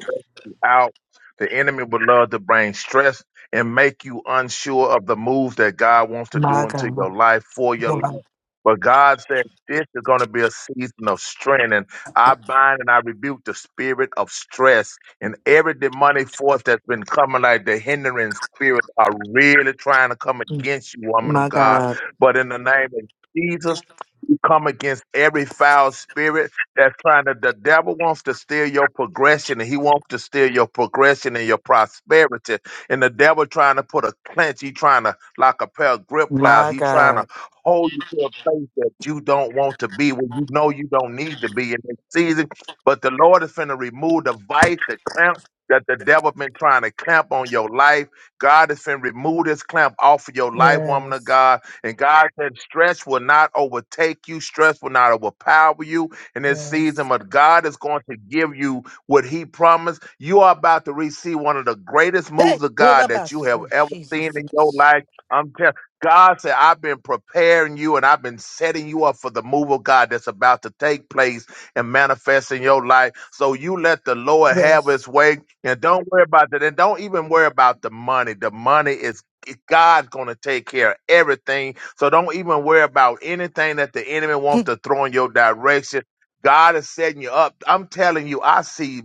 Speaker 13: out. The enemy would love to bring stress and make you unsure of the moves that God wants to
Speaker 4: My
Speaker 13: do into your
Speaker 4: God.
Speaker 13: life for your life.
Speaker 4: Wow.
Speaker 13: But God said, This is going to be a season of strength. And I bind and I rebuke the spirit of stress and every demonic force that's been coming, like the hindering spirit, are really trying to come against you, woman of
Speaker 4: My
Speaker 13: God.
Speaker 4: God.
Speaker 13: But in the name of Jesus, we come against every foul spirit that's trying to, the devil wants to steal your progression and he wants to steal your progression and your prosperity. And the devil trying to put a clench, he trying to, like a pair of grip plows,
Speaker 4: My
Speaker 13: he trying to
Speaker 4: God.
Speaker 13: hold you to a place that you don't want to be, where you know you don't need to be in this season. But the Lord is finna remove the vice, the clamp that the devil been trying to clamp on your life. God is finna remove this clamp off of your life, woman of
Speaker 4: Yes.
Speaker 13: God. And God said, stress will not overtake you, stress will not overpower you in this season,
Speaker 4: Yes.
Speaker 13: but God is going to give you what He promised. You are about to receive one of the greatest
Speaker 4: Hey,
Speaker 13: moves of
Speaker 4: pull
Speaker 13: God
Speaker 4: up by
Speaker 13: that you have
Speaker 4: oh,
Speaker 13: ever seen
Speaker 4: Jesus.
Speaker 13: in your life. I'm telling God said, I've been preparing you and I've been setting you up for the move of God that's about to take place and manifest in your life. So you let the Lord have
Speaker 4: Yes.
Speaker 13: his way and don't worry about that. And don't even worry about the money. The money is God's going to take care of everything. So don't even worry about anything that the enemy wants to throw in your direction. God is setting you up. I'm telling you, I see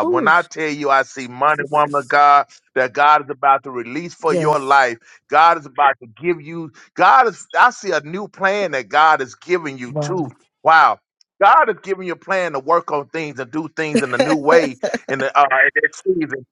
Speaker 4: Hmm.
Speaker 13: When
Speaker 4: Ooh,
Speaker 13: I tell you I see money, woman of
Speaker 4: Jesus.
Speaker 13: God, that God is about to release for your
Speaker 4: Yes.
Speaker 13: life. God is about to give you, God is, I see a new plan that God is giving you too.
Speaker 4: Wow.
Speaker 13: Wow. God is giving you a plan to work on things and do things in a new way in the uh, in this season.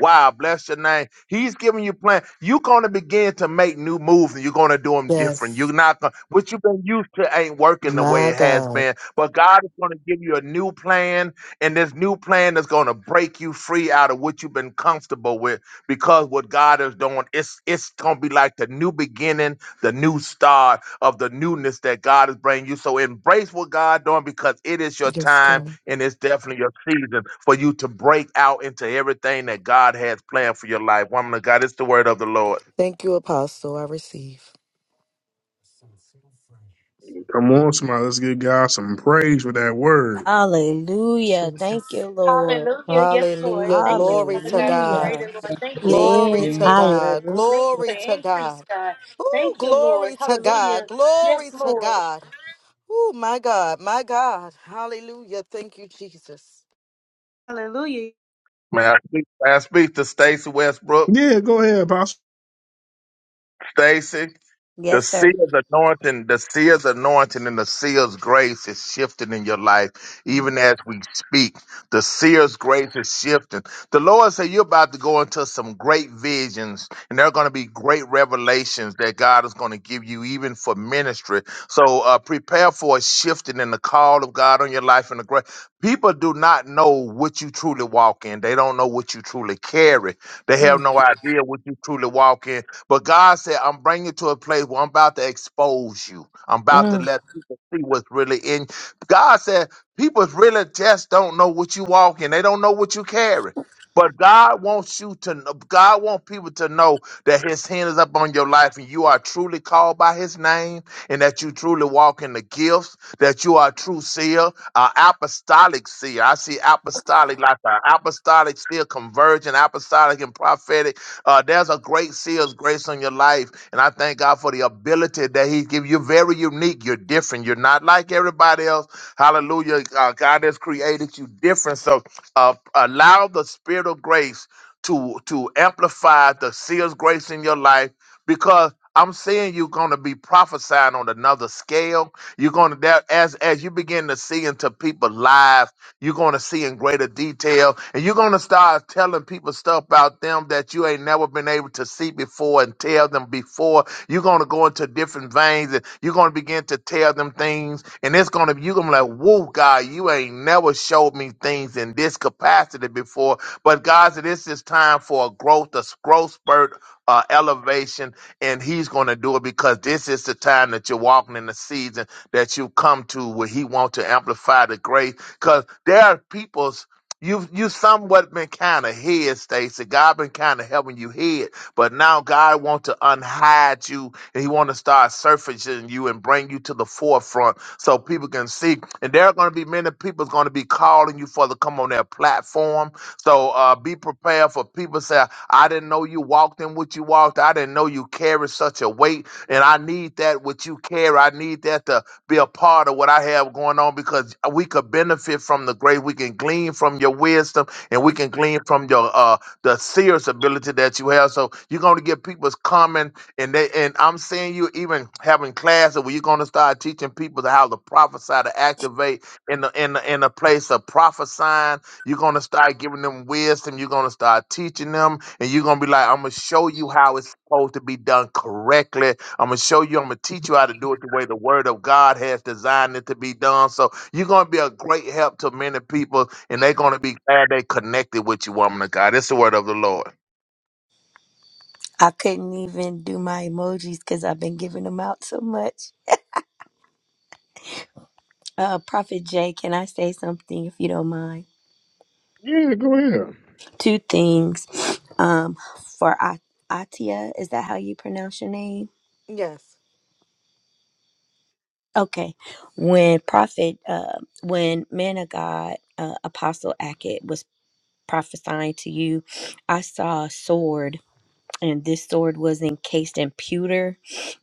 Speaker 13: Wow, bless your name. He's giving you plan. You're going to begin to make new moves and you're going to do them different. You're
Speaker 4: yes.
Speaker 13: not going what you've been used to ain't working the way
Speaker 4: My
Speaker 13: it has
Speaker 4: God.
Speaker 13: been. But God is going to give you a new plan, and this new plan is going to break you free out of what you've been comfortable with because what God is doing, it's, it's going to be like the new beginning, the new start of the newness that God is bringing you. So embrace what God doing because it is your
Speaker 4: Yes,
Speaker 13: time
Speaker 4: God.
Speaker 13: and it's definitely a season for you to break out into everything that God has planned for your life. Woman of God, it's the word of the Lord.
Speaker 4: Thank you, Apostle. I receive.
Speaker 1: Come on, somebody. Let's give God some praise for that word.
Speaker 16: Hallelujah. Thank
Speaker 4: Jesus.
Speaker 16: you, Lord.
Speaker 3: Hallelujah. Yes, Lord.
Speaker 4: Hallelujah.
Speaker 3: Thank you,
Speaker 4: Glory
Speaker 3: Father
Speaker 4: to
Speaker 3: God, for
Speaker 4: God.
Speaker 3: greater,
Speaker 16: Hallelujah.
Speaker 3: Lord. Thank you, Lord, for
Speaker 8: Man.
Speaker 4: Glory
Speaker 3: new
Speaker 4: to
Speaker 3: business.
Speaker 4: God.
Speaker 8: Hallelujah.
Speaker 3: Thank you for
Speaker 4: Glory to
Speaker 3: increase,
Speaker 4: God.
Speaker 3: God.
Speaker 4: Ooh,
Speaker 3: Thank you, Lord.
Speaker 4: glory to God.
Speaker 3: Hallelujah.
Speaker 4: Glory
Speaker 3: Yes,
Speaker 4: to
Speaker 3: Lord.
Speaker 4: God. Oh, my God. My God. Hallelujah. Thank you, Jesus.
Speaker 13: May I speak, may I speak to Stacy Westbrook?
Speaker 1: Yeah, go ahead, Apostle.
Speaker 13: Stacy. The
Speaker 16: Yes, sir.
Speaker 13: seal's anointing, the seal's anointing and the seal's grace is shifting in your life,
Speaker 16: Mm,
Speaker 13: even as we speak. The seal's grace is shifting. The Lord said you're about to go into some great visions, and there are going to be great revelations that God is going to give you, even for ministry. So uh, prepare for a shifting in the call of God on your life and the great. People do not know what you truly walk in. They don't know what you truly carry. They have
Speaker 16: mm,
Speaker 13: no idea what you truly walk in but God said, I'm bringing you to a place where I'm about to expose you. I'm about to
Speaker 16: mm.
Speaker 13: let people see what's really in. God said, people really just don't know what you walk in. They don't know what you carry. But God wants you to know, God wants people to know that his hand is up on your life and you are truly called by his name and that you truly walk in the gifts, that you are a true seer, an apostolic seer. I see apostolic like an apostolic seer, convergent, apostolic and prophetic. Uh, there's a great seer's grace on your life. And I thank God for the ability that he give you. very unique. You're different. You're not like everybody else. Hallelujah. Uh, God has created you different. So uh, allow the spirit of grace to to amplify the seer's grace in your life because I'm saying you're going to be prophesying on another scale. You're going to that as as you begin to see into people's lives, you're going to see in greater detail, and you're going to start telling people stuff about them that you ain't never been able to see before and tell them before. You're going to go into different veins, and you're going to begin to tell them things, and it's going to you're going to be like, "Whoa, God, you ain't never showed me things in this capacity before." But God, said, this is time for a growth, a growth spurt, uh, elevation, and He's going to do it because this is the time that you're walking in the season that you come to where He wants to amplify the grace. Because there are people's. You've you somewhat been kind of hid, Stacy. God been kind of helping you hid, but now God wants to unhide you and He want to start surfacing you and bring you to the forefront so people can see. And there are going to be many people going to be calling you for to come on their platform so uh, be prepared for people say, I didn't know you walked in what you walked. I didn't know you carried such a weight. And I need that what you carry. I need that to be a part of what I have going on because we could benefit from the grace. We can glean from your wisdom and we can glean from your uh the serious ability that you have. So you're gonna get people's coming and they and I'm seeing you even having classes where you're gonna start teaching people how to prophesy to activate in the in the in the place of prophesying you're gonna start giving them wisdom. You're gonna start teaching them, and you're gonna be like, "I'm gonna show you how it's supposed to be done correctly. I'm gonna show you. I'm gonna teach you how to do it the way the Word of God has designed it to be done." So you're gonna be a great help to many people, and they're gonna be glad they connected with you, woman of God. It's the word of the Lord.
Speaker 16: I couldn't even do my emojis because I've been giving them out so much. Uh, Prophet Jay, can I say something if you don't mind?
Speaker 1: Yeah, go ahead.
Speaker 16: Two things. Um, for A- Atia, is that how you pronounce your name?
Speaker 4: Yes.
Speaker 16: Okay. When prophet, uh, when man of God, uh, Apostle Ackett was prophesying to you, I saw a sword and this sword was encased in pewter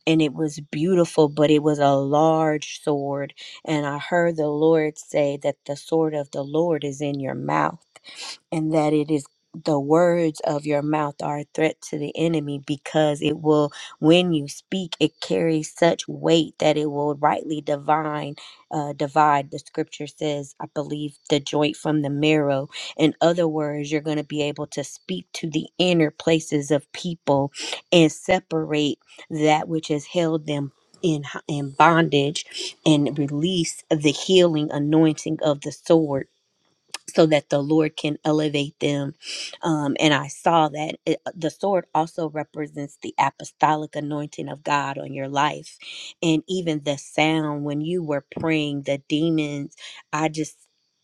Speaker 16: and it was beautiful but it was a large sword and i heard the lord say that the sword of the lord is in your mouth and that it is the words of your mouth are a threat to the enemy because it will when you speak it carries such weight that it will rightly divine uh, divide the scripture says i believe the joint from the marrow in other words, you're going to be able to speak to the inner places of people and separate that which has held them in, in bondage and release the healing anointing of the sword so that the Lord can elevate them. Um, and I saw that it, the sword also represents the apostolic anointing of God on your life. And even the sound when you were praying, the demons, I just.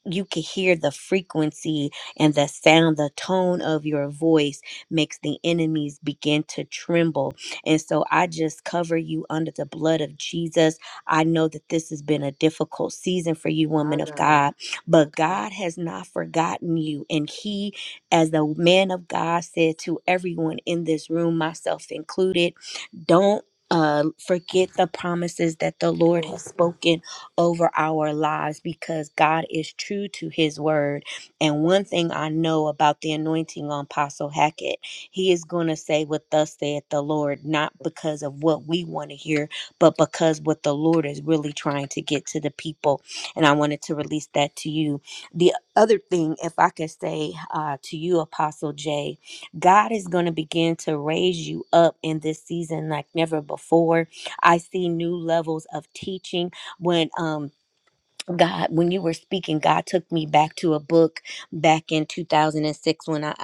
Speaker 16: You could hear the frequency and the sound, the tone of your voice makes the enemies begin to tremble. And so I just cover you under the blood of Jesus. I know that this has been a difficult season for you,
Speaker 4: My
Speaker 16: woman of
Speaker 4: God.
Speaker 16: God
Speaker 4: My
Speaker 16: but
Speaker 4: God.
Speaker 16: God has not forgotten you. And He, as the man of God said to everyone in this room, myself included, don't uh, forget the promises that the Lord has
Speaker 4: Yes.
Speaker 16: spoken over our lives because God is true to his word. And one thing I know about the anointing on Apostle Hackett, he is going to say what thus saith the Lord, not
Speaker 4: God.
Speaker 16: because of what we want to hear, but because what the Lord is really trying to get to the people and I wanted to release that to you. The other thing, if I could say uh, to you, Apostle Jay, God is going to begin to raise you up in this season like never before. I see new levels of teaching when um God, when you were speaking, God took me back to a book back in 2006 when I,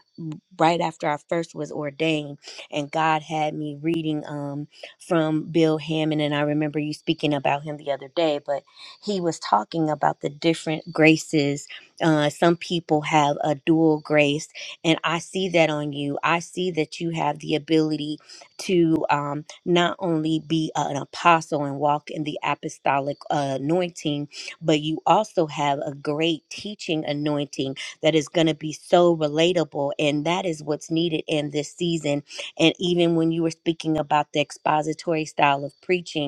Speaker 16: right after I first was ordained, and God had me reading um, from Bill Hammond. And I remember you speaking about him the other day, but he was talking about the different graces. Uh, some people have a dual grace, and I see that on you. I see that you have the ability to um, not only be an apostle and walk in the apostolic uh, anointing but you also have a great teaching anointing that is going to be so relatable. And that is what's needed in this season. And even when you were speaking about the expository style of preaching,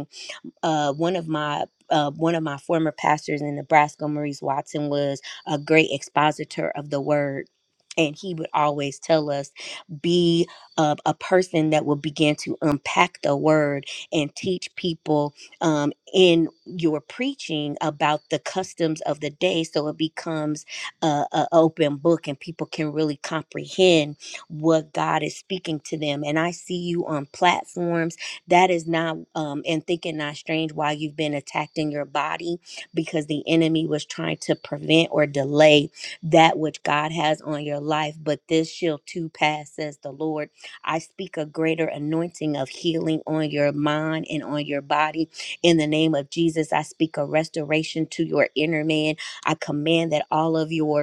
Speaker 16: uh, one of my uh, one of my former pastors in Nebraska, Maurice Watson, was a great expositor of the word. And he would always tell us, be uh, a person that will begin to unpack the word and teach people um, in your preaching about the customs of the day. So it becomes a a open book and people can really comprehend what God is speaking to them. And I see you on platforms that is not, um, and thinking not strange why you've been attacked in your body because the enemy was trying to prevent or delay that which God has on your life. But this shall too pass, says the Lord. I speak a greater anointing of healing on your mind and on your body. In the name of Jesus, I speak a restoration to your inner man. I command that all of your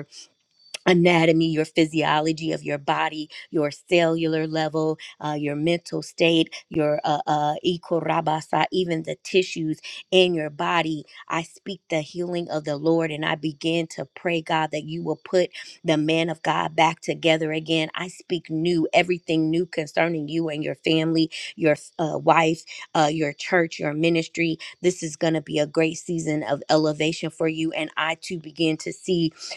Speaker 16: anatomy, your physiology of your body, your cellular level, uh, your mental state, your uh, uh, ikorabasa, even the tissues in your body. I speak the healing of the Lord and I begin to pray, God, that you will put the man of God back together again. I speak new, everything new concerning you and your family, your uh, wife, uh, your church, your ministry. This is going to be a great season of elevation for you. And I too begin to see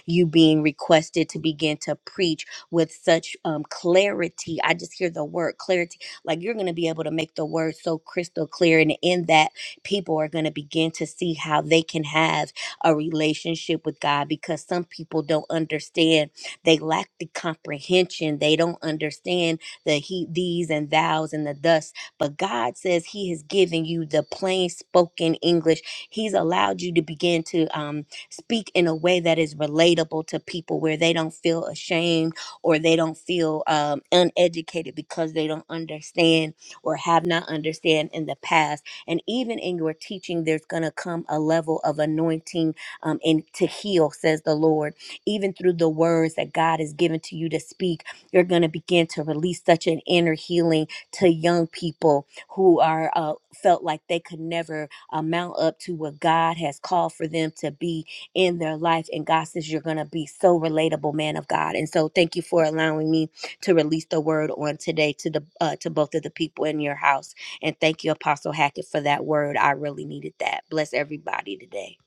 Speaker 16: you being requested to begin to preach with such um, clarity. I just hear the word clarity. Like you're going to be able to make the word so crystal clear. And in that, people are going to begin to see how they can have a relationship with God because some people don't understand. They lack the comprehension. They don't understand the he, these, and thous, and the thus. But God says He has given you the plain spoken English. He's allowed you to begin to. um, speak in a way that is relatable to people where they don't feel ashamed or they don't feel um, uneducated because they don't understand or have not understand in the past and even in your teaching there's going to come a level of anointing um, and to heal says the lord even through the words that god has given to you to speak you're going to begin to release such an inner healing to young people who are uh, felt like they could never amount up to what god has called for them to be in their life. And God says, You're going to be so relatable, man of God. And so thank you for allowing me to release the word on today to the uh, to both of the people in your house. And thank you, Apostle Hackett, for that word. I really needed that. Bless everybody today.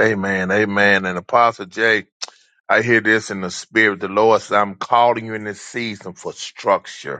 Speaker 13: Amen. Amen. And Apostle Jay, I hear this in the spirit. The Lord said, "I'm calling you in this season for structure."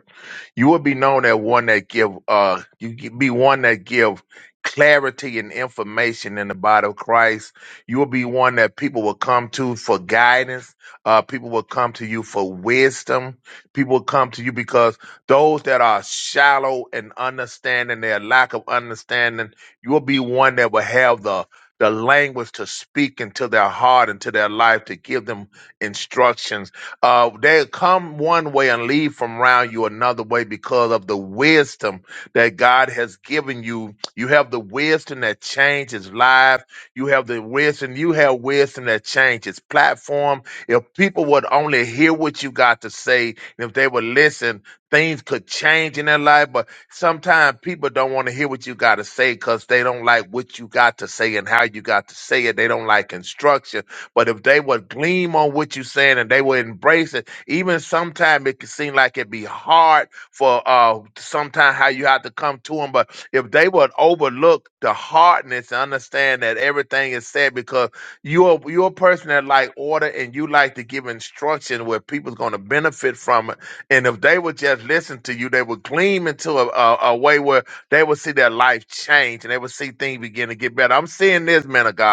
Speaker 13: You will be known as one that give uh you gi- be one that give clarity and information in the body of Christ. You will be one that people will come to for guidance. Uh people will come to you for wisdom. People will come to you because those that are shallow and understanding their lack of understanding, you will be one that will have the the language to speak into their heart, into their life, to give them instructions uh, they come one way and leave from around you another way because of the wisdom that God has given you. You have the wisdom that changes lives. You have the wisdom. You have wisdom that changes platform. If people would only hear what you got to say, and if they would listen, things could change in their life. But sometimes people don't want to hear what you got to say because they don't like what you got to say and how you got to say it. They don't like instruction but if they would gleam on what you're saying and they would embrace it, even sometimes it can seem like it be hard for uh sometimes how you have to come to them. But if they would overlook the hardness and understand that everything is said because you're you're a person that like order and you like to give instruction where people's gonna benefit from it. And if they would just listen to you, they would gleam into a, a, a way where they would see their life change and they would see things begin to get better. I'm seeing this, man of God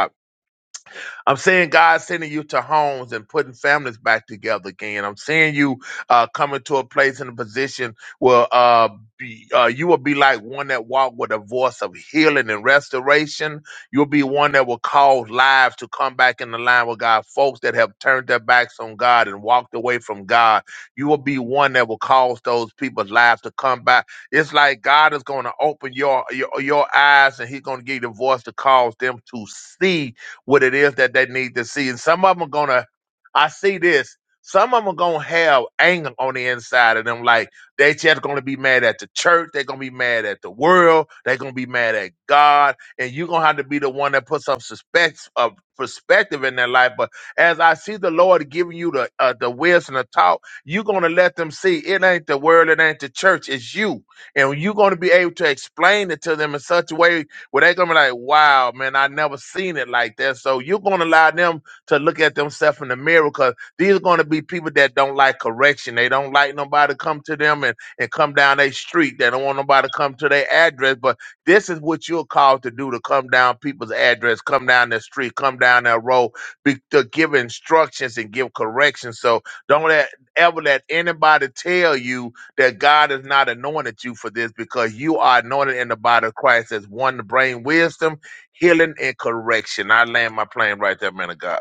Speaker 13: I'm seeing God sending you to homes and putting families back together again. I'm seeing you uh, coming to a place in a position where uh, be, uh, you will be like one that walked with a voice of healing and restoration. You'll be one that will cause lives to come back in the line with God. Folks that have turned their backs on God and walked away from God, you will be one that will cause those people's lives to come back. It's like God is going to open your, your your eyes and He's going to give you the voice to cause them to see what it is that they need to see. And some of them are gonna, I see this. Some of them are gonna have anger on the inside of them. Like they just gonna be mad at the church. They're gonna be mad at the world. They're gonna be mad at God. And you're gonna have to be the one that puts some suspects of perspective in their life. But as I see the Lord giving you the uh, the wisdom to talk, you're gonna let them see it ain't the world, it ain't the church, it's you. And you're gonna be able to explain it to them in such a way where they're gonna be like, wow, man, I never seen it like that. So you're gonna allow them to look at themselves in the mirror because these are gonna be people that don't like correction. They don't like nobody to come to them and, and come down their street. They don't want nobody to come to their address. But this is what you're called to do to come down people's address, come down their street, come down their road, be, to give instructions and give corrections. So don't let ever let anybody tell you that God has not anointed you for this because you are anointed in the body of Christ as one to bring wisdom, healing, and correction. I land my plane right there, man of God.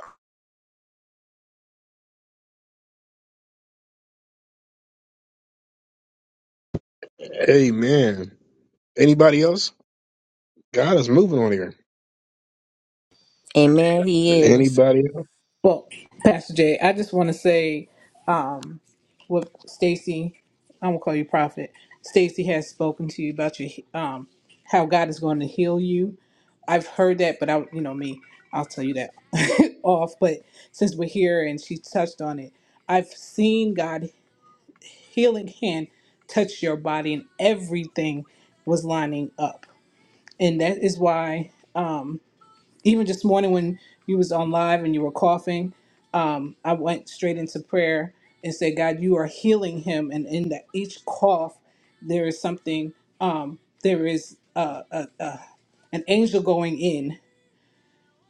Speaker 1: Amen. Anybody else? God is moving on here.
Speaker 16: Amen. He is.
Speaker 1: Anybody else?
Speaker 11: Well, Pastor Jay, I just want to say um, what Stacy, I'm gonna call you Prophet. Stacy has spoken to you about your um, how God is going to heal you. I've heard that, but I, you know me, I'll tell you that off. But since we're here and she touched on it, I've seen God healing hand touch your body, and everything was lining up, and that is why even this morning when you was on live and you were coughing, um, I went straight into prayer and said, God, you are healing him. And in that each cough, there is something, um, there is uh, a, a, an angel going in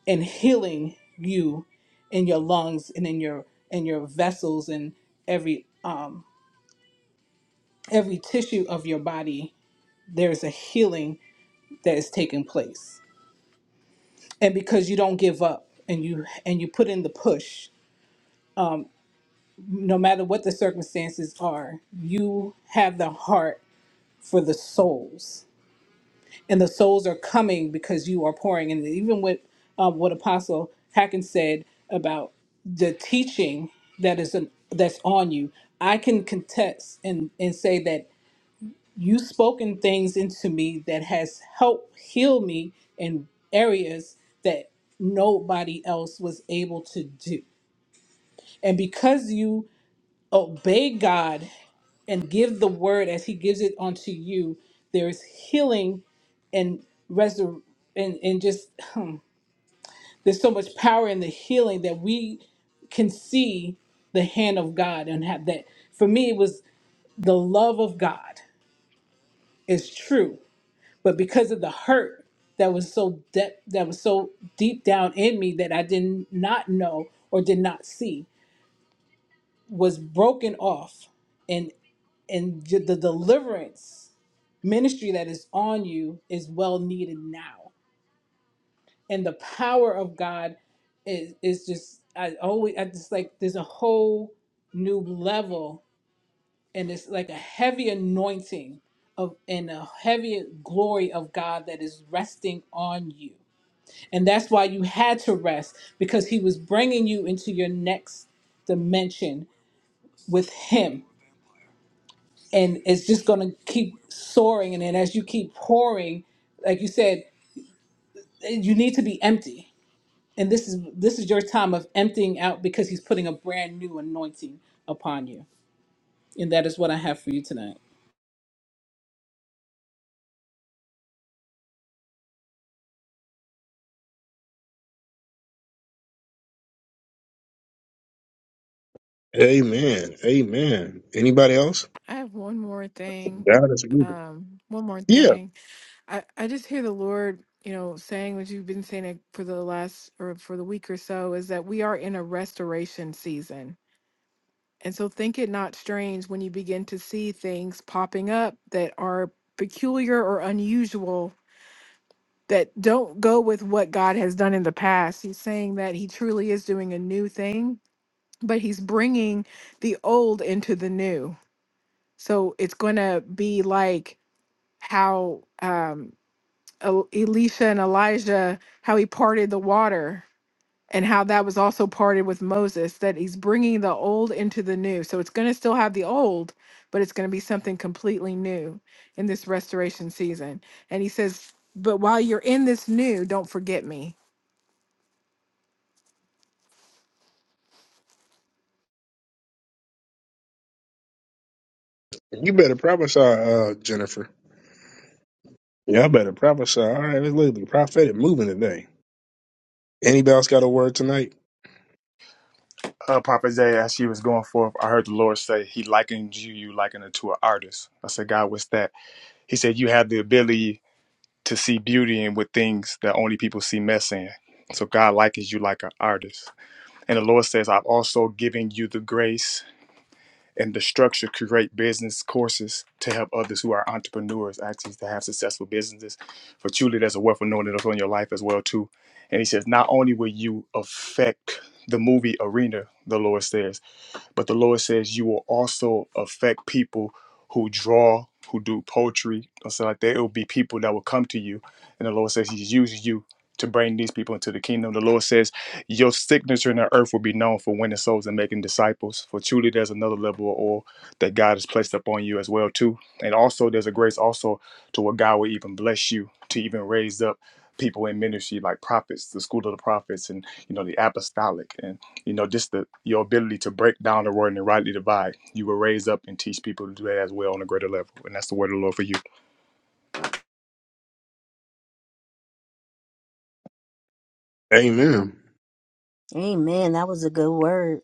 Speaker 11: and healing you in your lungs and in your in your vessels and every um, every tissue of your body. There's a healing that is taking place, and because you don't give up and you and you put in the push, no matter what the circumstances are, you have the heart for the souls, and the souls are coming because you are pouring. And even with uh, what Apostle Hacken said about the teaching that is an, that's on you, I can contest and and say that you spoken things into me that has helped heal me in areas that nobody else was able to do. And because you obey God and give the word as he gives it unto you there is healing and resur- and, and just hmm, there's so much power in the healing that we can see the hand of god and have that for me it was the love of god is true but because of the hurt that was so de- that was so deep down in me that i did not know or did not see was broken off and j- the deliverance ministry that is on you is well needed now and the power of god is is just i always i just like there's a whole new level and it's like a heavy anointing of and a heavy glory of god that is resting on you and that's why you had to rest because he was bringing you into your next dimension with him and it's just going to keep soaring and then as you keep pouring like you said eh, you need to be empty and this is this is your time of emptying out because he's putting a brand new anointing upon you and that is what i have for you tonight
Speaker 1: Amen. Amen. Anybody else?
Speaker 7: I have one more thing.
Speaker 1: God is moving.
Speaker 7: Um, one more
Speaker 1: Yeah,
Speaker 7: thing. I, I just hear the Lord, you know, saying what you've been saying it for the last or for the week or so is that we are in a restoration season And so think it not strange when you begin to see things popping up that are peculiar or unusual that don't go with what God has done in the past. He's saying that he truly is doing a new thing, but he's bringing the old into the new. So it's going to be like how um, El- Elisha and Elijah, how he parted the water and how that was also parted with Moses that he's bringing the old into the new. So it's going to still have the old, but it's going to be something completely new in this restoration season. And he says, But while you're in this new, don't forget me.
Speaker 1: you better prophesy, uh, Jennifer. Y'all better prophesy. All right, let's look at the prophetic moving today. Anybody else got a word tonight?
Speaker 2: uh, prophet Isaiah, as she was going forth i heard the lord say he likened you you likened it to an artist i said god what's that he said you have the ability to see beauty in with things that only people see mess in so god likens you like an artist And the Lord says, I've also given you the grace and the structure to create business courses to help others who are entrepreneurs actually to have successful businesses. For truly, there's a wealth of knowing that's on your life as well, too. And he says, not only will you affect the movie arena, the Lord says, but the Lord says you will also affect people who draw, who do poetry, or something like that. It will be people that will come to you. And the Lord says He's using you to bring these people into the kingdom. The Lord says your signature in the earth will be known for winning souls and making disciples. For truly there's another level of oil that God has placed upon you as well too. And also there's a grace also to where God will even bless you to even raise up people in ministry like prophets, the school of the prophets and you know the apostolic. and you know, just the your ability to break down the word and rightly divide. You will raise up and teach people to do that as well on a greater level. And that's the word of the Lord for you.
Speaker 1: Amen.
Speaker 16: Amen. That was a good word.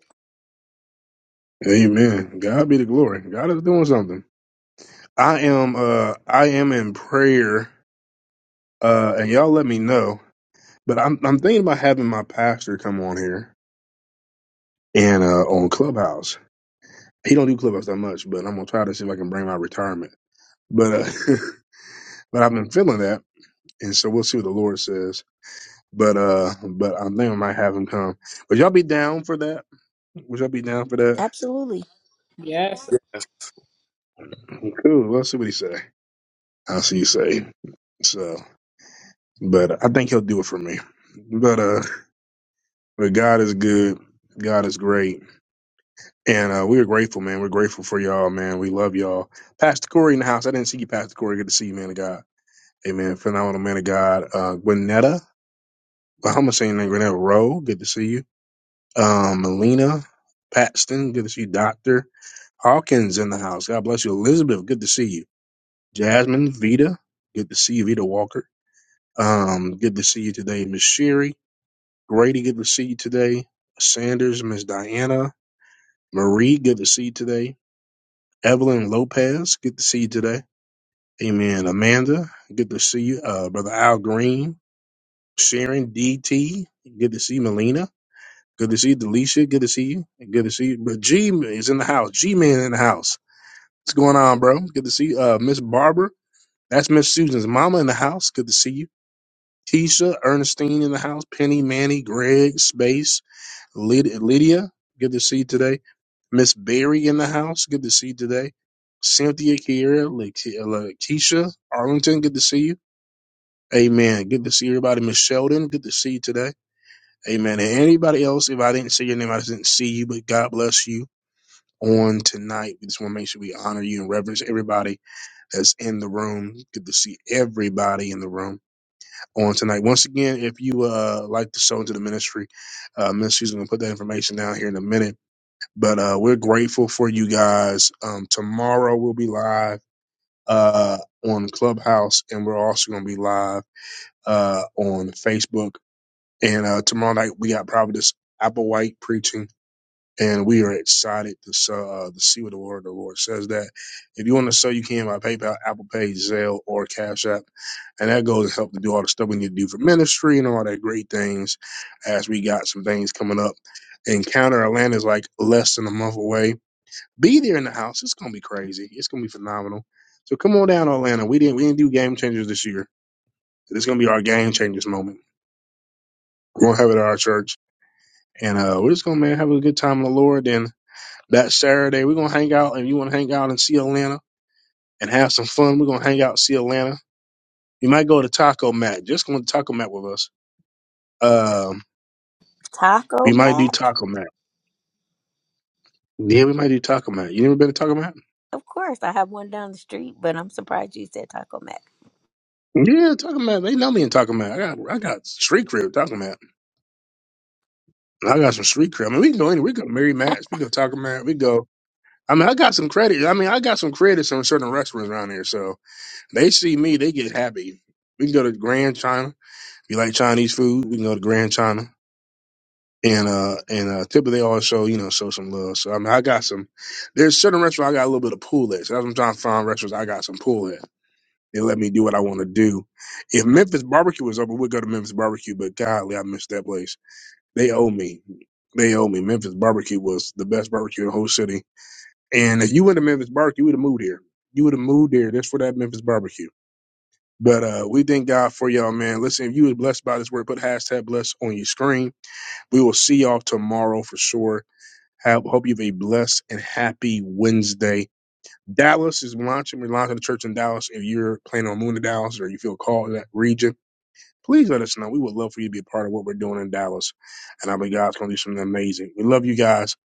Speaker 1: Amen. God be the glory. God is doing something. I am uh I am in prayer. Uh and y'all let me know. But I'm I'm thinking about having my pastor come on here and uh on Clubhouse. He don't do clip ups that much, but I'm gonna try to see if I can bring my retirement. But uh, but I've been feeling that, and so we'll see what the Lord says. But uh, but I think I might have him come. Would y'all be down for that? Would y'all be down for that?
Speaker 16: Absolutely.
Speaker 11: Yes.
Speaker 1: Cool. Well, Let's see what he say. I'll see you say. So, but I think he'll do it for me. But uh, but God is good. God is great, and uh, we are grateful, man. We're grateful for y'all, man. We love y'all. Pastor Corey in the house. I didn't see you, Pastor Corey. Good to see you, man of God. Amen. Phenomenal man of God. Uh, Gwinnetta. Bahama saying that Grenell Rowe, good to see you. Um, Melina Paxton, good to see you. Doctor Hawkins in the house. God bless you. Elizabeth, good to see you. Jasmine Vita, good to see you. Vita Walker, um, good to see you today. Miss Sherry Grady, good to see you today. Sanders, Miss Diana Marie, good to see you today. Evelyn Lopez, good to see you today. Amen. Amanda, good to see you. Uh, Brother Al Green, Sharon DT, good to see you. Melina. Good to see you, Delisha. Good to see you. And Good to see you. But G is in the house. G Man in the house. What's going on, bro? Good to see you. Uh, Miss Barbara. That's Miss Susan's mama in the house. Good to see you. Keisha, Ernestine in the house. Penny, Manny, Greg, Space, Lyd- Lydia. Good to see you today. Miss Barry in the house. Good to see you today. Cynthia, Kiera, Keisha, Arlington. Good to see you. Amen. Good to see everybody. Miss Sheldon. Good to see you today. Amen. And anybody else, if I didn't see your name, I didn't see you, but God bless you. on tonight. We just want to make sure we honor you and reverence everybody that's in the room. Good to see everybody in the room on tonight. Once again, if you uh like to sow into the ministry, uh ministry's gonna put that information down here in a minute. But uh we're grateful for you guys. Um tomorrow we'll be live uh on Clubhouse and we're also gonna be live uh on Facebook. And uh tomorrow night we got Providence Applewhite preaching and we are excited to so, uh, to see what the word of the Lord says. That if you want to sell, you can by PayPal, Apple Pay, Zelle, or Cash App, and that goes to help to do all the stuff we need to do for ministry and all that great things. As we got some things coming up, Encounter Atlanta is like less than a month away. Be there in the house. It's gonna be crazy. It's gonna be phenomenal. So come on down, to Atlanta. We didn't we didn't do game changers this year. It's gonna be our game changers moment. We're gonna have it at our church, and uh, we're just gonna man have a good time in the Lord and that Saturday. We're gonna hang out, and you want to hang out and see Atlanta and have some fun. We're gonna hang out, and see Atlanta. You might go to Taco Mat. Just go to Taco Mat with us. Um,
Speaker 16: Taco
Speaker 1: we might do
Speaker 16: Mac.
Speaker 1: Taco Mat. Yeah, we might do Taco Mat. You never been to Taco Mat?
Speaker 16: Of course, I have one down the street, but I'm surprised you said Taco Mac.
Speaker 1: Yeah, Taco Mat. They know me in Taco Mat. I got I got street crib Taco Mat. I got some street crib. I mean, we can go anywhere. We can go to Mary Matt's. We can go to Taco Mat. We go. I mean, I got some credit. I mean, I got some credits on certain restaurants around here. So they see me, they get happy. We can go to Grand China. If you like Chinese food, we can go to Grand China. and uh and uh typically they always show you know show some love. So I mean I got some there's certain restaurants I got a little bit of pull at. So that's what I'm trying to find restaurants I got some pull at. They let me do what I want to do. If Memphis barbecue was open, we'd go to Memphis barbecue, but golly, I miss that place. They owe me. They owe me. Memphis barbecue was the best barbecue in the whole city. And if you went to Memphis barbecue, you would have moved here. You would have moved there just for that Memphis barbecue. But uh, we thank God for y'all, man. Listen, if you was blessed by this word, put hashtag blessed on your screen. We will see y'all tomorrow for sure have, hope you have a blessed and happy Wednesday. Dallas is launching. We're launching the church in Dallas. If you're planning on moving to Dallas or you feel called to that region, please let us know. We would love for you to be a part of what we're doing in Dallas. And I believe God's going to do something amazing. We love you guys.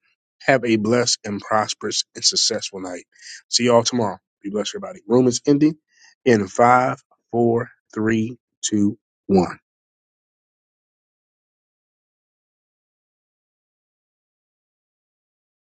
Speaker 1: Have a blessed and prosperous and successful night. See y'all tomorrow. Be blessed, everybody. Room is ending in five, four, three, two, one.